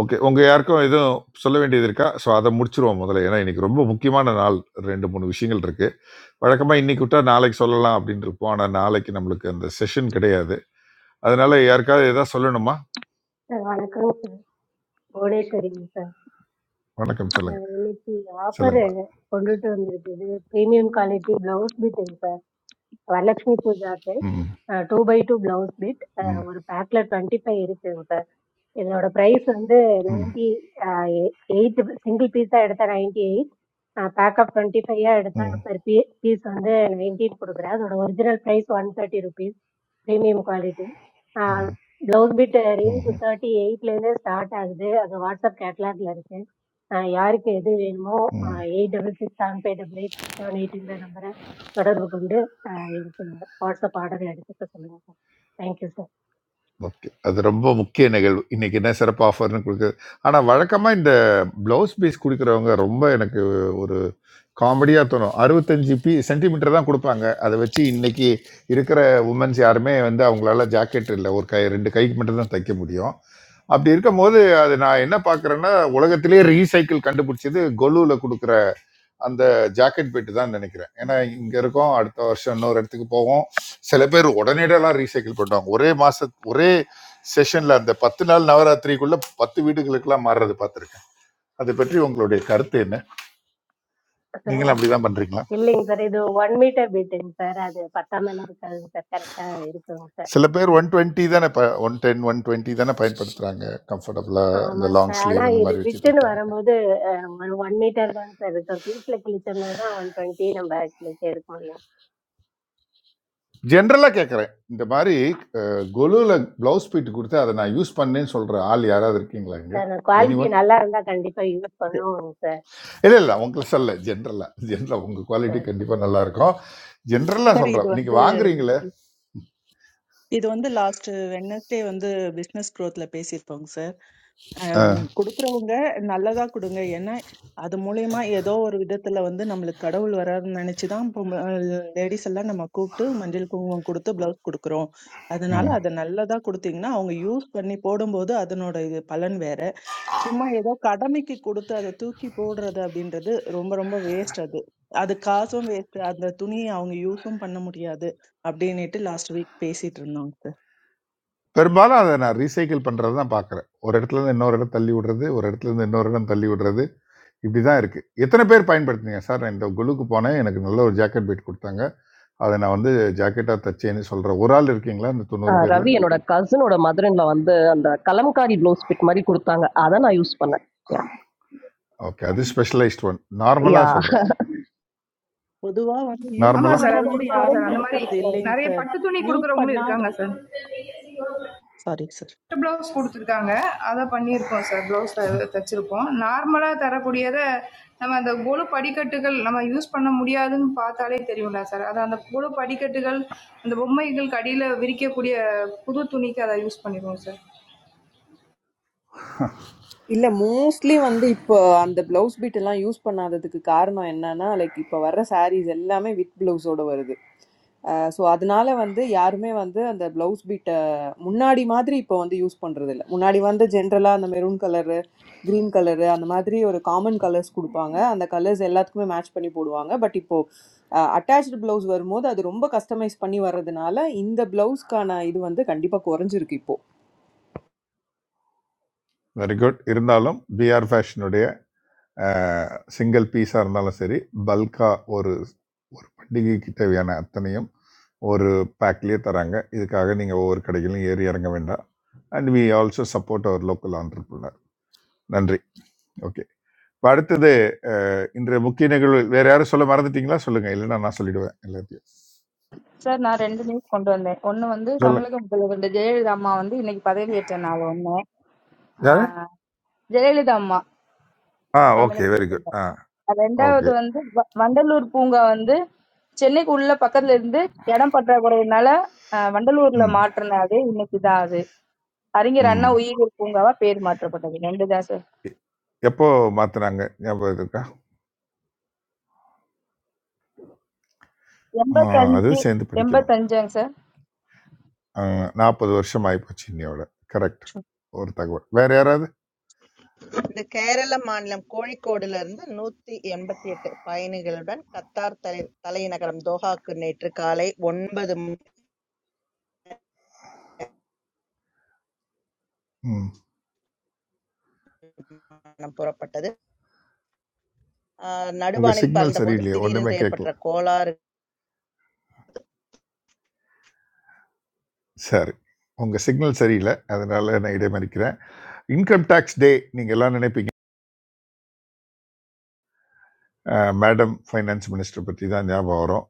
S7: ஓகே உங்க யாருக்கும் எதுவும் சொல்ல வேண்டியது இருக்கா ஸோ அதை முடிச்சிருவோம் முதல்ல ஏன்னா இன்னைக்கு ரொம்ப முக்கியமான நாள் ரெண்டு மூணு விஷயங்கள் இருக்கு வழக்கமா இன்னைக்கு விட்டா நாளைக்கு சொல்லலாம் அப்படின்னு இருப்போம் ஆனா நாளைக்கு நம்மளுக்கு அந்த செஷன் கிடையாது அதனால யாருக்காவது ஏதாவது சொல்லணுமா
S15: சார் வணக்கம் சார் கோடேஸ்வரிங்க சார்
S7: வணக்கம் சொல்லுங்க
S15: அஹ் இன்னைக்கு ஆஃபர்
S7: சொல்லுங்கம்மா
S15: கொண்டுட்டு வந்திருக்குது ப்ரீமியம் குவாலிட்டி பிளவுஸ் பிட்டுங்க சார் வரலட்சுமி பூஜாக்கு
S7: ம்
S15: two by two blouse bit
S7: ம்,
S15: ஒரு பேக்ல டுவெண்ட்டி ஃபைவ் இருக்குங்க சார் இதனோட ப்ரைஸ் வந்து
S7: ம்,
S15: நைன்டி எயிட் எடுத்த 98 எயிட் பேக்கப் எடுத்த
S7: ம்,
S15: பெர் பீஸ் வந்து original price one thirty rupees premium quality
S7: ம்,
S15: பிளவுஸ்
S7: ம்ஹ்ம்,
S15: குத்துறது ஆஹ் எது வேணுமோ
S7: ம்.
S15: நம்பரை தொடர்பு வாட்ஸ் தேங்க்யூ சார்
S7: ஓகே. அது ரொம்ப முக்கிய நிகழ்வு. இன்னைக்கு என்ன சிறப்பு ஆஃபர்ன்னு குடுக்குது. ஆனா வழக்கமா இந்த ப்ளவுஸ் பீஸ் குடுக்குறவங்க ரொம்ப எனக்கு ஒரு காமெடியா தோணும். 65 பீ சென்டிமீட்டர் தான் குடுப்பாங்க. அத வச்சு இன்னைக்கு இருக்கிற வுமன்ஸ் யாருமே வந்து அவங்களால ஜாக்கெட் இல்ல. ஒரு கை 2 கைக்கு மட்டும் தான் தைக்க முடியும். அப்படி இருக்கும்போது, அது நான் என்ன பார்க்குறேன்னா, உலகத்திலேயே ரீசைக்கிள் கண்டுபிடிச்சது கொலுல குடுக்குற அந்த ஜாக்கெட் பெட்டு தான் நினைக்கிறேன் ஏன்னா இங்க இருக்கோம் அடுத்த வருஷம் இன்னொரு இடத்துக்கு போவோம் சில பேர் உடனடியெல்லாம் ரீசைக்கிள் பண்ணுவாங்க ஒரே மாச ஒரே செஷன்ல அந்த பத்து நாள் நவராத்திரிக்குள்ள பத்து வீடுகளுக்கெல்லாம் மாறுறது பார்த்துருக்கேன் அதை பற்றி உங்களுடைய கருத்து என்ன
S15: சார்
S7: நீங்களும் அப்படிதான் பண்றீங்களா
S15: இல்லைங்க சார் இது ஒன் மீட்டர் பிட்டுங்க சார் அது பத்தாம இருக்காதுங்க சார் கரெக்டா இருக்குங்க சார்
S7: சில பேர் ஒன் டுவெண்ட்டி தானே ப ஒன் டென் ஒன் டுவெண்ட்டி தானே பயன்படுத்துறாங்க கம்ஃபர்டபுளா இந்த
S15: ஆமாங்க
S7: லாங்
S15: சார் ஆனா
S7: ஸ்லீவ் இந்த
S15: இது
S7: மாதிரி வச்சு
S15: பிட்டுன்னு
S7: தைக்கிறதுக்கு
S15: வரும்போது அஹ், ஒரு ஒன் மீட்டர் தாங்க சார் இருக்கும் பீஸ்ல கிழிச்சோம்னா தான் ஒன் டுவெண்ட்டி நம்ம கிழிச்சு எடுக்க முடியும்
S7: ஜென்ரலா கேட்கறேன் இந்த மாதிரி கொலுல பிளவுஸ் பீட் கொடுத்து அதை நான் யூஸ் பண்ணேன்னு சொல்ற ஆள் யாராவது இருக்கீங்களா இங்க
S15: சார்
S7: எனி
S15: குவாலிட்டி
S7: ஒன்
S15: நல்லா இருந்தா கண்டிப்பா யூஸ்
S12: இது-
S15: பண்ணுவோங்க
S7: இல்லை இல்லை உங்களுக்கு சொல்ல ஜென்ரலாக ஜென்ரலாக உங்கள்
S15: சார்
S7: குவாலிட்டி கண்டிப்பாக நல்லா இருக்கும் ஜென்ரலாக
S12: சார் இது
S7: சொல்கிறேன்
S12: வந்து
S7: நீங்கள் வாங்குறீங்களே
S12: இது வந்து லாஸ்ட் வெட்னஸ்டே வந்து பிசினஸ் growthல பேசியிருப்போங்க சார் அஹ் உங்க- கொடுக்கறவங்க நல்லதா கொடுங்க ஏன்னா அது மூலியமா ஏதோ ஒரு விதத்துல வந்து நம்மளுக்கு கடவுள் வராருன்னு நினைச்சுதான் லேடிஸ் எல்லாம் நம்ம கூப்பிட்டு மஞ்சள் குங்குமம் கொடுத்து பிளவுஸ் கொடுக்குறோம் அதனால
S7: ம்.
S12: அதை நல்லதா கொடுத்தீங்கன்னா அவங்க யூஸ் பண்ணி போடும்போது அதனோட இது பலன் வேற சும்மா ஏதோ கடமைக்கு கொடுத்து அதை தூக்கி போடுறது அப்படின்றது ரொம்ப ரொம்ப வேஸ்ட் அது அது காசும் வேஸ்ட் அந்த துணியை அவங்க யூஸும் பண்ண முடியாது அப்படின்னுட்டு லாஸ்ட் வீக் பேசிட்டு இருந்தோங்க சார்
S7: பெரும்பாலும் அதை நான் ரீசைக்கிள் பண்ணுறது தான் பார்க்குறேன் ஒரு இடத்துல இருந்து இன்னொரு இடம் தள்ளி விடுறது ஒரு இடத்துல இருந்து இன்னொரு இடம் தள்ளி விடுறது இப்படி தான் இருக்குது எத்தனை பேர் பயன்படுத்துனீங்க சார் நான் இந்த குழுக்கு போனேன் எனக்கு நல்ல ஒரு ஜாக்கெட் பீட் கொடுத்தாங்க அதை நான் வந்து ஜாக்கெட்டாக தச்சேன்னு சொல்கிறேன் ஒரு ஆள் இருக்கீங்களா இந்த தொண்ணூறு
S1: ஆஹ்
S7: பேரில்
S1: ரவி என்னோட கசினோட மதுரன்ல வந்து அந்த கலம்காரி ப்ளவுஸ் பிட் மாதிரி கொடுத்தாங்க அதை நான் யூஸ் பண்ணேன் யா
S7: ஓகே அது ஸ்பெஷலைஸ்ட் ஒன்
S1: யா
S7: நார்மலாக சொல்கிறேன்
S12: பொதுவா வந்து யூஸ்
S4: இப்போ
S11: ஆமாம்
S7: நார்மலாக
S12: பண்ற
S11: சார்
S4: வந்து
S11: அது
S12: மாதிரி
S4: கொஞ்சம்
S11: கொடுப்பாங்க சார்
S12: யாரும்
S11: அந்த
S4: குறைஞ்சிருக்கு
S11: மாதிரி
S12: கொடுக்கறது
S4: சார்
S12: இல்லைங்க
S11: நிறைய
S12: சார்
S11: பட்டு துணி
S12: யூஸ்
S11: கொடுக்குறவங்களும்
S12: பண்ணா
S11: இருக்காங்க சார்
S12: சாரி சார்
S11: பட்டு ப்ளவுஸ் குடுத்துருக்காங்க. அத பண்ணியிருக்கோம் சார். ப்ளவுஸ் த தச்சிருக்கோம். நார்மலா தரக்கூடியத, நம்ம அந்த கொலு படிக்கட்டுகள் நம்ம யூஸ் பண்ண முடியாதுன்னு பார்த்தாலே தெரியும்ல சார். அது அந்த கொலு படிக்கட்டுகள், அந்த பொம்மைகளுக்கு அடியில விரிக்கக்கூடிய புது துணிக்கு அத யூஸ் பண்ணிருவோம் சார்.
S16: இல்ல மோஸ்ட்லி வந்து இப்போ அந்த பிளவுஸ் பீட் எல்லாம் யூஸ் பண்ணாததுக்கு காரணம் என்னன்னா லைக் இப்போ வர்ற சாரீஸ் எல்லாமே வித் பிளவுஸோட வருது ஸோ அதனால வந்து யாருமே வந்து அந்த பிளவுஸ் பீட்டை முன்னாடி மாதிரி இப்போ வந்து யூஸ் பண்றது இல்ல முன்னாடி வந்து ஜென்ரலாக அந்த மெரூன் கலரு க்ரீன் கலரு அந்த மாதிரி ஒரு காமன் கலர்ஸ் கொடுப்பாங்க அந்த கலர்ஸ் எல்லாத்துக்குமே மேட்ச் பண்ணி போடுவாங்க பட் இப்போ அட்டாச்சு பிளவுஸ் வரும்போது அது ரொம்ப கஸ்டமைஸ் பண்ணி வர்றதுனால இந்த பிளவுஸ்க்கான இது வந்து கண்டிப்பாக குறைஞ்சிருக்கு இப்போ
S7: வெரி குட் இருந்தாலும் பிஆர் ஃபேஷனுடைய சிங்கிள் பீஸாக இருந்தாலும் சரி பல்காக ஒரு ஒரு பண்டிகைக்கு தேவையான அத்தனையும் ஒரு பேக்லேயே தராங்க இதுக்காக நீங்கள் ஒவ்வொரு கடைகளிலும் ஏறி இறங்க வேண்டாம் and we also support our local entrepreneur நன்றி ஓகே இப்போ அடுத்தது அஹ், இன்றைய முக்கிய நிகழ்வு வேறு யாரும் சொல்ல மறந்துட்டீங்களா சொல்லுங்கள் இல்லைன்னா நான் சொல்லிடுவேன் எல்லாத்தையும்
S4: சார் நான் ரெண்டு நியூஸ் கொண்டு வந்தேன் ஒன்னு வந்து
S7: சொல்லுங்க
S4: தமிழக முதல்வர் இந்த ஜெயலலிதா அம்மா வந்து இன்னைக்கு பதவியேற்ற நாள் ஒண்ணு
S7: யாரு
S4: ஆஹ், ஜெயலலிதா அம்மா
S7: ஆ ஓகே
S4: தமிழக
S7: வெரி குட்
S4: முதல்வர்
S7: ஆ
S4: அது
S7: ஓகே
S4: ரெண்டாவது வந்து வ- வண்டலூர் பூங்கா வந்து சென்னைக்கு உள்ள பக்கத்துல இருந்து இடம் பற்றாக்குறையினால ஆஹ், வண்டலூர்ல
S7: ம்
S4: மாற்றின அது இன்னைக்கு தான் அது அறிஞர் அண்ணா
S7: ம்
S4: உயிரியல் பூங்காவா பேர் மாற்றப்பட்டது ரெண்டு தான் சார்.
S7: எ- எப்போ மாற்றினாங்க ஞாபகம் இருக்கா
S4: Yamba
S7: ஆஹ்
S4: tangji,
S7: அதுவும் சேர்ந்து
S4: yamba
S7: படிக்கணும்
S4: tangjang sir.
S7: ஆஹ் நாற்பது வருஷம் ஆகிப்போச்சு இன்னையோட கரெக்ட் ஒரு தகவல் வேற யாராவது
S6: இந்த கேரள மாநிலம் கோழிக்கோடுல இருந்து 188 பயணிகளுடன் கத்தார் தலை தலைநகரம் தோஹாக்கு நேற்று காலை 9 மணி
S7: ம்
S6: புறப்பட்டது. ஆ,
S7: உங்கள்
S6: நடுவானில்
S7: சிக்னல்
S6: பறந்தபோது
S7: சரியில்லையே ஒன்றுமே
S6: திடீரென்று
S7: கேட்கல
S6: ஏற்பட்ட கோளாறு
S7: சரி உங்கள் சிக்னல் சரியில்லை அதனால நான் இடைமறிக்கிறேன் இன்கம் டேக்ஸ் டே நீங்கள் எல்லாம் நினைப்பீங்க மேடம் ஃபைனான்ஸ் மினிஸ்டர் பற்றி தான் ஞாபகம் வரும்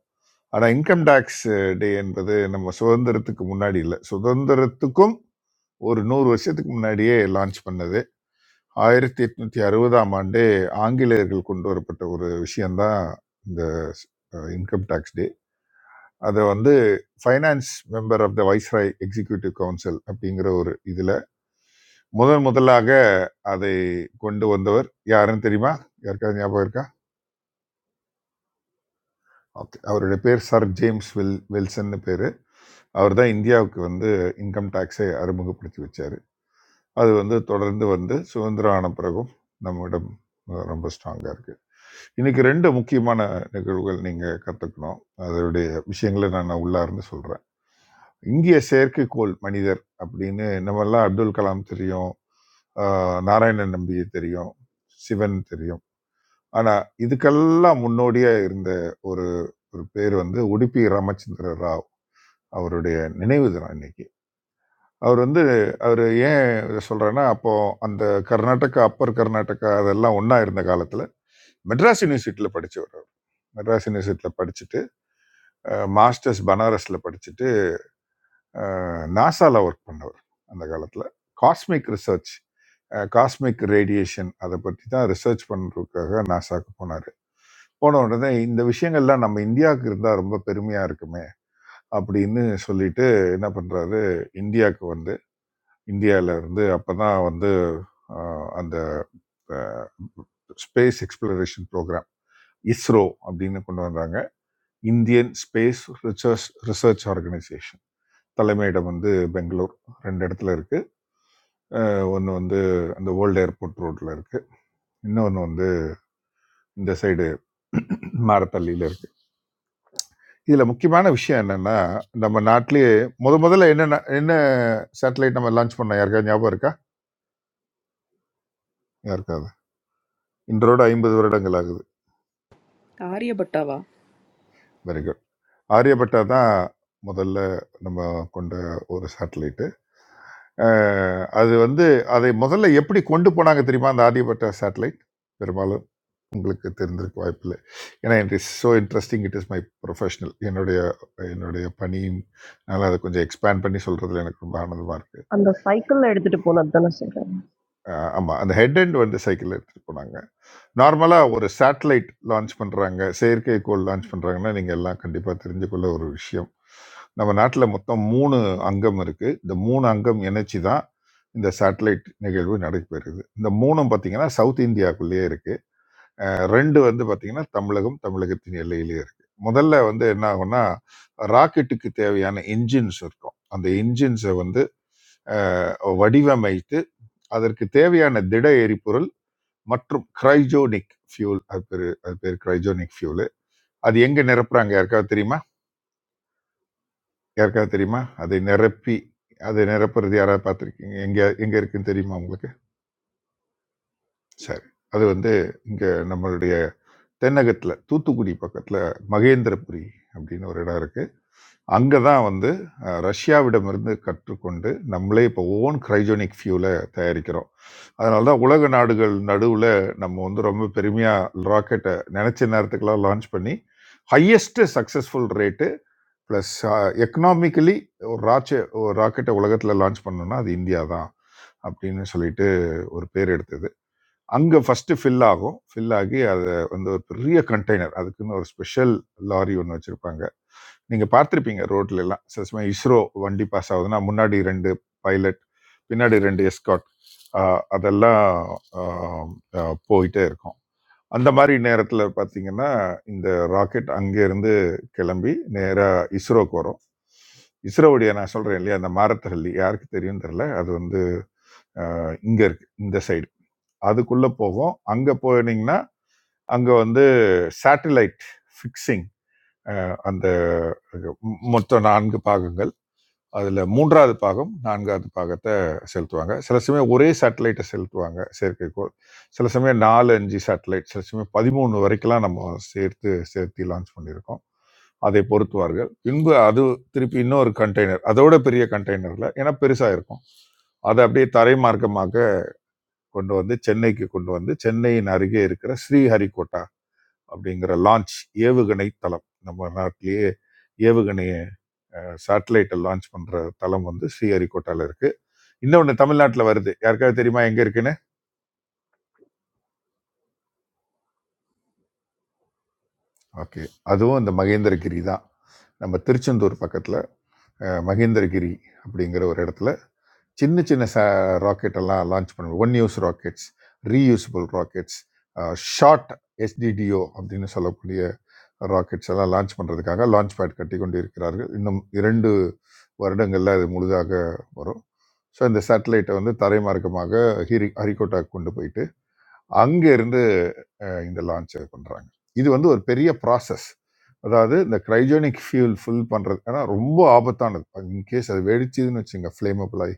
S7: ஆனால் இன்கம் டேக்ஸ் டே என்பது நம்ம சுதந்திரத்துக்கு முன்னாடி இல்லை சுதந்திரத்துக்கும் ஒரு நூறு வருஷத்துக்கு முன்னாடியே லான்ச் பண்ணது ஆயிரத்தி எட்நூத்தி அறுபதாம் ஆண்டே ஆங்கிலேயர்கள் கொண்டு வரப்பட்ட ஒரு விஷயம்தான் இந்த இன்கம் டேக்ஸ் டே அதை வந்து finance member of the viceroy executive council அப்படிங்கிற ஒரு இதில் முதன் முதலாக அதை கொண்டு வந்தவர் யாருன்னு தெரியுமா யாருக்காவது ஞாபகம் இருக்கா ஓகே அவருடைய பேர் சர் ஜேம்ஸ் வில் வில்சன்னு பேர் அவர் தான் இந்தியாவுக்கு வந்து இன்கம் டேக்ஸை அறிமுகப்படுத்தி வச்சார் அது வந்து தொடர்ந்து வந்து சுதந்திரம் ஆன பிறகும் நம்மிடம் அஹ், ரொம்ப ஸ்ட்ராங்காக இருக்குது இன்னைக்கு ரெண்டு முக்கியமான நிகழ்வுகள் நீங்கள் கற்றுக்கணும் அதனுடைய விஷயங்களை நான் உள்ளார்ந்து சொல்கிறேன் இந்திய செயற்கைக்கோள் மனிதர் அப்படின்னு நம்மெல்லாம் அப்துல் கலாம் தெரியும் ஆஹ், நாராயணன் நம்பியை தெரியும் சிவன் தெரியும் ஆனால் இதுக்கெல்லாம் முன்னோடியாக இருந்த ஒரு ஒரு பேர் வந்து உடுப்பி ராமச்சந்திர ராவ் அவருடைய நினைவு தினம் இன்னைக்கு அவர் வந்து அவர் ஏன் இதை சொல்கிறேன்னா அப்போது அந்த கர்நாடகா அப்பர் கர்நாடகா அதெல்லாம் ஒன்றா இருந்த காலத்தில் மெட்ராஸ் யூனிவர்சிட்டியில் படித்தவர் அவர் மெட்ராஸ் யூனிவர்சிட்டியில் படிச்சுட்டு மாஸ்டர்ஸ் பனாரஸில் படிச்சுட்டு நாசாவில் ஒர்க் பண்ணவர் அந்த காலத்தில் காஸ்மிக் ரிசர்ச் காஸ்மிக் ரேடியேஷன் அதை பற்றி தான் ரிசர்ச் பண்ணுறதுக்காக நாசாக்கு போனார் போன உடனே இந்த விஷயங்கள்லாம் நம்ம இந்தியாவுக்கு இருந்தால் ரொம்ப பெருமையாக இருக்குமே அப்படின்னு சொல்லிட்டு என்ன பண்ணுறாரு இந்தியாவுக்கு வந்து இந்தியால இருந்து அப்பதான் வந்து ஆஹ், அந்த ஸ்பேஸ் எக்ஸ்ப்ளரேஷன் ப்ரோக்ராம் இஸ்ரோ அப்படின்னு கொண்டு வந்தாங்க Indian space research research organisation தலைமையிடம் வந்து பெங்களூர் ரெண்டு இடத்துல இருக்கு ஒன்று வந்து அந்த வேர்ல்டு ஏர்போர்ட் ரோட்ல இருக்கு இன்னொன்று வந்து இந்த சைடு மாரத்தள்ளியில் இருக்கு இதில் முக்கியமான விஷயம் என்னன்னா நம்ம நாட்டிலேயே முத முதல்ல என்ன என்ன சேட்டலைட் நம்ம லான்ச் பண்ணோம் யாருக்காவது ஞாபகம் இருக்கா யாருக்காவது இன்றோட ஐம்பது வருடங்கள் ஆகுது
S16: ஆரியப்பட்டாவா
S7: வெரி ஆரியப்பட்டா தான் முதல்ல நம்ம கொண்ட ஒரு சேட்டலைட்டு அது வந்து அதை முதல்ல எப்படி கொண்டு போனாங்க தெரியுமா அந்த ஆரியப்பட்டா சேட்டலைட் பெரும்பாலும் உங்களுக்கு தெரிந்திருக்க வாய்ப்பில்லை ஏன்னா it is so interesting it is my professional என்னுடைய என்னுடைய பணியின் அதனால் அதை கொஞ்சம் எக்ஸ்பேண்ட் பண்ணி சொல்கிறதுல எனக்கு ரொம்ப ஆனந்தமாக இருக்குது
S1: அந்த சைக்கிள்ல எடுத்துட்டு போனது தானே சொல்றேன்
S7: அஹ் ஆமா அந்த ஹெட் எண்ட் வந்து சைக்கிள் எடுத்துட்டு போனாங்க நார்மலா ஒரு சேட்டலைட் லான்ச் பண்றாங்க செயற்கைக்கோள் லான்ச் பண்றாங்கன்னா நீங்க எல்லாம் கண்டிப்பா தெரிஞ்சுக்கொள்ள ஒரு விஷயம் நம்ம நாட்டில் மொத்தம் மூணு அங்கம் இருக்கு இந்த மூணு அங்கம் இணைச்சி தான் இந்த சேட்டலைட் நிகழ்வு நடைபெறுது இந்த மூணும் பார்த்தீங்கன்னா சவுத் இந்தியாவுக்குள்ளேயே இருக்கு அஹ் ரெண்டு வந்து பார்த்தீங்கன்னா தமிழகம் தமிழகத்தின் எல்லையிலேயே இருக்கு முதல்ல வந்து என்ன ஆகும்னா ராக்கெட்டுக்கு தேவையான இன்ஜின்ஸ் இருக்கும் அந்த இன்ஜின்ஸை வந்து அஹ், வடிவமைத்து அதற்கு தேவையான திட எரிபொருள் மற்றும் கிரைஜோனிக் ஃபியூல் அது பேர் அது பேர் கிரைஜோனிக் ஃபியூல் அது எங்க நிரப்புறாங்க யாருக்காவது தெரியுமா யாருக்காவது தெரியுமா அதை நிரப்பி அதை நிரப்புறது யாராவது பார்த்துருக்கீங்க எங்க எங்க இருக்குன்னு தெரியுமா உங்களுக்கு சரி அது வந்து இங்க நம்மளுடைய தென்னகத்துல தூத்துக்குடி பக்கத்துல மகேந்திரபுரி அப்படின்னு ஒரு இடம் இருக்கு அங்க தான் வந்து அ ரஷ்யாவிடமிருந்து கற்றுக்கொண்டு, நம்மளே இப்போ ஓன் கிரைஜோனிக் ஃபியூல தயாரிக்கிறோம். அதனால தான் உலக நாடுகள் நடுவுல நம்ம வந்து ரொம்ப பெருமையா ராக்கெட்ட நெனச்ச நேரத்துக்குலாம் லான்ச் பண்ணி, ஹையஸ்ட் சக்சஸ்ஃபுல் ரேட்டு பிளஸ் அ எக்கனாமிக்கலி ஒரு ராச்ச ஒரு ராக்கெட்ட உலகத்துல லான்ச் பண்ணோம்னா, அது இந்தியா தான். அப்படின்னு சொல்லிட்டு ஒரு பேர் எடுத்தது. அங்கே ஃபஸ்ட்டு ஃபில் ஆகும் ஃபில் ஆகி அதை வந்து ஒரு பெரிய கண்டெய்னர் அதுக்குன்னு ஒரு ஸ்பெஷல் லாரி ஒன்று வச்சுருப்பாங்க நீங்கள் பார்த்துருப்பீங்க ரோட்ல எல்லாம் சில சமயம் இஸ்ரோ வண்டி பாஸ் ஆகுதுன்னா முன்னாடி ரெண்டு பைலட் பின்னாடி ரெண்டு எஸ்காட் அதெல்லாம் ஆஹ், ஆஹ், போயிட்டே இருக்கும் அந்த மாதிரி நேரத்தில் பார்த்தீங்கன்னா இந்த ராக்கெட் அங்கேருந்து கிளம்பி நேராக இஸ்ரோக்கு வரும் இஸ்ரோவுடைய நான் சொல்கிறேன் இல்லையா அந்த மாரத்தஹள்ளி யாருக்கு தெரியும் தெரியல அது வந்து இங்கே இருக்கு இந்த சைடு அதுக்குள்ள போகும் அங்க போனீங்கன்னா அங்க வந்து சேட்டலைட் ஃபிக்ஸிங் அந்த மொ- மொத்தம் நான்கு பாகங்கள் அதுல மூன்றாவது பாகம் நான்காவது பாகத்தை செலுத்துவாங்க சில சமயம் ஒரே சேட்டலைட்டை செலுத்துவாங்க செயற்கைக்கோள் சில சமயம் நாலு அஞ்சு சேட்டலைட் சில சமயம் பதிமூணு வரைக்கும்லாம் நம்ம சேர்த்து சேர்த்து லான்ச் பண்ணியிருக்கோம் அதை பொருத்துவார்கள் பின்பு அது திருப்பி இன்னொரு கண்டெய்னர் அதோட பெரிய கண்டெய்னர்ல ஏன்னா பெருசா இருக்கும் அதை அப்படியே தரைமார்க்கமாக கொண்டு வந்து சென்னைக்கு கொண்டு வந்து சென்னையின் அருகே இருக்கிற ஸ்ரீஹரிகோட்டா அப்படிங்கிற லான்ச் ஏவுகணை தளம் நம்ம நாட்டிலேயே ஏவுகணை சேட்டலைட்டை லான்ச் பண்ற தளம் வந்து ஸ்ரீஹரிகோட்டால இருக்கு இன்னொன்று தமிழ்நாட்டில் வருது யாருக்காவது தெரியுமா எங்க இருக்குன்னு ஓகே அதுவும் இந்த மகேந்திரகிரி தான் நம்ம திருச்செந்தூர் பக்கத்துல அஹ், மகேந்திரகிரி அப்படிங்கிற ஒரு இடத்துல சின்ன சின்ன ச ராக்கெட் எல்லாம் லான்ச் பண்ணுவோம் one use rockets reusable rockets short எஸ்டிடிஓ அப்படின்னு சொல்லக்கூடிய ராக்கெட்ஸ் எல்லாம் லான்ச் பண்ணுறதுக்காக லான்ச் பேட் கட்டி கொண்டு இருக்கிறார்கள் இன்னும் இரண்டு வருடங்களில் அது முழுதாக வரும் ஸோ இந்த சேட்டலைட்டை வந்து தரைமார்க்கமாக ஹிரி ஹரிகோட்டாக்கு கொண்டு போயிட்டு அங்கேருந்து அஹ் இந்த லான்ச்சை பண்ணுறாங்க இது வந்து ஒரு பெரிய ப்ராசஸ் அதாவது இந்த கிரைஜோனிக் ஃபியூல் ஃபில் பண்ணுறது ஏன்னா ரொம்ப ஆபத்தானது இன்கேஸ் அது வெடிச்சதுன்னு வச்சுங்க ஃப்ளேமபிள் ஆகி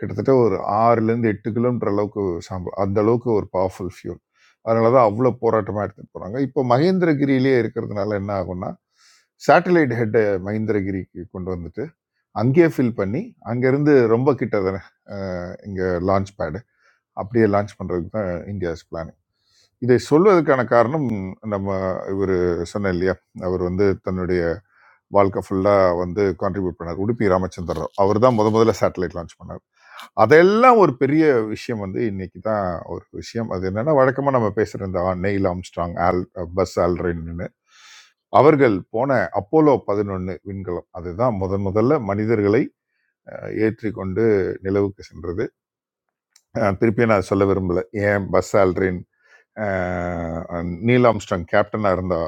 S7: கிட்டத்தட்ட ஒரு ஆறுலேருந்து எட்டு கிலோமீட்டர் அளவுக்கு சாம்பல் அந்த அளவுக்கு ஒரு பவர்ஃபுல் ஃபியூல் அதனால தான் அவ்வளோ போராட்டமாக எடுத்துகிட்டு போகிறாங்க இப்போ மகேந்திரகிரியிலே இருக்கிறதுனால என்ன ஆகும்னா சேட்டலைட் ஹெட்டை மகேந்திரகிரிக்கு கொண்டு வந்துட்டு அங்கேயே ஃபில் பண்ணி அங்கேருந்து ரொம்ப கிட்ட தானே இங்கே லான்ச் பேடு அப்படியே லான்ச் பண்ணுறதுக்கு தான் இந்தியாஸ் பிளானிங் இதை சொல்வதற்கான காரணம் நம்ம இவர் சொன்ன இல்லையா அவர் வந்து தன்னுடைய வாழ்க்கை ஃபுல்லாக வந்து கான்ட்ரிபியூட் பண்ணார் உடுப்பி ராமச்சந்திர ராவ் அவர் தான் முத முதல்ல சேட்டலைட் லான்ச் பண்ணார் அதெல்லாம் ஒரு பெரிய விஷயம் வந்து இன்னைக்கு தான் ஒரு விஷயம் அது என்னன்னா வழக்கமாக நம்ம பேசுகிற இந்த நெயில் ஆம்ஸ்ட்ராங் ஆல் பஸ் ஆல்ரின்னு அவர்கள் போன அப்போலோ பதினொன்று விண்கலம் அதுதான் முதன் முதல்ல மனிதர்களை ஏற்றி கொண்டு நிலவுக்கு சென்றது அஹ் திருப்பி நான் சொல்ல விரும்பல ஏன் பஸ் ஆல்ரின் நீல் ஆம்ஸ்டாங் கேப்டனாக இருந்தா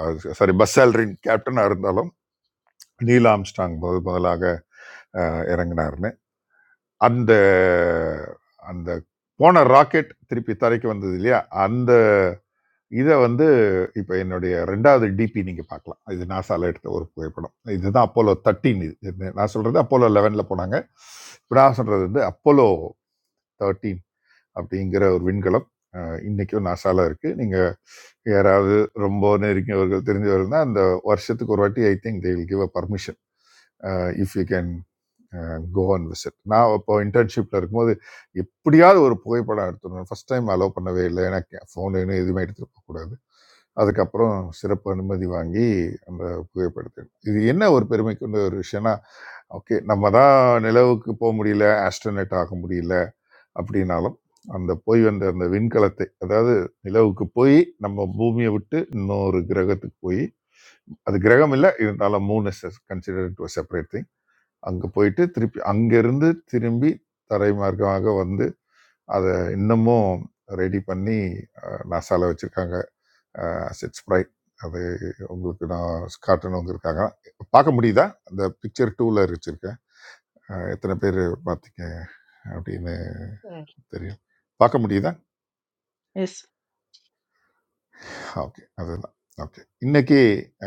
S7: சாரி பஸ் ஆல்ரின் கேப்டனாக இருந்தாலும் நீல் ஆம்ஸ்டாங் முதல் முதலாக அஹ், இறங்குனாருன்னு அந்த அந்த போன ராக்கெட் திருப்பி தரைக்கு வந்தது இல்லையா அந்த இதை வந்து இப்போ என்னுடைய ரெண்டாவது டிபி நீங்கள் பார்க்கலாம் இது நாசால எடுத்த ஒரு புகைப்படம் இதுதான் அப்போலோ தேர்ட்டீன் இது இது நான் சொல்கிறது அப்போலோ லெவனில் போனாங்க இப்போ நான் சொல்கிறது வந்து அப்போலோ 13 அப்படிங்கிற ஒரு விண்கலம் அஹ், இன்னைக்கும் நாசால இருக்கு நீங்க யாராவது ரொம்ப நெருங்கியவர்கள் தெரிஞ்சவர்கள் தான் அந்த வருஷத்துக்கு ஒரு வாட்டி I think they will give a permission if you can go and visit நான் இப்போ இன்டர்ன்ஷிப்பில் இருக்கும்போது எப்படியாவது ஒரு புகைப்படம் எடுத்துடணும் ஃபர்ஸ்ட் டைம் அலோவ் பண்ணவே இல்லை ஏன்னா ஃபோன் வேணும் எதுவுமே எடுத்துட்டு போகக்கூடாது அதுக்கப்புறம் சிறப்பு அனுமதி வாங்கி அந்த புகைப்படத்தை இது என்ன ஒரு பெருமைக்குள்ள ஒரு விஷயம்னா ஓகே நம்ம தான் நிலவுக்கு போக முடியல ஆஸ்ட்ரோனட் ஆக முடியல அப்படின்னாலும் அந்த போய் வந்த அந்த விண்கலத்தை அதாவது நிலவுக்கு போய் நம்ம பூமியை விட்டு இன்னொரு கிரகத்துக்கு போய் அது கிரகம் இல்லை இருந்தாலும் மூணு கன்சிடர் டு செப்பரேட் திங் அங்கே போயிட்டு திருப்பி அங்கேருந்து திரும்பி தரை மார்க்கமாக வந்து அதை இன்னமும் ரெடி பண்ணி நாசாவில் வச்சுருக்காங்க செட் ஸ்ப்ரைட் அது உங்களுக்கு நான் காட்டணுங்க இருக்காங்க பார்க்க முடியுதா அந்த பிக்சர் டூவில் வச்சுருக்கேன் எத்தனை பேர் பார்த்தீங்க அப்படின்னு
S17: Yeah.
S7: தெரியும் பார்க்க முடியுதா
S12: எஸ்
S7: ஓகே அதுதான் ஓகே இன்னைக்கு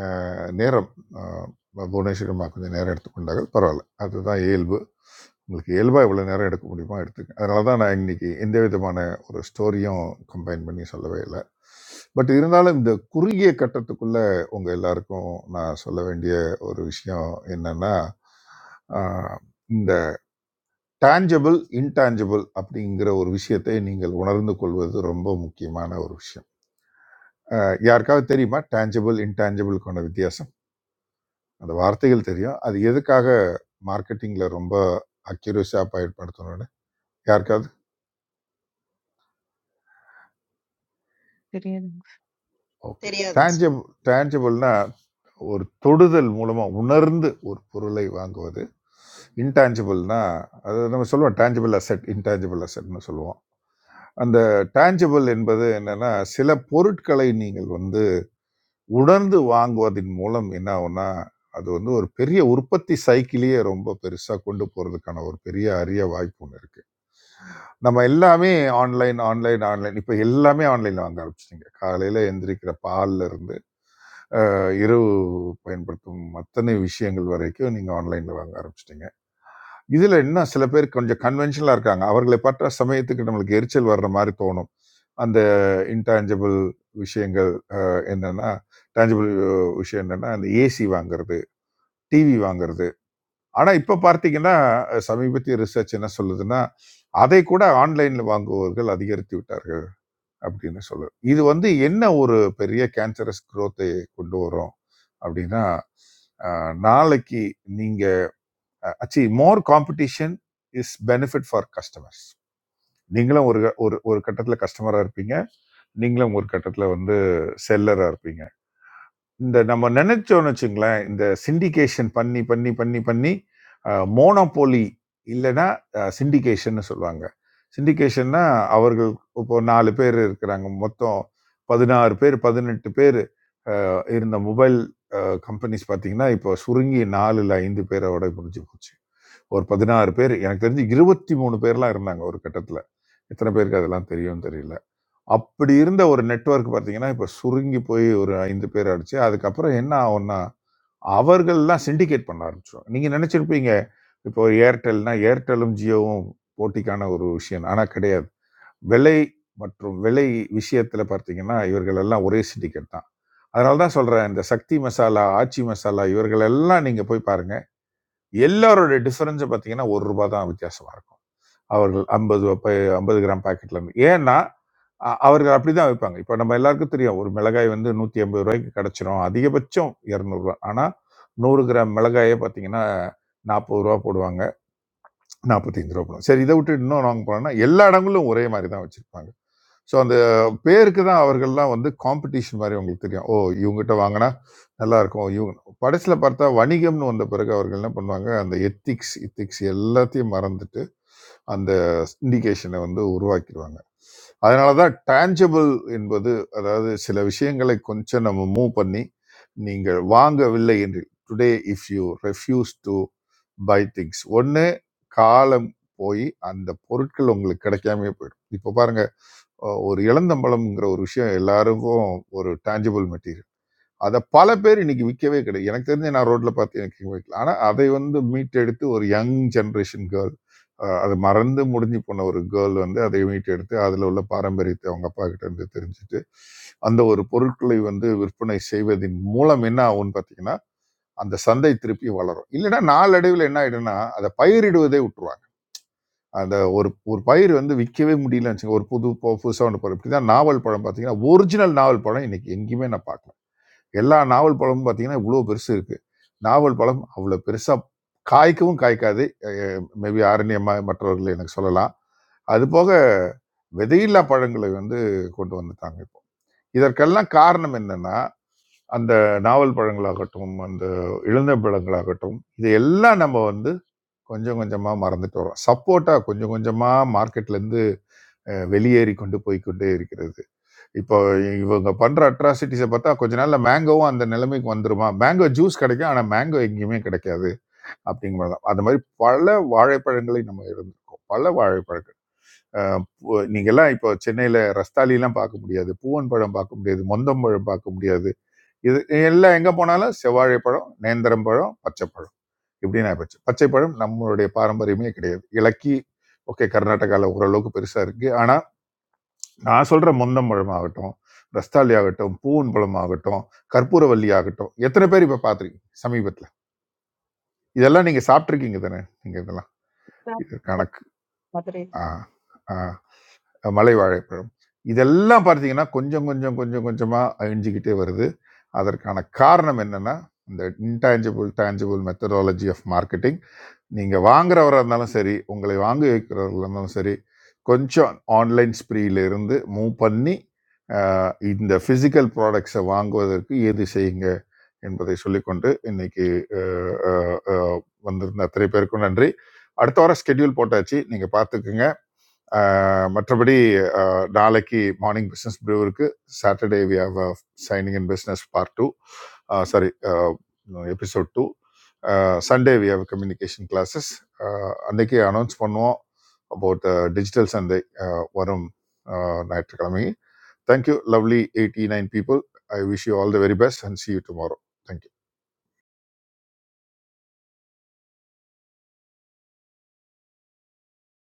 S7: அஹ், நேரம் அஹ், புவனேஸ்வரிமா கொஞ்சம் நேரம் எடுத்துக்கொண்டார்கள் பரவாயில்ல அதுதான் இயல்பு உங்களுக்கு இயல்பாக இவ்வளோ நேரம் எடுக்க முடியுமா எடுத்துக்க அதனால தான் நான் இன்னைக்கு எந்த விதமான ஒரு ஸ்டோரியும் கம்பைன் பண்ணி சொல்லவே இல்லை பட் இருந்தாலும் இந்த குறுகிய கட்டத்துக்குள்ள உங்கள் எல்லாருக்கும் நான் சொல்ல வேண்டிய ஒரு விஷயம் என்னன்னா ஆஹ், இந்த டேஞ்சபிள் இன்டாஞ்சபிள் அப்படிங்கிற ஒரு விஷயத்தை நீங்கள் உணர்ந்து கொள்வது ரொம்ப முக்கியமான ஒரு விஷயம் அஹ் யாருக்காவது தெரியுமா டேஞ்சபிள் இன்டேஞ்சபிளுக்கான வித்தியாசம் அந்த வார்த்தைகள் தெரியும் அது எதுக்காக மார்க்கெட்டிங்கில் ரொம்ப அக்யூரஸாக பயன்படுத்தணும்னு யாருக்காவது
S12: தெரியாது
S7: ஓகே
S6: தெரியாதுங்க
S7: டேஞ்சபிள் டேஞ்சபிள்னா ஒரு தொடுதல் மூலமாக உணர்ந்து ஒரு பொருளை வாங்குவது இன்டான்ஜிபிள்னா அது நம்ம சொல்லுவோம் டேஞ்சபிள் அசெட் இன்டான்ஜிபிள் அசெட்னு சொல்லுவோம் அந்த டேஞ்சபிள் என்பது என்னன்னா சில பொருட்களை நீங்கள் வந்து உணர்ந்து வாங்குவதின் மூலம் என்ன ஆகும்னா அது வந்து ஒரு பெரிய உற்பத்தி சைக்கிளையே ரொம்ப பெருசாக கொண்டு போகிறதுக்கான ஒரு பெரிய அரிய வாய்ப்பு ஒன்று இருக்குது நம்ம எல்லாமே ஆன்லைன் ஆன்லைன் ஆன்லைன் இப்போ எல்லாமே ஆன்லைனில் வாங்க ஆரம்பிச்சிட்டிங்க காலையில் எந்திரிக்கிற பால்ல இருந்து அஹ், இரவு பயன்படுத்தும் அத்தனை விஷயங்கள் வரைக்கும் நீங்கள் ஆன்லைனில் வாங்க ஆரம்பிச்சிட்டிங்க இதில் என்ன சில பேர் கொஞ்சம் கன்வென்ஷனலாக இருக்காங்க அவர்களை பார்த்த சமயத்துக்கு நம்மளுக்கு எரிச்சல் வர்ற மாதிரி தோணும் அந்த இன்டான்ஜிபிள் விஷயங்கள் என்னென்னா டேஞ்சபிள் விஷயம் என்னென்னா அந்த ஏசி வாங்குறது டிவி வாங்குறது. ஆனா இப்ப பார்த்தீங்கன்னா, அ சமீபத்திய ரிசர்ச் என்ன சொல்லுதுன்னா, அதை கூட ஆன்லைன்ல வாங்குபவர்கள் அதிகரித்து விட்டார்கள் அப்படின்னு சொல்லுது. இது வந்து என்ன ஒரு பெரிய கேன்சரஸ் குரோத்தை கொண்டு வரும் அப்படின்னா, அ நாளைக்கு நீங்க அ actually more competition is benefit for customers. நீங்களும் ஒரு க- ஒரு ஒரு கட்டத்தில கஸ்டமரா இருப்பீங்க. நீங்களும் ஒரு கட்டத்தில வந்து செல்லரா இருப்பீங்க. இந்த நம்ம நினைச்சோம்னு வச்சுங்களேன், இந்த சிண்டிகேஷன் பண்ணி, பண்ணி, பண்ணி, பண்ணி அ மோனோபோலி இல்லன்னா அ சிண்டிகேஷன்னு சொல்லுவாங்க. சிண்டிகேஷன்னா அவர்கள் இப்போ 4 பேர் இருக்கிறாங்க. மொத்தம் 16 பேர், 18 பேர் அ இருந்த மொபைல் அ கம்பெனிஸ் பார்த்தீங்கன்னா, இப்போ சுருங்கி 4ல 5 பேரோட முடிஞ்சு போச்சு. ஒரு 16 பேர் எனக்கு தெரிஞ்சு 23 பேர்லாம் இருந்தாங்க ஒரு கட்டத்தில. எத்தன பேருக்கு அதெல்லாம் தெரியும்னு தெரியல. அப்படி இருந்த ஒரு நெட்வொர்க் பார்த்தீங்கன்னா இப்போ சுருங்கி போய் ஒரு ஐந்து பேர் அடிச்சு அதுக்கப்புறம் என்ன ஆகும்னா அவர்கள்லாம் சிண்டிகேட் பண்ண ஆரம்பிச்சிடும் நீங்கள் நினச்சிருப்பீங்க இப்போ ஏர்டெல்னா ஏர்டெல்லும் ஜியோவும் போட்டிக்கான ஒரு விஷயம் ஆனால் கிடையாது விலை மற்றும் விலை விஷயத்தில் பார்த்தீங்கன்னா இவர்கள் எல்லாம் ஒரே சிண்டிகேட் தான் அதனால தான் சொல்கிறேன் இந்த சக்தி மசாலா ஆச்சி மசாலா இவர்கள் எல்லாம் நீங்கள் போய் பாருங்கள் எல்லாரோட டிஃபரன்ஸை பார்த்தீங்கன்னா ஒரு ரூபா தான் வித்தியாசமாக இருக்கும் அவர்கள் ஐம்பது ஐம்பது கிராம் பாக்கெட்ல இருந்து ஏன்னா அ- அவர்கள் அப்படிதான் வைப்பாங்க இப்போ நம்ம எல்லாருக்கும் தெரியும் ஒரு மிளகாய் வந்து நூற்றி ஐம்பது ரூபாய்க்கு கிடைச்சிரும் அதிகபட்சம் இரநூறுவா ஆனால் நூறு கிராம் மிளகாயே பார்த்தீங்கன்னா நாற்பது ரூபா போடுவாங்க நாற்பத்தஞ்சு ரூபா போடுவாங்க சரி இதை விட்டு இன்னும் நாங்கள் போனோம்னா எல்லா இடங்களும் ஒரே மாதிரி தான் வச்சுருப்பாங்க ஸோ அந்த பேருக்கு தான் அவர்கள்லாம் வந்து காம்படிஷன் மாதிரி உங்களுக்கு தெரியும் ஓ இவங்ககிட்ட வாங்கினா நல்லா இருக்கும் இவங்க படத்தில் பார்த்தா வணிகம்னு வந்த பிறகு அவர்கள் என்ன பண்ணுவாங்க அந்த எத்திக்ஸ் இத்திக்ஸ் எல்லாத்தையும் மறந்துட்டு அந்த இண்டிகேஷனை வந்து உருவாக்கிடுவாங்க அதனால தான் டேஞ்சபிள் என்பது அதாவது சில விஷயங்களை கொஞ்சம் நம்ம மூவ் பண்ணி நீங்கள் வாங்கவில்லை என்று today if you refuse to buy things ஒன்று காலம் போய் அந்த பொருட்கள் உங்களுக்கு கிடைக்காமயே போயிடும் இப்போ பாருங்க அஹ் ஒரு இளந்தம்பழம்ங்கிற ஒரு விஷயம் எல்லாருக்கும் ஒரு டேஞ்சபிள் மெட்டீரியல் அதை பல பேர் இன்னைக்கு விற்கவே கிடையாது எனக்கு தெரிஞ்சு நான் ரோட்ல பார்த்து எனக்கு விற்கல ஆனால் அதை வந்து மீட்டெடுத்து ஒரு யங் ஜென்ரேஷன் கேர்ள் அது மறந்து முடிஞ்சு போன ஒரு கேர்ள் வந்து அதை மீட்டெடுத்து அதில் உள்ள பாரம்பரியத்தை அவங்க அப்பா கிட்ட இருந்து தெரிஞ்சுட்டு அந்த ஒரு பொருட்களை வந்து விற்பனை செய்வதின் மூலம் என்ன ஆகும்னு பார்த்தீங்கன்னா அந்த சந்தை திருப்பி வளரும் இல்லைன்னா நாளடைவில் என்ன ஆயிடும்னா அதை பயிரிடுவதே விட்டுருவாங்க அந்த ஒரு ஒரு பயிர் வந்து விற்கவே முடியலன்னு வச்சுக்கோங்க ஒரு புது புதுசாக ஒன்று பழம் இப்படி தான் நாவல் பழம் பார்த்தீங்கன்னா ஒரிஜினல் நாவல் பழம் இன்னைக்கு எங்கேயுமே நான் பார்க்கல எல்லா நாவல் பழமும் பார்த்தீங்கன்னா இவ்வளோ பெருசு இருக்கு நாவல் பழம் அவ்வளோ பெருசா காய்க்கவும் காய்க்காது மேபி ஆரண்யமா மற்றவர்கள் எனக்கு சொல்லலாம் அது போக விதையில்லா பழங்களை வந்து கொண்டு வந்துட்டாங்க இப்போ இதற்கெல்லாம் காரணம் என்னன்னா அந்த நாவல் பழங்களாகட்டும் அந்த இளந்தப்பழங்களாகட்டும் இது எல்லாம் நம்ம வந்து கொஞ்சம் கொஞ்சமா மறந்துட்டு வரோம் சப்போர்ட்டா கொஞ்சம் கொஞ்சமா மார்க்கெட்ல இருந்து அஹ், வெளியேறி கொண்டு போய் கொண்டே இருக்கிறது இப்போ இவங்க பண்ற அட்ராசிட்டிஸை பார்த்தா கொஞ்ச நாள்ல மேங்கோவும் அந்த நிலைமைக்கு வந்துருமா மேங்கோ ஜூஸ் கிடைக்கும் ஆனா மேங்கோ எங்கேயுமே கிடைக்காது அப்படிங்கிற மாதிரி தான். அந்த மாதிரி பல வாழைப்பழங்களை நம்ம இருந்திருக்கோம் பல வாழைப்பழங்கள் அஹ் பு- நீங்க எல்லாம் இப்போ சென்னையில ரஸ்தாலிலாம் பார்க்க முடியாது பூவன் பழம் பார்க்க முடியாது மொந்தம் பழம் பார்க்க முடியாது இது எல்லாம் எங்க போனாலும் செவ்வாழைப்பழம் நேந்திரம் பழம் பச்சைப்பழம் இப்படின்னு ஆயிப்போச்சு பச்சைப்பழம் நம்மளுடைய பாரம்பரியமே கிடையாது இலக்கி ஓகே கர்நாடகாவில் ஓரளவுக்கு பெருசா இருக்கு ஆனா நான் சொல்ற முந்தம் பழமாகட்டும் ரஸ்தாலி ஆகட்டும் பூவன் பழமாகட்டும் கற்பூரவல்லி ஆகட்டும் எத்தனை பேர் இப்ப பாத்திருக்கீங்க சமீபத்துல இதெல்லாம் நீங்க சாப்பிட்டிருக்கீங்க தானே நீங்க இதெல்லாம் இது கணக்கு
S4: That's right.
S7: ஆ, ஆ, மலை வாழைப்பழம் இதெல்லாம் பார்த்தீங்கன்னா கொஞ்சம் கொஞ்சம் கொஞ்சம் கொஞ்சமா அழிஞ்சுக்கிட்டே வருது அதற்கான காரணம் என்னன்னா இந்த intangible tangible methodology of marketing நீங்கள் வாங்குறவராக இருந்தாலும் சரி உங்களை வாங்கி வைக்கிறவர்களாக இருந்தாலும் சரி கொஞ்சம் ஆன்லைன் ஸ்ப்ரீல இருந்து மூவ் பண்ணி இந்த ஃபிசிக்கல் ப்ராடக்ட்ஸை வாங்குவதற்கு ஏது செய்யுங்க என்பதை சொல்லிக்கொண்டு இன்னைக்கு அஹ், அஹ், அஹ், வந்திருந்த அத்தனை பேருக்கும் நன்றி அடுத்த வாரம் ஸ்கெட்யூல் போட்டாச்சு நீங்கள் பார்த்துக்குங்க அஹ், மற்றபடி அஹ், நாளைக்கு மார்னிங் பிஸ்னஸ் ப்ரூவருக்கு Saturday we have shining in business part two sorry episode two Sunday we have communication classes அன்னைக்கு அனௌன்ஸ் பண்ணுவோம் அபவுட் டிஜிட்டல் சந்தை அஹ், வரும் அஹ், ஞாயிற்றுக்கிழமை Thank you, lovely 89 people. I wish you all the very best and see you tomorrow. Thank you.